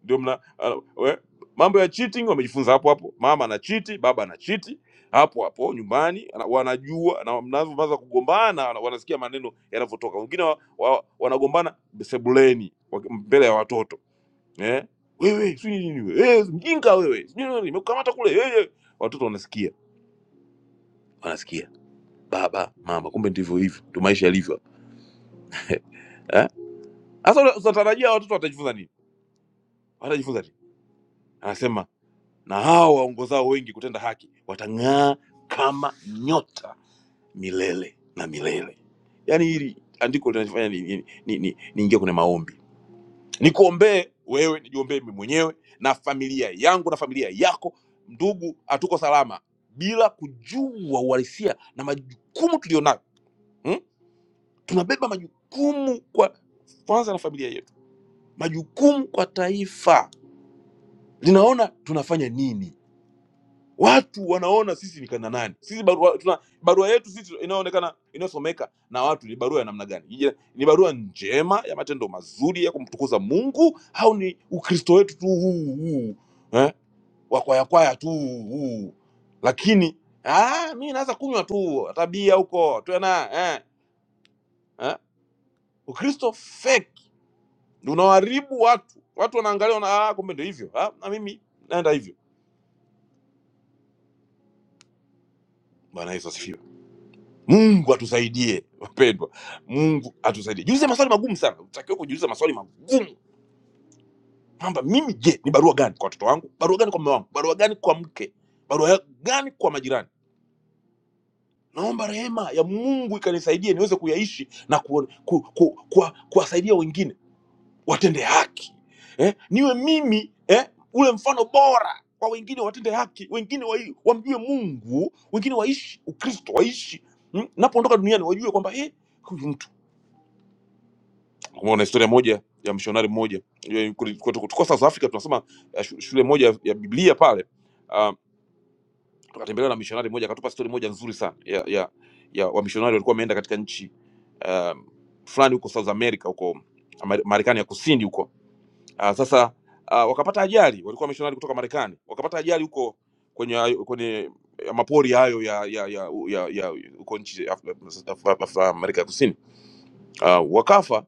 Speaker 2: ndio mna uh, we, mambo ya cheating wamejifunza hapo hapo. Mama ana chiti, baba ana chiti hapo hapo nyumbani, ana- wanajua na mnavyoanza kugombana, wana- wanasikia maneno yanavyotoka. Wengine wa, wa, wanagombana sebuleni waki- mbele ya watoto eh, wewe sijui nini wewe, eh, mjinga wewe, sijui nini, nimekukamata kule eh, eh." watoto wanasikia, wanasikia baba, mama, kumbe ndivyo hivyo, ndio maisha yalivyo Eh, Sasa unatarajia watoto watajifunza nini? Watajifunza nini? Anasema na hao waongozao wengi kutenda haki watang'aa kama nyota milele na milele. Yaani hili andiko linanifanya niingie ni, ni, ni, ni niingie kwenye maombi, nikuombee wewe, nijiombee mimi mwenyewe na familia yangu na familia yako. Ndugu, hatuko salama bila kujua uhalisia na majukumu tulionayo hmm? Tunabeba majukumu kwa kwanza na familia yetu, majukumu kwa taifa linaona tunafanya nini watu wanaona sisi ni kana nani sisi barua, tuna, barua yetu sisi inayoonekana inayosomeka na watu ni barua ya namna gani Je, ni barua njema ya matendo mazuri ya kumtukuza mungu au ni ukristo wetu tu huu huu eh? wakwayakwaya tu huu lakini ah, mi naweza kunywa tu tabia huko tena eh? eh? ukristo fake ndio unaoharibu watu watu wanaangalia wana, ah, kumbe ndio hivyo ah, na mimi naenda hivyo bwana yesu asifiwe mungu atusaidie wapendwa mungu atusaidie jiulize maswali magumu sana utakiwa kujiuliza maswali magumu kwamba mimi je ni barua gani kwa watoto wangu barua gani kwa mume wangu barua gani kwa mke barua ya- gani kwa majirani naomba rehema ya mungu ikanisaidie niweze kuyaishi na kuwasaidia ku, ku, kuwa- kuwasaidia wengine watende haki eh? niwe mimi eh? ule mfano bora kwa wengine watende haki wengine wa, wamjue mungu wengine waishi ukristo waishi mm? napoondoka duniani wajue kwamba eh, huyu mtu Umeona historia moja ya mshonari mmoja Yeye kuli- kwetu- tulikuwa South Africa tunasoma eh, shu- shule moja ya ya Biblia pale uh, tukatembelewa na mishonari mmoja akatupa stori moja nzuri sana ya, ya, ya wamishonari walikuwa wameenda katika nchi um, fulani huko South America huko Ameri- Marekani ya kusini huko uh, sasa uh, wakapata ajali, walikuwa wamishonari kutoka Marekani wakapata ajali huko kwenye kwenye ya mapori hayo ya ya ya, ya, ya huko nchi Af- Af- Af- Af- Amerika ya kusini uh, wakafa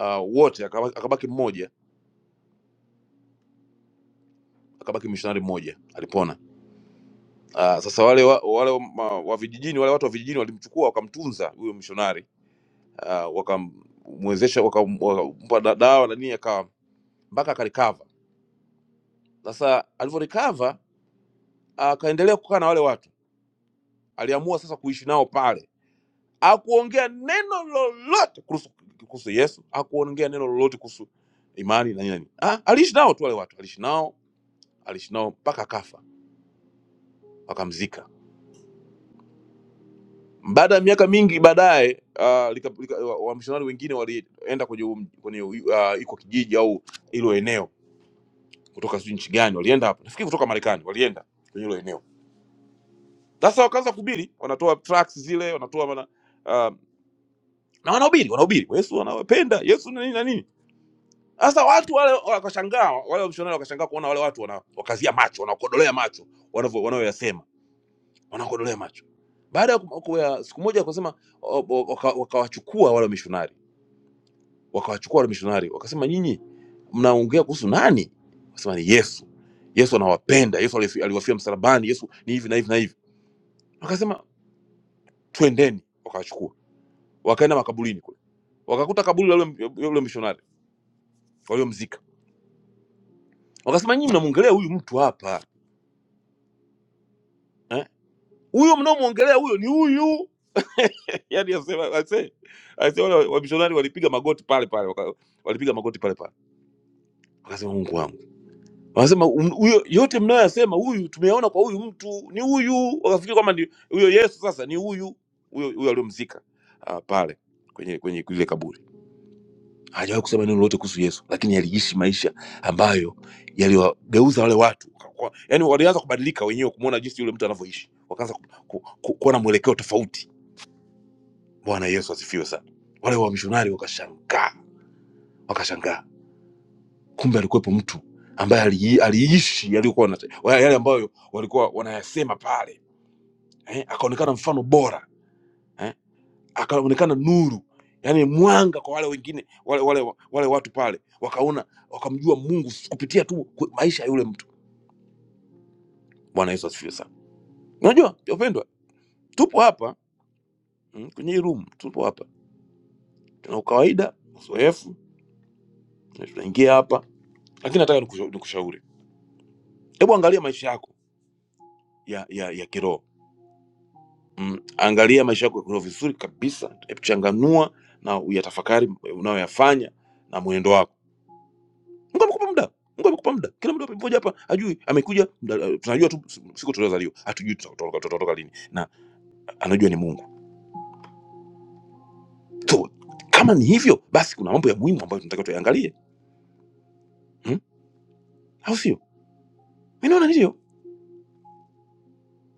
Speaker 2: uh, wote, akaba- akabaki mmoja akabaki mishonari mmoja alipona. Ah, sasa wale wa, wale wa, ma- wa vijijini wale watu wa vijijini walimchukua wakamtunza huyo mishonari ah, wakamwezesha wakam- wakampa da- dawa na nini akawa mpaka akalikava. Sasa alivyolikava akaendelea kukaa na wale watu, aliamua sasa kuishi nao pale. Hakuongea neno lolote kuhusu kuhusu Yesu, hakuongea neno lolote kuhusu imani na nini. na nini. Ah, aliishi nao tu wale watu, aliishi nao aliishi nao mpaka akafa, wakamzika Baada ya miaka mingi baadaye uh, lika- lika- wa- wamishonari wengine walienda kwenye um- kwenye uh, iko kijiji au hilo eneo kutoka sijui nchi gani walienda hapo, nafikiri kutoka Marekani walienda kwenye hilo eneo. Sasa wakaanza kuhubiri, wanatoa tracts zile, wanatoa mana, uh, na wanahubiri wanahubiri Yesu anawapenda Yesu na nini na nini. Sasa watu wale wakashangaa, wale wamishonari wakashangaa kuona wale watu wana, wakazia macho, wanakodolea macho wanavyo- wanayoyasema, wanakodolea macho. Baada ya kum- ya siku moja wakasema, o- o- waka- wakawachukua wale wamishonari wakawachukua wale mishonari wakasema nyinyi mnaongea kuhusu nani wakasema ni yesu yesu anawapenda yesu alifi- aliwafia msalabani yesu ni hivi na hivi na hivi wakasema twendeni wakawachukua wakaenda makaburini kule wakakuta kaburi la yule yule mishonari waliomzika wakasema nyinyi mnamwongelea huyu mtu hapa eh? huyo mnaomwongelea huyo ni huyu yani wale wa- wamishonari walipiga magoti pale pale waka- walipiga magoti pale pale wakasema mungu wangu wanasema um- huyo yote mnayoyasema huyu tumeyaona kwa huyu mtu ni huyu wakafikiri kwamba ni huyo yesu sasa ni huyu huyo huyo aliyomzika ah, pale kwenye kwenye lile kaburi hajawahi kusema neno lolote kuhusu yesu lakini aliishi maisha ambayo yaliwageuza wale watu Kwa- yaani walianza kubadilika wenyewe kumwona jinsi yule mtu anavyoishi wakaanza ku- ku- ku- kuwa na mwelekeo tofauti bwana yesu asifiwe sana wale wamishonari wakashangaa wakashangaa kumbe alikuwepo mtu ambaye ali- aliishi yaliokuwa wanate- wa- yale ambayo walikuwa wanayasema pale eh, akaonekana mfano bora eh, akaonekana nuru yani mwanga kwa wale wengine wale, wale, wale watu pale wakaona wakamjua mungu kupitia tu ku- maisha ya yule mtu bwana yesu asifiwe sana unajua wapendwa tupo hapa mm, kwenye hii room tupo hapa tuna ukawaida uzoefu na tunaingia hapa lakini nataka nikusha- nikushauri hebu angalia maisha yako ya, ya, ya kiroho mm, angalia maisha yako kwa vizuri kabisa changanua na uyatafakari e, unayoyafanya na mwenendo wako mungu amekupa muda mungu amekupa muda kila mtu mmoja hapa ajui amekuja mda- e, tunajua tu si, siku tuliozaliwa hatujui tutatoka tutatoka lini na anajua ni mungu so kama ni hivyo basi kuna mambo ya muhimu ambayo tunatakiwa tuyaangalie hmm? au sio mi naona ndiyo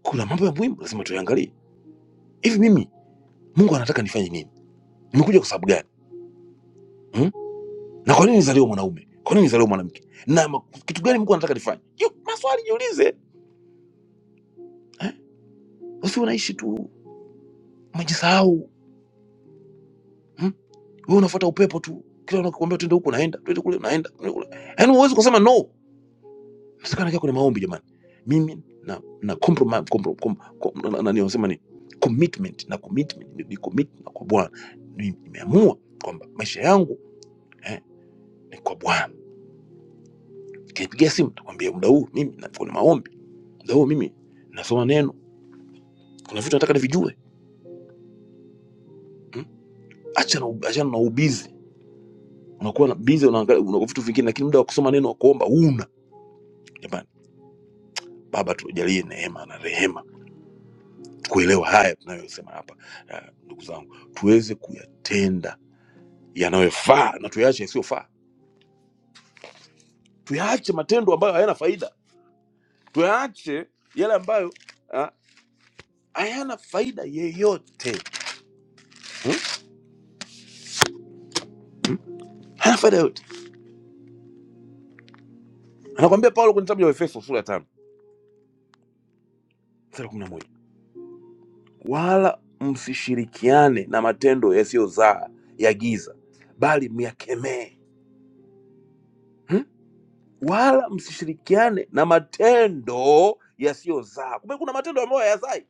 Speaker 2: kuna mambo ya muhimu lazima tuyaangalie hivi mimi mungu anataka nifanye nini nimekuja kwa sababu gani Hmm? na kwa nini nizaliwe mwanaume kwa nini nizaliwe mwanamke na ma- kitu gani mungu anataka nifanye Jiu- maswali jiulize eh? usi unaishi tu umejisahau hmm? wewe unafuata upepo tu kila unakwambia tuende huku unaenda tuende kule unaenda tuende kule yaani huwezi kusema no msikana kia kwenye maombi jamani mimi na na compromise compro, com, com, na, na, na, nasema ni commitment na commitment ni, ni commit na kwa bwana Ni- nimeamua kwamba maisha yangu eh, ni kwa bwana kinipigia simu nakwambia muda huu mimi na kwenye maombi muda huu mimi nasoma neno kuna vitu nataka nivijue mm? achana na ub- achana na ubizi unakuwa na bizi unaangalia una vitu vingine lakini muda wa kusoma neno wa kuomba huna jamani baba tujalie neema na rehema kuelewa haya tunayosema hapa ah, ndugu zangu tuweze kuyatenda yanayofaa na tuyaache yasiyofaa tuyaache matendo ambayo hayana faida tuyaache yale ambayo ah, hayana faida yeyote hmm? hayana faida yoyote anakwambia paulo kwenye kitabu cha efeso sura ya tano mstari wa 11 wala msishirikiane na matendo yasiyozaa ya giza, bali myakemee. Hmm? Wala msishirikiane na matendo yasiyozaa. Kumbe kuna matendo ambayo hayazai,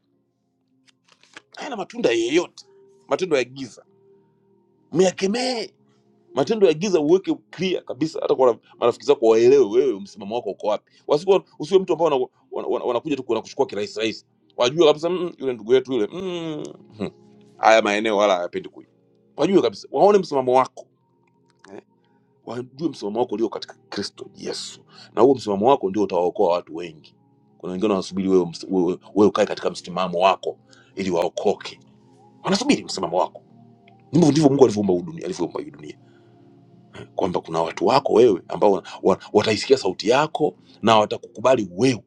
Speaker 2: hayana matunda yeyote, matendo ya giza. Myakemee matendo ya giza uweke clear kabisa hata kwa marafiki zako waelewe wewe msimamo wako uko wapi wasikuwa usiwe mtu ambao wanakuja wana, wana, wanakuja tu kukuchukua kirahisi rahisi wajue kabisa mm, yule ndugu yetu yule mm, hmm, haya maeneo wala hayapendi kuja wajue kabisa waone msimamo wako eh, wajue msimamo wako ulio katika kristo yesu na huo msimamo wako ndio utawaokoa watu wengi kuna wengine wanasubiri wewe, ms- wewe, wewe ukae katika msimamo wako ili waokoke wanasubiri msimamo wako ndivyo ndivyo mungu alivyoumba hii dunia alivyoumba hii dunia kwamba kuna watu wako wewe ambao wana- wa- wataisikia sauti yako na watakukubali wewe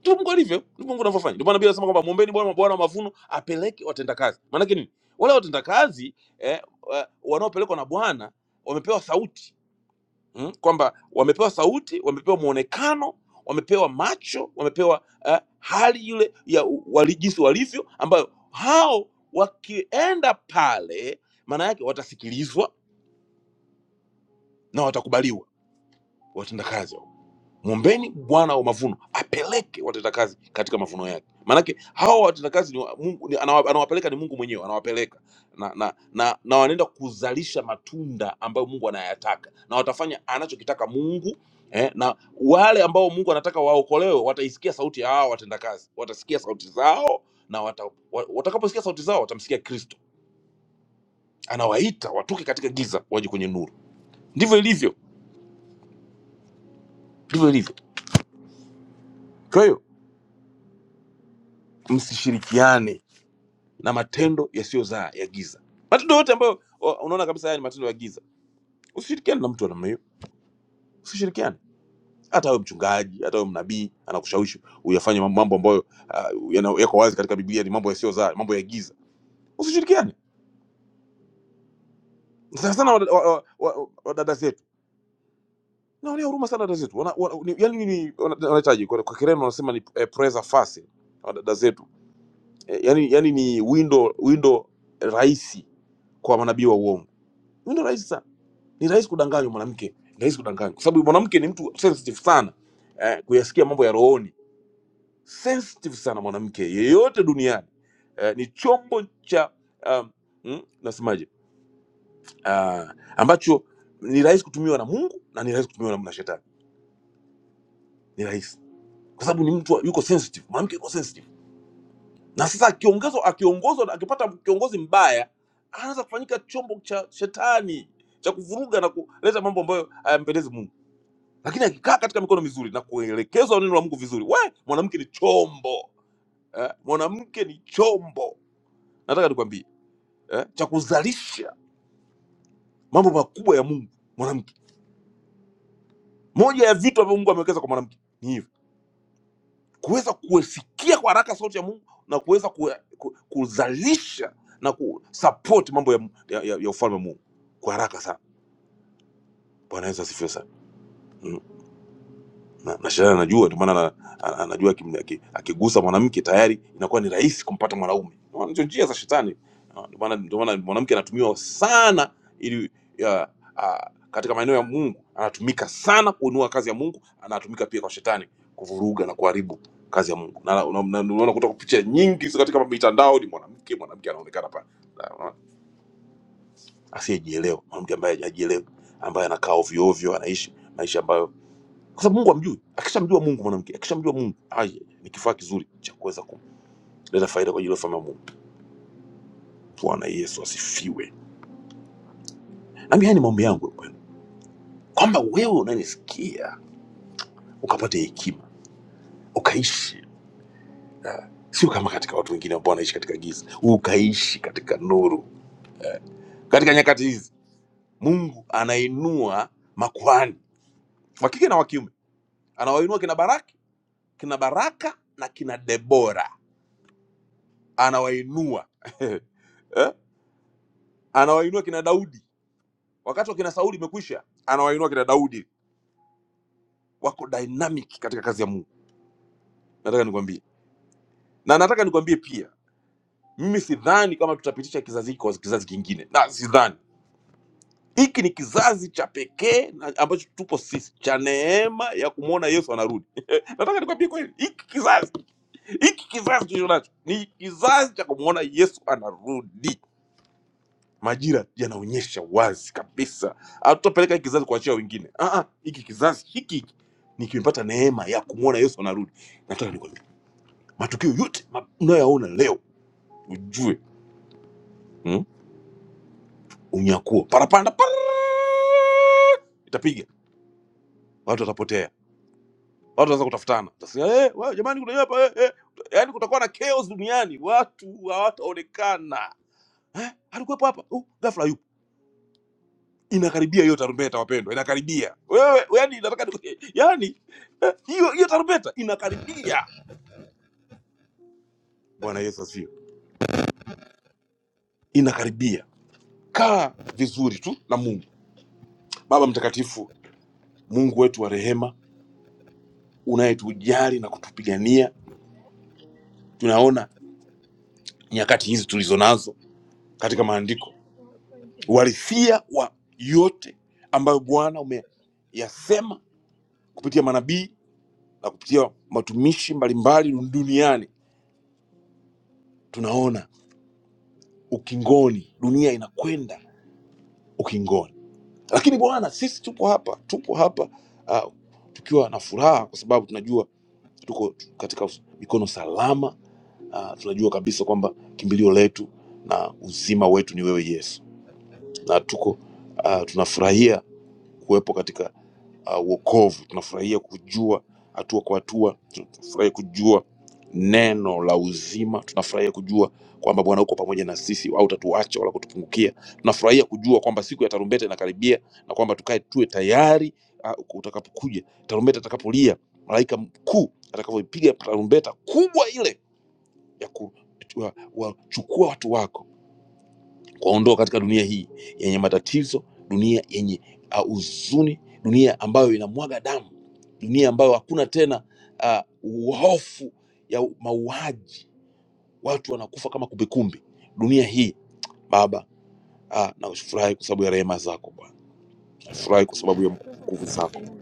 Speaker 2: Ndivyo mungu alivyo ndivyo mungu anavyofanya ndio maana biblia anasema kwamba mwombeni bwana bwana wa mavuno apeleke watendakazi maanake nini wale watendakazi eh, wa- wanaopelekwa na bwana wamepewa sauti mm? kwamba wamepewa sauti wamepewa mwonekano wamepewa macho wamepewa eh, hali ile ya u- wali, jinsi walivyo ambayo hao wakienda pale maana yake watasikilizwa na watakubaliwa watendakazi mwombeni bwana wa mavuno apeleke watendakazi katika mavuno yake maanake hawa watendakazi ni wa, mungu, ni, anawa, anawapeleka ni mungu mwenyewe anawapeleka na, na, na, na wanaenda kuzalisha matunda ambayo mungu anayataka na watafanya anachokitaka mungu eh, na wale ambao mungu anataka waokolewe wataisikia sauti ya hawa watendakazi watasikia sauti zao na wata, wa- watakaposikia sauti zao watamsikia kristo anawaita watoke katika giza waje kwenye nuru ndivyo ilivyo ndivyo ilivyo kwa hiyo msishirikiane na matendo yasiyozaa ya giza matendo yote ambayo wa- unaona kabisa haya ni matendo ya giza usishirikiane na mtu wa namna hiyo usishirikiane hata wewe mchungaji hata wewe mnabii anakushawishi uyafanye mambo ambayo uh, yana- yako wazi katika biblia ni mambo yasiyozaa mambo ya giza usishirikiane sana sana wadada wa, wa, wa, wa wadada zetu naonea huruma sana dada zetu wana, wana, ni, yani ni wana- wanahitaji kwa, kwa kireno wanasema ni eh, presa fase wadada zetu eh, yani, yani ni window window rahisi kwa manabii wa uongo window rahisi sana ni rahisi kudanganywa mwanamke ni rahisi kudanganywa kwa sababu mwanamke ni mtu sensitive sana eh, kuyasikia mambo ya rohoni sensitive sana mwanamke yeyote duniani eh, ni chombo cha um, mm, nasemaje ah, ambacho ni rahisi kutumiwa na mungu na ni rahisi kutumiwa na na shetani ni rahisi kwa sababu ni mtu yuko sensitive mwanamke yuko sensitive na sasa akiongezwa akiongozwa akipata kiongozi mbaya anaweza kufanyika chombo cha shetani cha kuvuruga na kuleta mambo ambayo hayampendezi mungu lakini akikaa katika mikono mizuri na kuelekezwa neno la Mungu vizuri, we mwanamke ni chombo eh, mwanamke ni chombo. Nataka nikwambie eh, cha kuzalisha mambo makubwa ya Mungu mwanamke. Moja ya vitu ambavyo Mungu amewekeza kwa mwanamke ni hivi, kuweza kusikia kwa haraka sauti ya Mungu na kuweza ku, ku, kuzalisha na kusupport mambo ya, ya, ya, ya ufalme wa Mungu kwa haraka sana. Bwana Yesu asifiwe sana. Mm. na, na Shadary anajua, ndio maana ana- ana- anajua akimna- aki- akigusa mwanamke tayari inakuwa ni rahisi kumpata mwanaume. Unaona, Ndio njia za shetani. Ah, Ndio maana ndio maana mwanamke anatumiwa sana ili ya, a, katika maeneo ya Mungu anatumika sana kuinua kazi ya Mungu, anatumika pia kwa shetani kuvuruga na kuharibu kazi ya Mungu. Na na- na- na- unaona kutoka picha nyingi ziko katika mitandao ni mwanamke, mwanamke anaonekana pale Na- unaona, asiyejielewa, mwanamke ambaye hajielewi, ambaye anakaa ovyo ovyo, anaishi maisha ambayo kwa sababu Mungu hamjui. Akishamjua Mungu, mwanamke akishamjua Mungu, ai, ni kifaa kizuri cha kuweza kuleta faida kwa ajili ya ufalme wa Mungu. Bwana Yesu asifiwe. Nami haya ni maombi yangu kwenu, kwamba wewe unanisikia ukapate hekima, ukaishi sio kama katika watu wengine ambao wanaishi katika giza, ukaishi katika nuru. Katika nyakati hizi Mungu anainua makuhani wa kike na wa kiume, anawainua kina Baraki, kina Baraka na kina Debora, anawainua eh? anawainua kina Daudi wakati wakina Sauli imekwisha, anawainua kina Daudi, wako dynamic katika kazi ya Mungu. Nataka nikwambie, na nataka nikwambie pia, mimi sidhani kama tutapitisha kizazi hiki kwa kizazi kingine, na sidhani. Hiki ni kizazi cha pekee na ambacho tupo sisi, cha neema ya kumwona Yesu anarudi. nataka nikwambie kweli, hiki kizazi, hiki kizazi tulicho nacho ni kizazi cha kumwona Yesu anarudi. majira yanaonyesha wazi kabisa hatutapeleka hiki kizazi kuachia wengine Ah, ah, hiki kizazi hiki hiki nikipata neema ya kumwona yesu anarudi nataka nikwambie matukio yote ma- unayoyaona leo ujue mm, unyakuo parapanda para itapiga watu watapotea watu wataanza kutafutana Utasema, eh, wewe jamani kuna hapa eh, eh. yaani kutakuwa na chaos duniani watu hawataonekana eh, alikuwepo hapa uh, ghafla yupo inakaribia hiyo tarumbeta wapendwa inakaribia wewe yani nataka nikwambie, yani eh, hiyo hiyo tarumbeta inakaribia bwana yesu asifiwe inakaribia kaa vizuri tu na mungu baba mtakatifu mungu wetu wa rehema unayetujali na kutupigania tunaona nyakati hizi tulizo nazo
Speaker 3: Porque yo
Speaker 2: katika maandiko
Speaker 3: eso, no entiendo,
Speaker 2: uhalisia wa yote ambayo
Speaker 3: yo eso,
Speaker 2: bwana umeyasema kupitia manabii na kupitia matumishi mbalimbali duniani tunaona ukingoni, dunia inakwenda ukingoni. Lakini Bwana, sisi tupo hapa, tupo hapa uh, tukiwa na furaha, kwa sababu tunajua tuko katika mikono salama. Uh, tunajua kabisa kwamba kimbilio letu na uzima wetu ni wewe Yesu, na tuko uh, tunafurahia kuwepo katika uh, wokovu tunafurahia kujua hatua kwa hatua tunafurahia kujua neno la uzima tunafurahia kujua kwamba bwana uko pamoja na sisi au utatuacha wala kutupungukia tunafurahia kujua kwamba siku ya tarumbeta inakaribia na kwamba tukae tuwe tayari uh, utakapokuja tarumbeta itakapolia malaika mkuu atakapoipiga tarumbeta kubwa ile ya kuchukua watu wako kuwaondoa katika dunia hii yenye matatizo, dunia yenye ah, huzuni, dunia ambayo inamwaga damu, dunia ambayo hakuna tena uh, hofu ya mauaji, watu wanakufa kama kumbikumbi. Dunia hii Baba, ah, nafurahi kwa sababu ya rehema zako Bwana, nafurahi kwa
Speaker 3: no, no, no,
Speaker 2: sababu ya
Speaker 3: no, no, no, no, no, no, no,
Speaker 2: nguvu
Speaker 3: no, no, no, no,
Speaker 2: zako,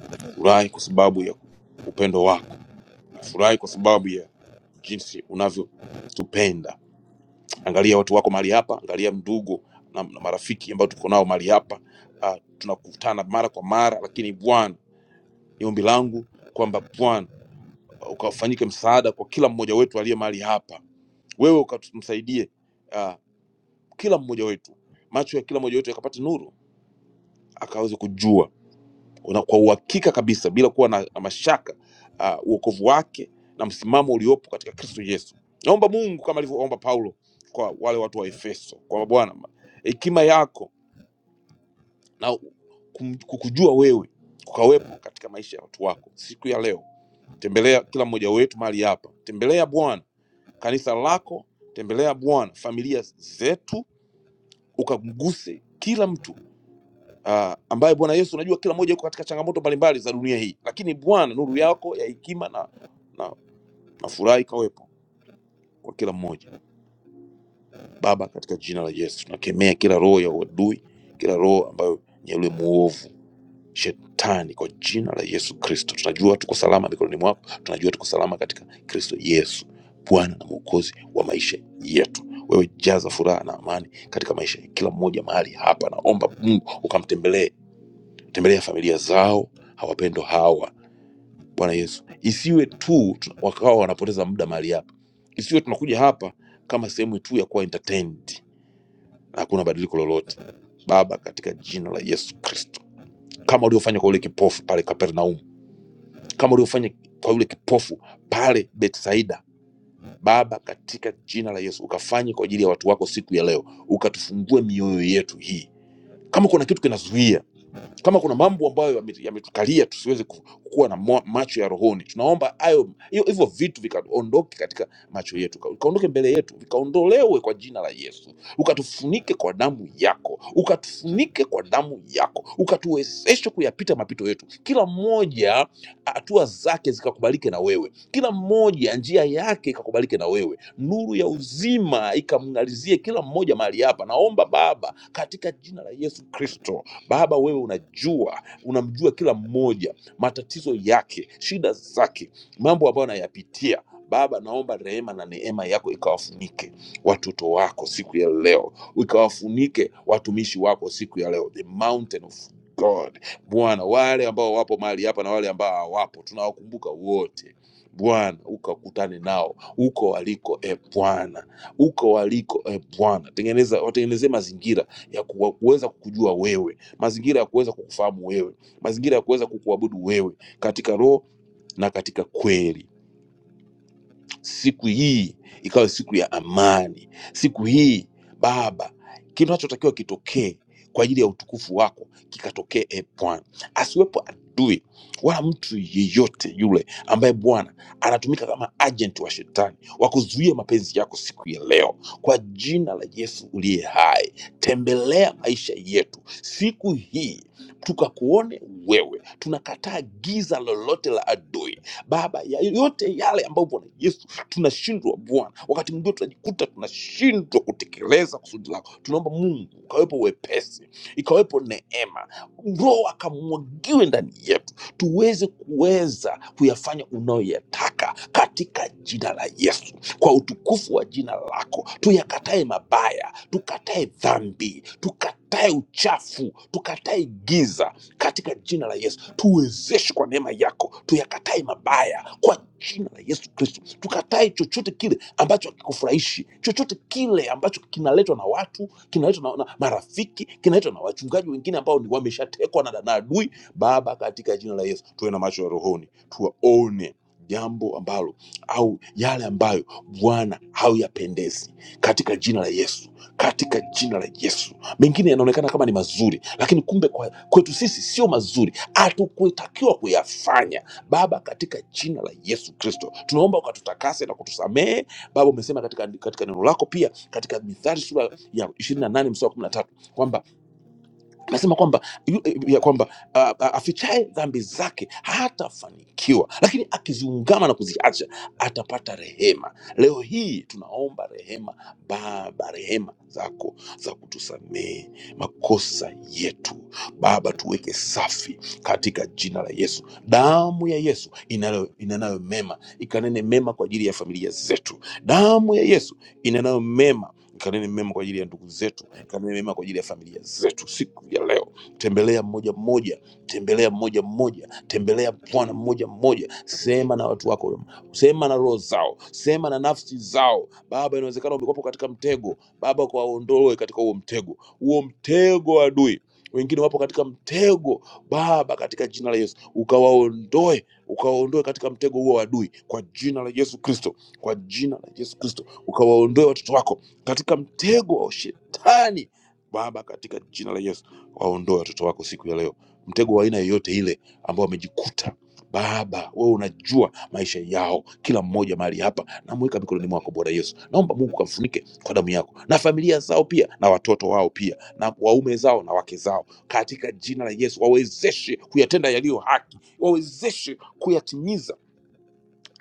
Speaker 3: no,
Speaker 2: furahi kwa sababu ya upendo wako, furahi kwa sababu ya jinsi unavyotupenda angalia watu wako mahali hapa, angalia ndugu na, na marafiki ambao tuko nao mahali hapa. Uh, tunakutana mara kwa mara, lakini Bwana, ni ombi langu kwamba Bwana uh, ukafanyike msaada kwa kila mmoja wetu aliye mahali hapa, wewe ukamsaidie uh, kila mmoja wetu, macho ya kila mmoja wetu yakapate nuru, akaweze kujua una, kwa uhakika kabisa bila kuwa na, na mashaka uh, uokovu wake na msimamo uliopo katika Kristo Yesu. Naomba Mungu kama alivyoomba Paulo kwa wale watu wa Efeso kwamba Bwana, hekima yako na kum- kukujua wewe kukawepo katika maisha ya watu wako siku ya leo. Tembelea kila mmoja wetu mahali hapa, tembelea Bwana kanisa lako, tembelea Bwana familia zetu, ukamguse kila mtu uh, ambaye Bwana Yesu unajua kila mmoja yuko katika changamoto mbalimbali za dunia hii, lakini Bwana nuru yako ya hekima na, na, na furaha ikawepo kwa kila mmoja. Baba, katika jina la Yesu tunakemea kila roho ya uadui, kila roho ambayo ni ya yule muovu shetani, kwa jina la Yesu Kristo. Tunajua tuko salama mikononi mwako, tunajua tuko salama katika Kristo Yesu, Bwana na Mwokozi wa maisha yetu. Wewe jaza furaha na amani katika maisha ya kila mmoja mahali hapa. Naomba Mungu ukamtembelee tembelea familia zao hawapendwa hawa bwana yesu isiwe tu tuna- wakawa wanapoteza muda mahali hapa isiwe tunakuja hapa kama sehemu tu ya kuwa entertained na hakuna badiliko lolote baba katika jina la yesu kristo kama uliofanya kwa yule kipofu pale kapernaum kama uliofanya kwa yule kipofu pale betsaida baba katika jina la yesu ukafanye kwa ajili ya watu wako siku ya leo ukatufungue mioyo yetu hii kama kuna kitu kinazuia kama kuna mambo ambayo yame- yametukalia tusiweze ku- kuwa na mwa- macho ya rohoni tunaomba hayo hiyo- hivyo vitu vikaondoke katika macho yetu ka- vikaondoke mbele yetu vikaondolewe kwa jina la yesu ukatufunike kwa damu yako ukatufunike kwa damu yako ukatuwezeshe kuyapita mapito yetu kila mmoja hatua zake zikakubalike na wewe kila mmoja njia yake ikakubalike na wewe nuru ya uzima ikamng'alizie kila mmoja mahali hapa naomba baba katika jina la yesu kristo Baba, wewe unajua, unamjua kila mmoja, matatizo yake, shida zake, mambo ambayo anayapitia. Baba, naomba rehema na neema yako ikawafunike watoto wako siku ya leo, ikawafunike watumishi wako siku ya leo, the mountain of God. Bwana, wale ambao wapo mahali hapa na wale ambao hawapo, tunawakumbuka wote Bwana, ukakutane nao huko waliko, e Bwana, huko waliko, e Bwana, tengeneza, watengenezee mazingira ya kuwa- kuweza kukujua wewe mazingira ya kuweza kukufahamu wewe, mazingira ya kuweza kukuabudu wewe katika roho na katika kweli siku hii ikawe siku ya amani. Siku hii Baba, kitu nachotakiwa kitokee kwa ajili ya utukufu wako kikatokee, e Bwana. Asiwepo adui wala mtu yeyote yule ambaye Bwana anatumika kama agent wa shetani wa kuzuia mapenzi yako siku ya leo, kwa jina la Yesu uliye hai. Tembelea maisha yetu siku hii tukakuone wewe. Tunakataa giza lolote la adui Baba, ya yote yale ambayo Bwana Yesu tunashindwa Bwana. Wakati mwingine tunajikuta tunashindwa kutekeleza kusudi lako. Tunaomba Mungu ukawepo wepesi, ikawepo neema, Roho akamwagiwe ndani yetu, tuweze kuweza kuyafanya unayoyataka katika jina la Yesu, kwa utukufu wa jina lako. Tuyakatae mabaya, tukatae dhambi, tukatae uchafu, tukatae giza, katika jina la Yesu. Tuwezeshe kwa neema yako, tuyakatae mabaya kwa jina la Yesu Kristo. Tukatae chochote kile ambacho hakikufurahishi, chochote kile ambacho kinaletwa na watu, kinaletwa na, na marafiki, kinaletwa na wachungaji wengine ambao ni wameshatekwa na, na adui. Baba, katika jina la Yesu, tuwe na macho ya rohoni, tuwaone jambo ambalo au yale ambayo bwana hauyapendezi katika jina la yesu katika jina la yesu mengine yanaonekana kama ni mazuri lakini kumbe kwa, kwetu sisi sio mazuri hatukutakiwa kuyafanya baba katika jina la yesu kristo tunaomba ukatutakase na kutusamehe baba umesema katika, katika neno lako pia katika mithali sura ya 28 mstari wa 13 kwamba anasema kwamba yu- eh, ya kwamba ah, ah, afichaye dhambi zake hatafanikiwa, lakini akiziungama na kuziacha atapata rehema. Leo hii tunaomba rehema, Baba, rehema zako za kutusamehe makosa yetu Baba, tuweke safi katika jina la Yesu. Damu ya Yesu inayo- inenayo mema ikanene mema kwa ajili ya familia zetu. Damu ya Yesu inenayo mema Nikanene mema kwa ajili ya ndugu zetu, nikanene mema kwa ajili ya familia zetu siku ya leo. Tembelea mmoja mmoja, tembelea mmoja mmoja, tembelea Bwana mmoja mmoja, sema na watu wako, sema na roho zao, sema na nafsi zao. Baba, inawezekana umekuwapo katika mtego, Baba, kwa ondoe katika huo mtego, huo mtego wa adui. Wengine wapo katika mtego Baba, katika jina la Yesu ukawaondoe, ukawaondoe katika mtego huo wa adui, kwa jina la Yesu Kristo, kwa jina la Yesu Kristo ukawaondoe watoto wako katika mtego wa shetani baba katika jina la yesu waondoe watoto wako siku ya leo mtego wa aina yoyote ile ambao wamejikuta baba wewe unajua maisha yao kila mmoja mahali hapa namweka mikononi mwako bwana yesu naomba mungu kamfunike kwa damu yako na familia zao pia na watoto wao pia na waume zao na wake zao katika jina la yesu wawezeshe kuyatenda yaliyo haki wawezeshe kuyatimiza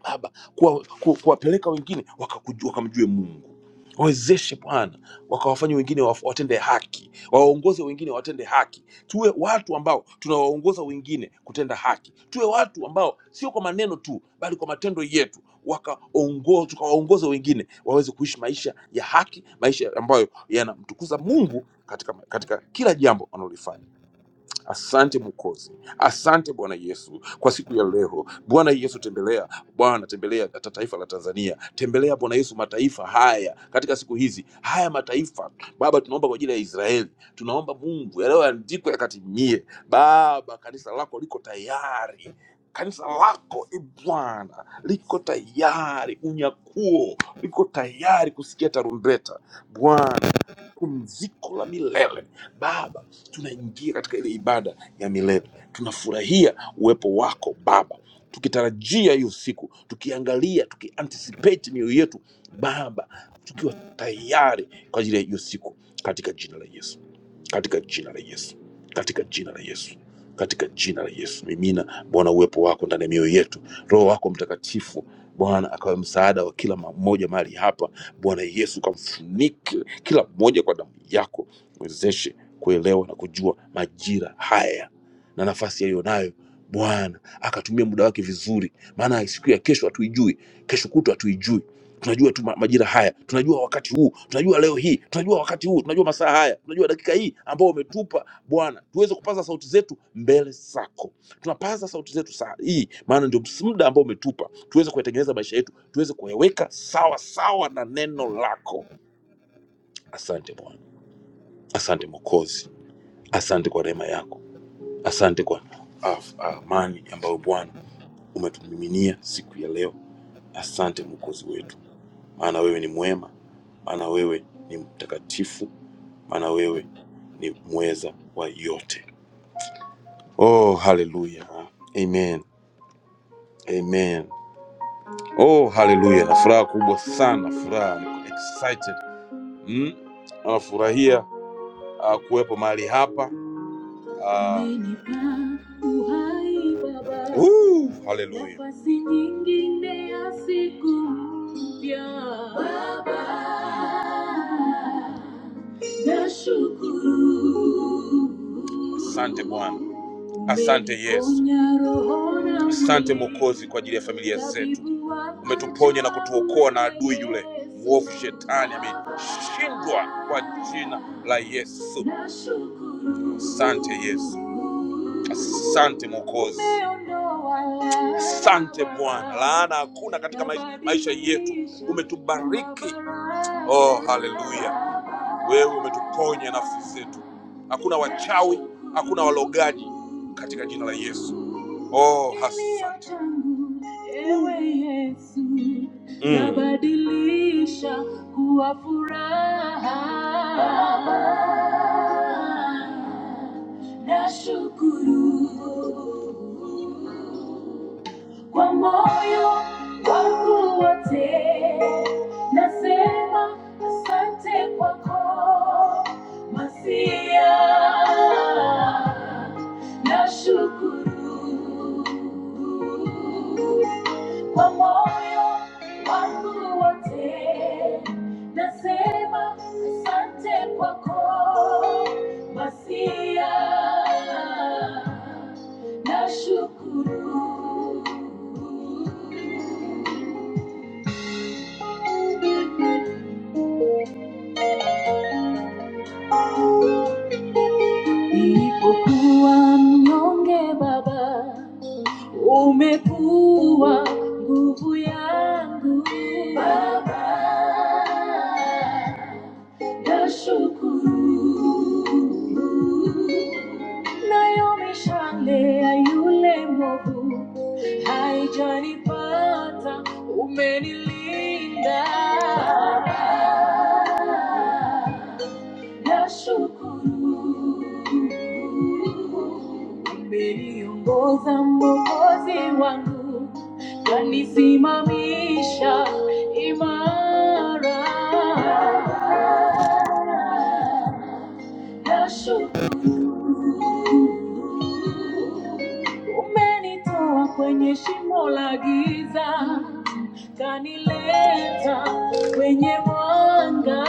Speaker 2: Baba, kuwa- ku- kuwapeleka kuwa wengine wakakujua, wakamjue Mungu. Wawezeshe Bwana, wakawafanye wengine waf- watende haki, wawaongoze wengine watende haki. Tuwe watu ambao tunawaongoza wengine kutenda haki, tuwe watu ambao sio kwa maneno tu, bali kwa matendo yetu wakaongoza, tukawaongoza wengine waweze kuishi maisha ya haki, maisha ambayo yanamtukuza Mungu katika, katika kila jambo wanalolifanya. Asante Mwokozi, asante Bwana Yesu kwa siku ya leo. Bwana Yesu, tembelea Bwana, tembelea ta- taifa la Tanzania, tembelea Bwana Yesu mataifa haya katika siku hizi, haya mataifa Baba, tunaomba kwa ajili ya Israeli, tunaomba Mungu yanayoandikwa yakatimie. Baba, kanisa lako liko tayari Kanisa lako e Bwana liko tayari, unyakuo liko tayari kusikia tarumbeta Bwana, pumziko la milele Baba tunaingia katika ile ibada ya milele tunafurahia uwepo wako baba tukitarajia hiyo siku tukiangalia tukianticipate mioyo yetu baba tukiwa tayari kwa ajili ya hiyo siku katika jina la yesu katika jina la yesu katika jina la yesu katika jina la yesu mimina bwana uwepo wako ndani ya mioyo yetu roho wako mtakatifu bwana akawe msaada wa kila mmoja mahali hapa bwana yesu kamfunike kila mmoja kwa damu yako mwezeshe kuelewa na kujua majira haya na nafasi aliyonayo bwana akatumia muda wake vizuri maana siku ya kesho hatuijui kesho kutu hatuijui tunajua tu ma- majira haya tunajua wakati huu tunajua leo hii tunajua wakati huu tunajua masaa haya tunajua dakika hii ambao umetupa bwana tuweze kupaza sauti zetu mbele zako tunapaza sauti zetu saa hii maana ndio ms- muda ambao umetupa tuweze kuyatengeneza maisha yetu tuweze kuyaweka sawa sawa na neno lako asante bwana asante mwokozi Asante kwa rehema yako, asante kwa af- amani ambayo Bwana umetumiminia siku ya leo. Asante Mwokozi wetu, maana wewe ni mwema, maana wewe ni mtakatifu, maana wewe ni mweza wa yote. Oh, haleluya, amen, amen. Oh, haleluya! Na furaha kubwa sana, furaha, niko excited mm? Nafurahia ah, kuwepo mahali hapa Ah. Umenipa uhai Baba. Woo, hallelujah. Nafasi nyingine ya siku mpya. Baba, nashukuru. Asante Bwana. Asante Yesu, asante Mwokozi kwa ajili ya familia zetu. Umetuponya na kutuokoa na adui yule mwovu shetani, ameshindwa kwa jina la Yesu. Asante Yesu, asante Mwokozi, asante Bwana. Laana hakuna katika maisha, maisha yetu. Umetubariki, oh haleluya. Wewe umetuponya nafsi zetu, hakuna wachawi, hakuna walogaji katika jina la Yesu. Oh, asante. Ewe Yesu, mm. nabadilisha kuwa furaha. Nashukuru kwa moyo wangu wote nasema asante kwako masia nashukuru kwa moyo wangu wote nasema asante kwako masia Nashukuru nilipokuwa mnyonge, Baba umekuwa nguvu yangu. Baba nashukuru Naomi Shale yule Mungu haijanipata, umenilinda Baba, nashukuru umeniongoza mwokozi wangu kanisimamisha imara
Speaker 3: no, no, no, no,
Speaker 2: nashukuru umenitoa kwenye shimo la giza kanileta kwenye mwanga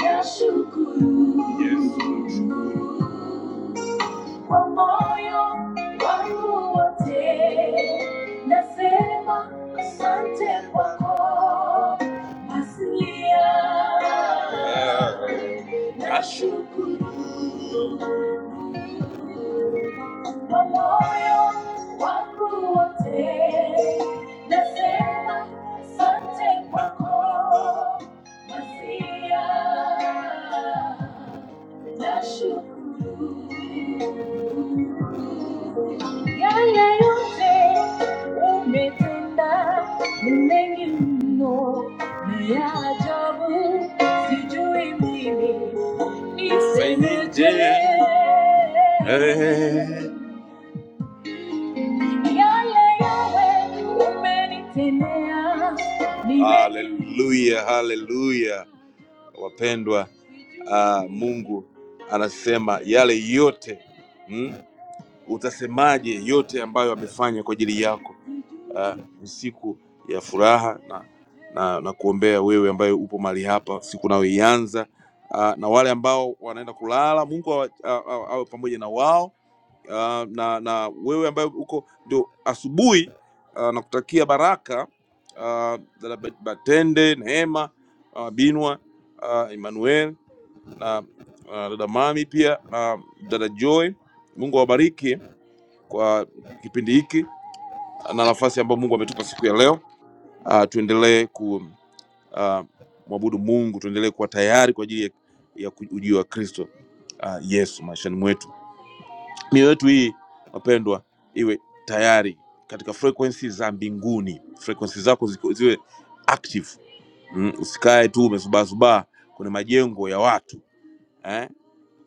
Speaker 2: Yashukuru. Yes, Lord kwa moyo wangu wote nasema asante kwako asilia nashukuru kwa moyo wangu wote nasema asante kwako asilia yeah. Hallelujah, hallelujah. wapendwa ah, mungu anasema yale yote mm, utasemaje yote ambayo amefanya kwa ajili yako Ah, ni siku ya furaha na, na, na kuombea wewe ambaye upo mahali hapa siku nayoianza Ah, na wale ambao wanaenda kulala mungu awa- a- a- awe pamoja na wao uh, na na wewe ambaye uko ndio asubuhi uh, nakutakia baraka uh, dada Bat- Batende, Neema, uh, Binwa, uh, Emmanuel na uh, dada Mami pia na dada Joy. Mungu awabariki kwa kipindi hiki na nafasi ambayo Mungu ametupa siku ya leo. Uh, tuendelee ku uh, mwabudu Mungu, tuendelee kuwa tayari kwa ajili ya, ya ku- ujio wa Kristo uh, Yesu maishani mwetu mioyo yetu hii wapendwa iwe tayari katika frequency za mbinguni frequency zako ziko- ziwe active mm, usikae tu umezubazubaa kwenye majengo ya watu eh?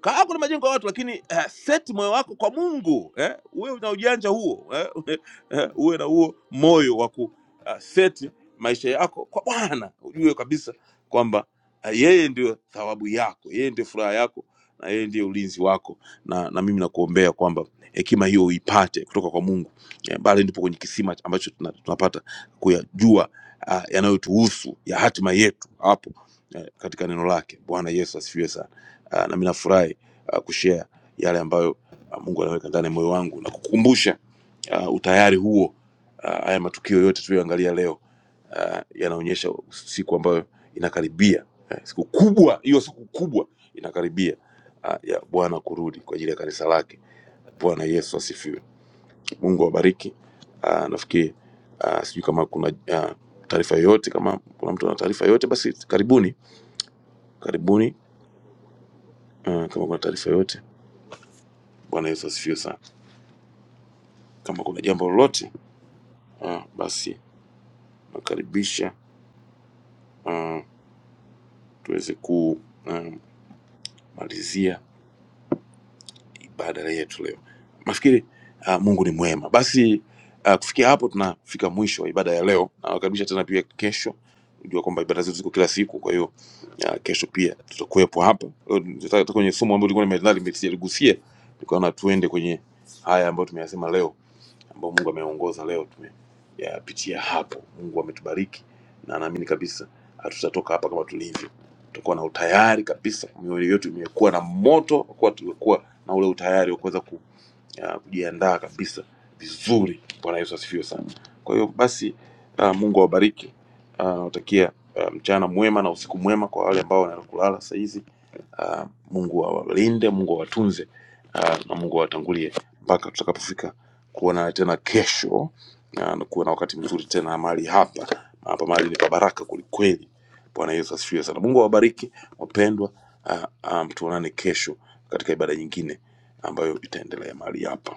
Speaker 2: kaa kuna majengo ya watu lakini uh, set moyo wako kwa mungu eh? uwe na ujanja huo eh? eh, uwe na huo moyo wa ku uh, set maisha yako kwa bwana ujue kabisa kwamba uh, yeye ndio thawabu yako yeye ndio furaha yako na yeye ndiye ulinzi wako na, na mimi nakuombea kwamba hekima hiyo uipate kutoka kwa mungu eh, bali ndipo kwenye kisima ambacho tuna- tunapata kuyajua uh, yanayotuhusu ya hatima yetu hapo eh, katika neno lake bwana yesu asifiwe sana Ah, na mimi nafurahi ah, kushare yale ambayo ah, Mungu anaweka ndani ya moyo wangu na kukumbusha ah, utayari huo. Ah, Haya matukio yote tuliyoangalia leo ah, yanaonyesha siku ambayo inakaribia, eh, siku kubwa hiyo, siku kubwa inakaribia ah, ya Bwana kurudi kwa ajili ya kanisa lake. Bwana Yesu asifiwe. Mungu awabariki. Ah, Nafikiri ah, sijui kama kuna ah, taarifa yoyote, kama kuna mtu ana taarifa yoyote, basi karibuni, karibuni. Ah, Kama kuna taarifa yoyote Bwana Yesu asifiwe sana. Kama kuna jambo lolote ah, basi nakaribisha ah, tuweze kumalizia ibada yetu leo nafikiri uh, mungu ni mwema basi uh, kufikia hapo tunafika mwisho wa ibada ya leo nawakaribisha tena pia kesho jua kwamba ibada zetu ziko kila siku kwa hiyo uh, kesho pia tutakuwepo hapa Leo nitaka- nitaka kwenye somo ambayo tulikuwa nimeandaa, nime- sijaligusia nikaona tuende kwenye haya ambayo tumeyasema leo ambao Mungu ameongoza leo tumeyapitia hapo. Mungu ametubariki na naamini kabisa hatutatoka hapa kama tulivyo, tutakuwa na utayari kabisa, mioyo yetu imekuwa na moto, kwa kuwa na ule utayari wa kuweza ku, ah, kujiandaa kabisa vizuri. Bwana Yesu asifiwe sana. Kwa hiyo basi, ah, Mungu awabariki. Ah, Nawatakia ah, mchana mwema na usiku mwema kwa wale ambao wanaenda kulala saa hizi uh, Mungu awalinde, Mungu awatunze uh, na Mungu awatangulie mpaka tutakapofika kuona tena kesho na na kuwa na wakati mzuri tena mahali hapa. Hapa mahali ni pa baraka kwelikweli. Bwana Yesu asifiwe sana. Mungu awabariki wapendwa. Uh, um, tuonane kesho katika ibada nyingine ambayo itaendelea mahali hapa.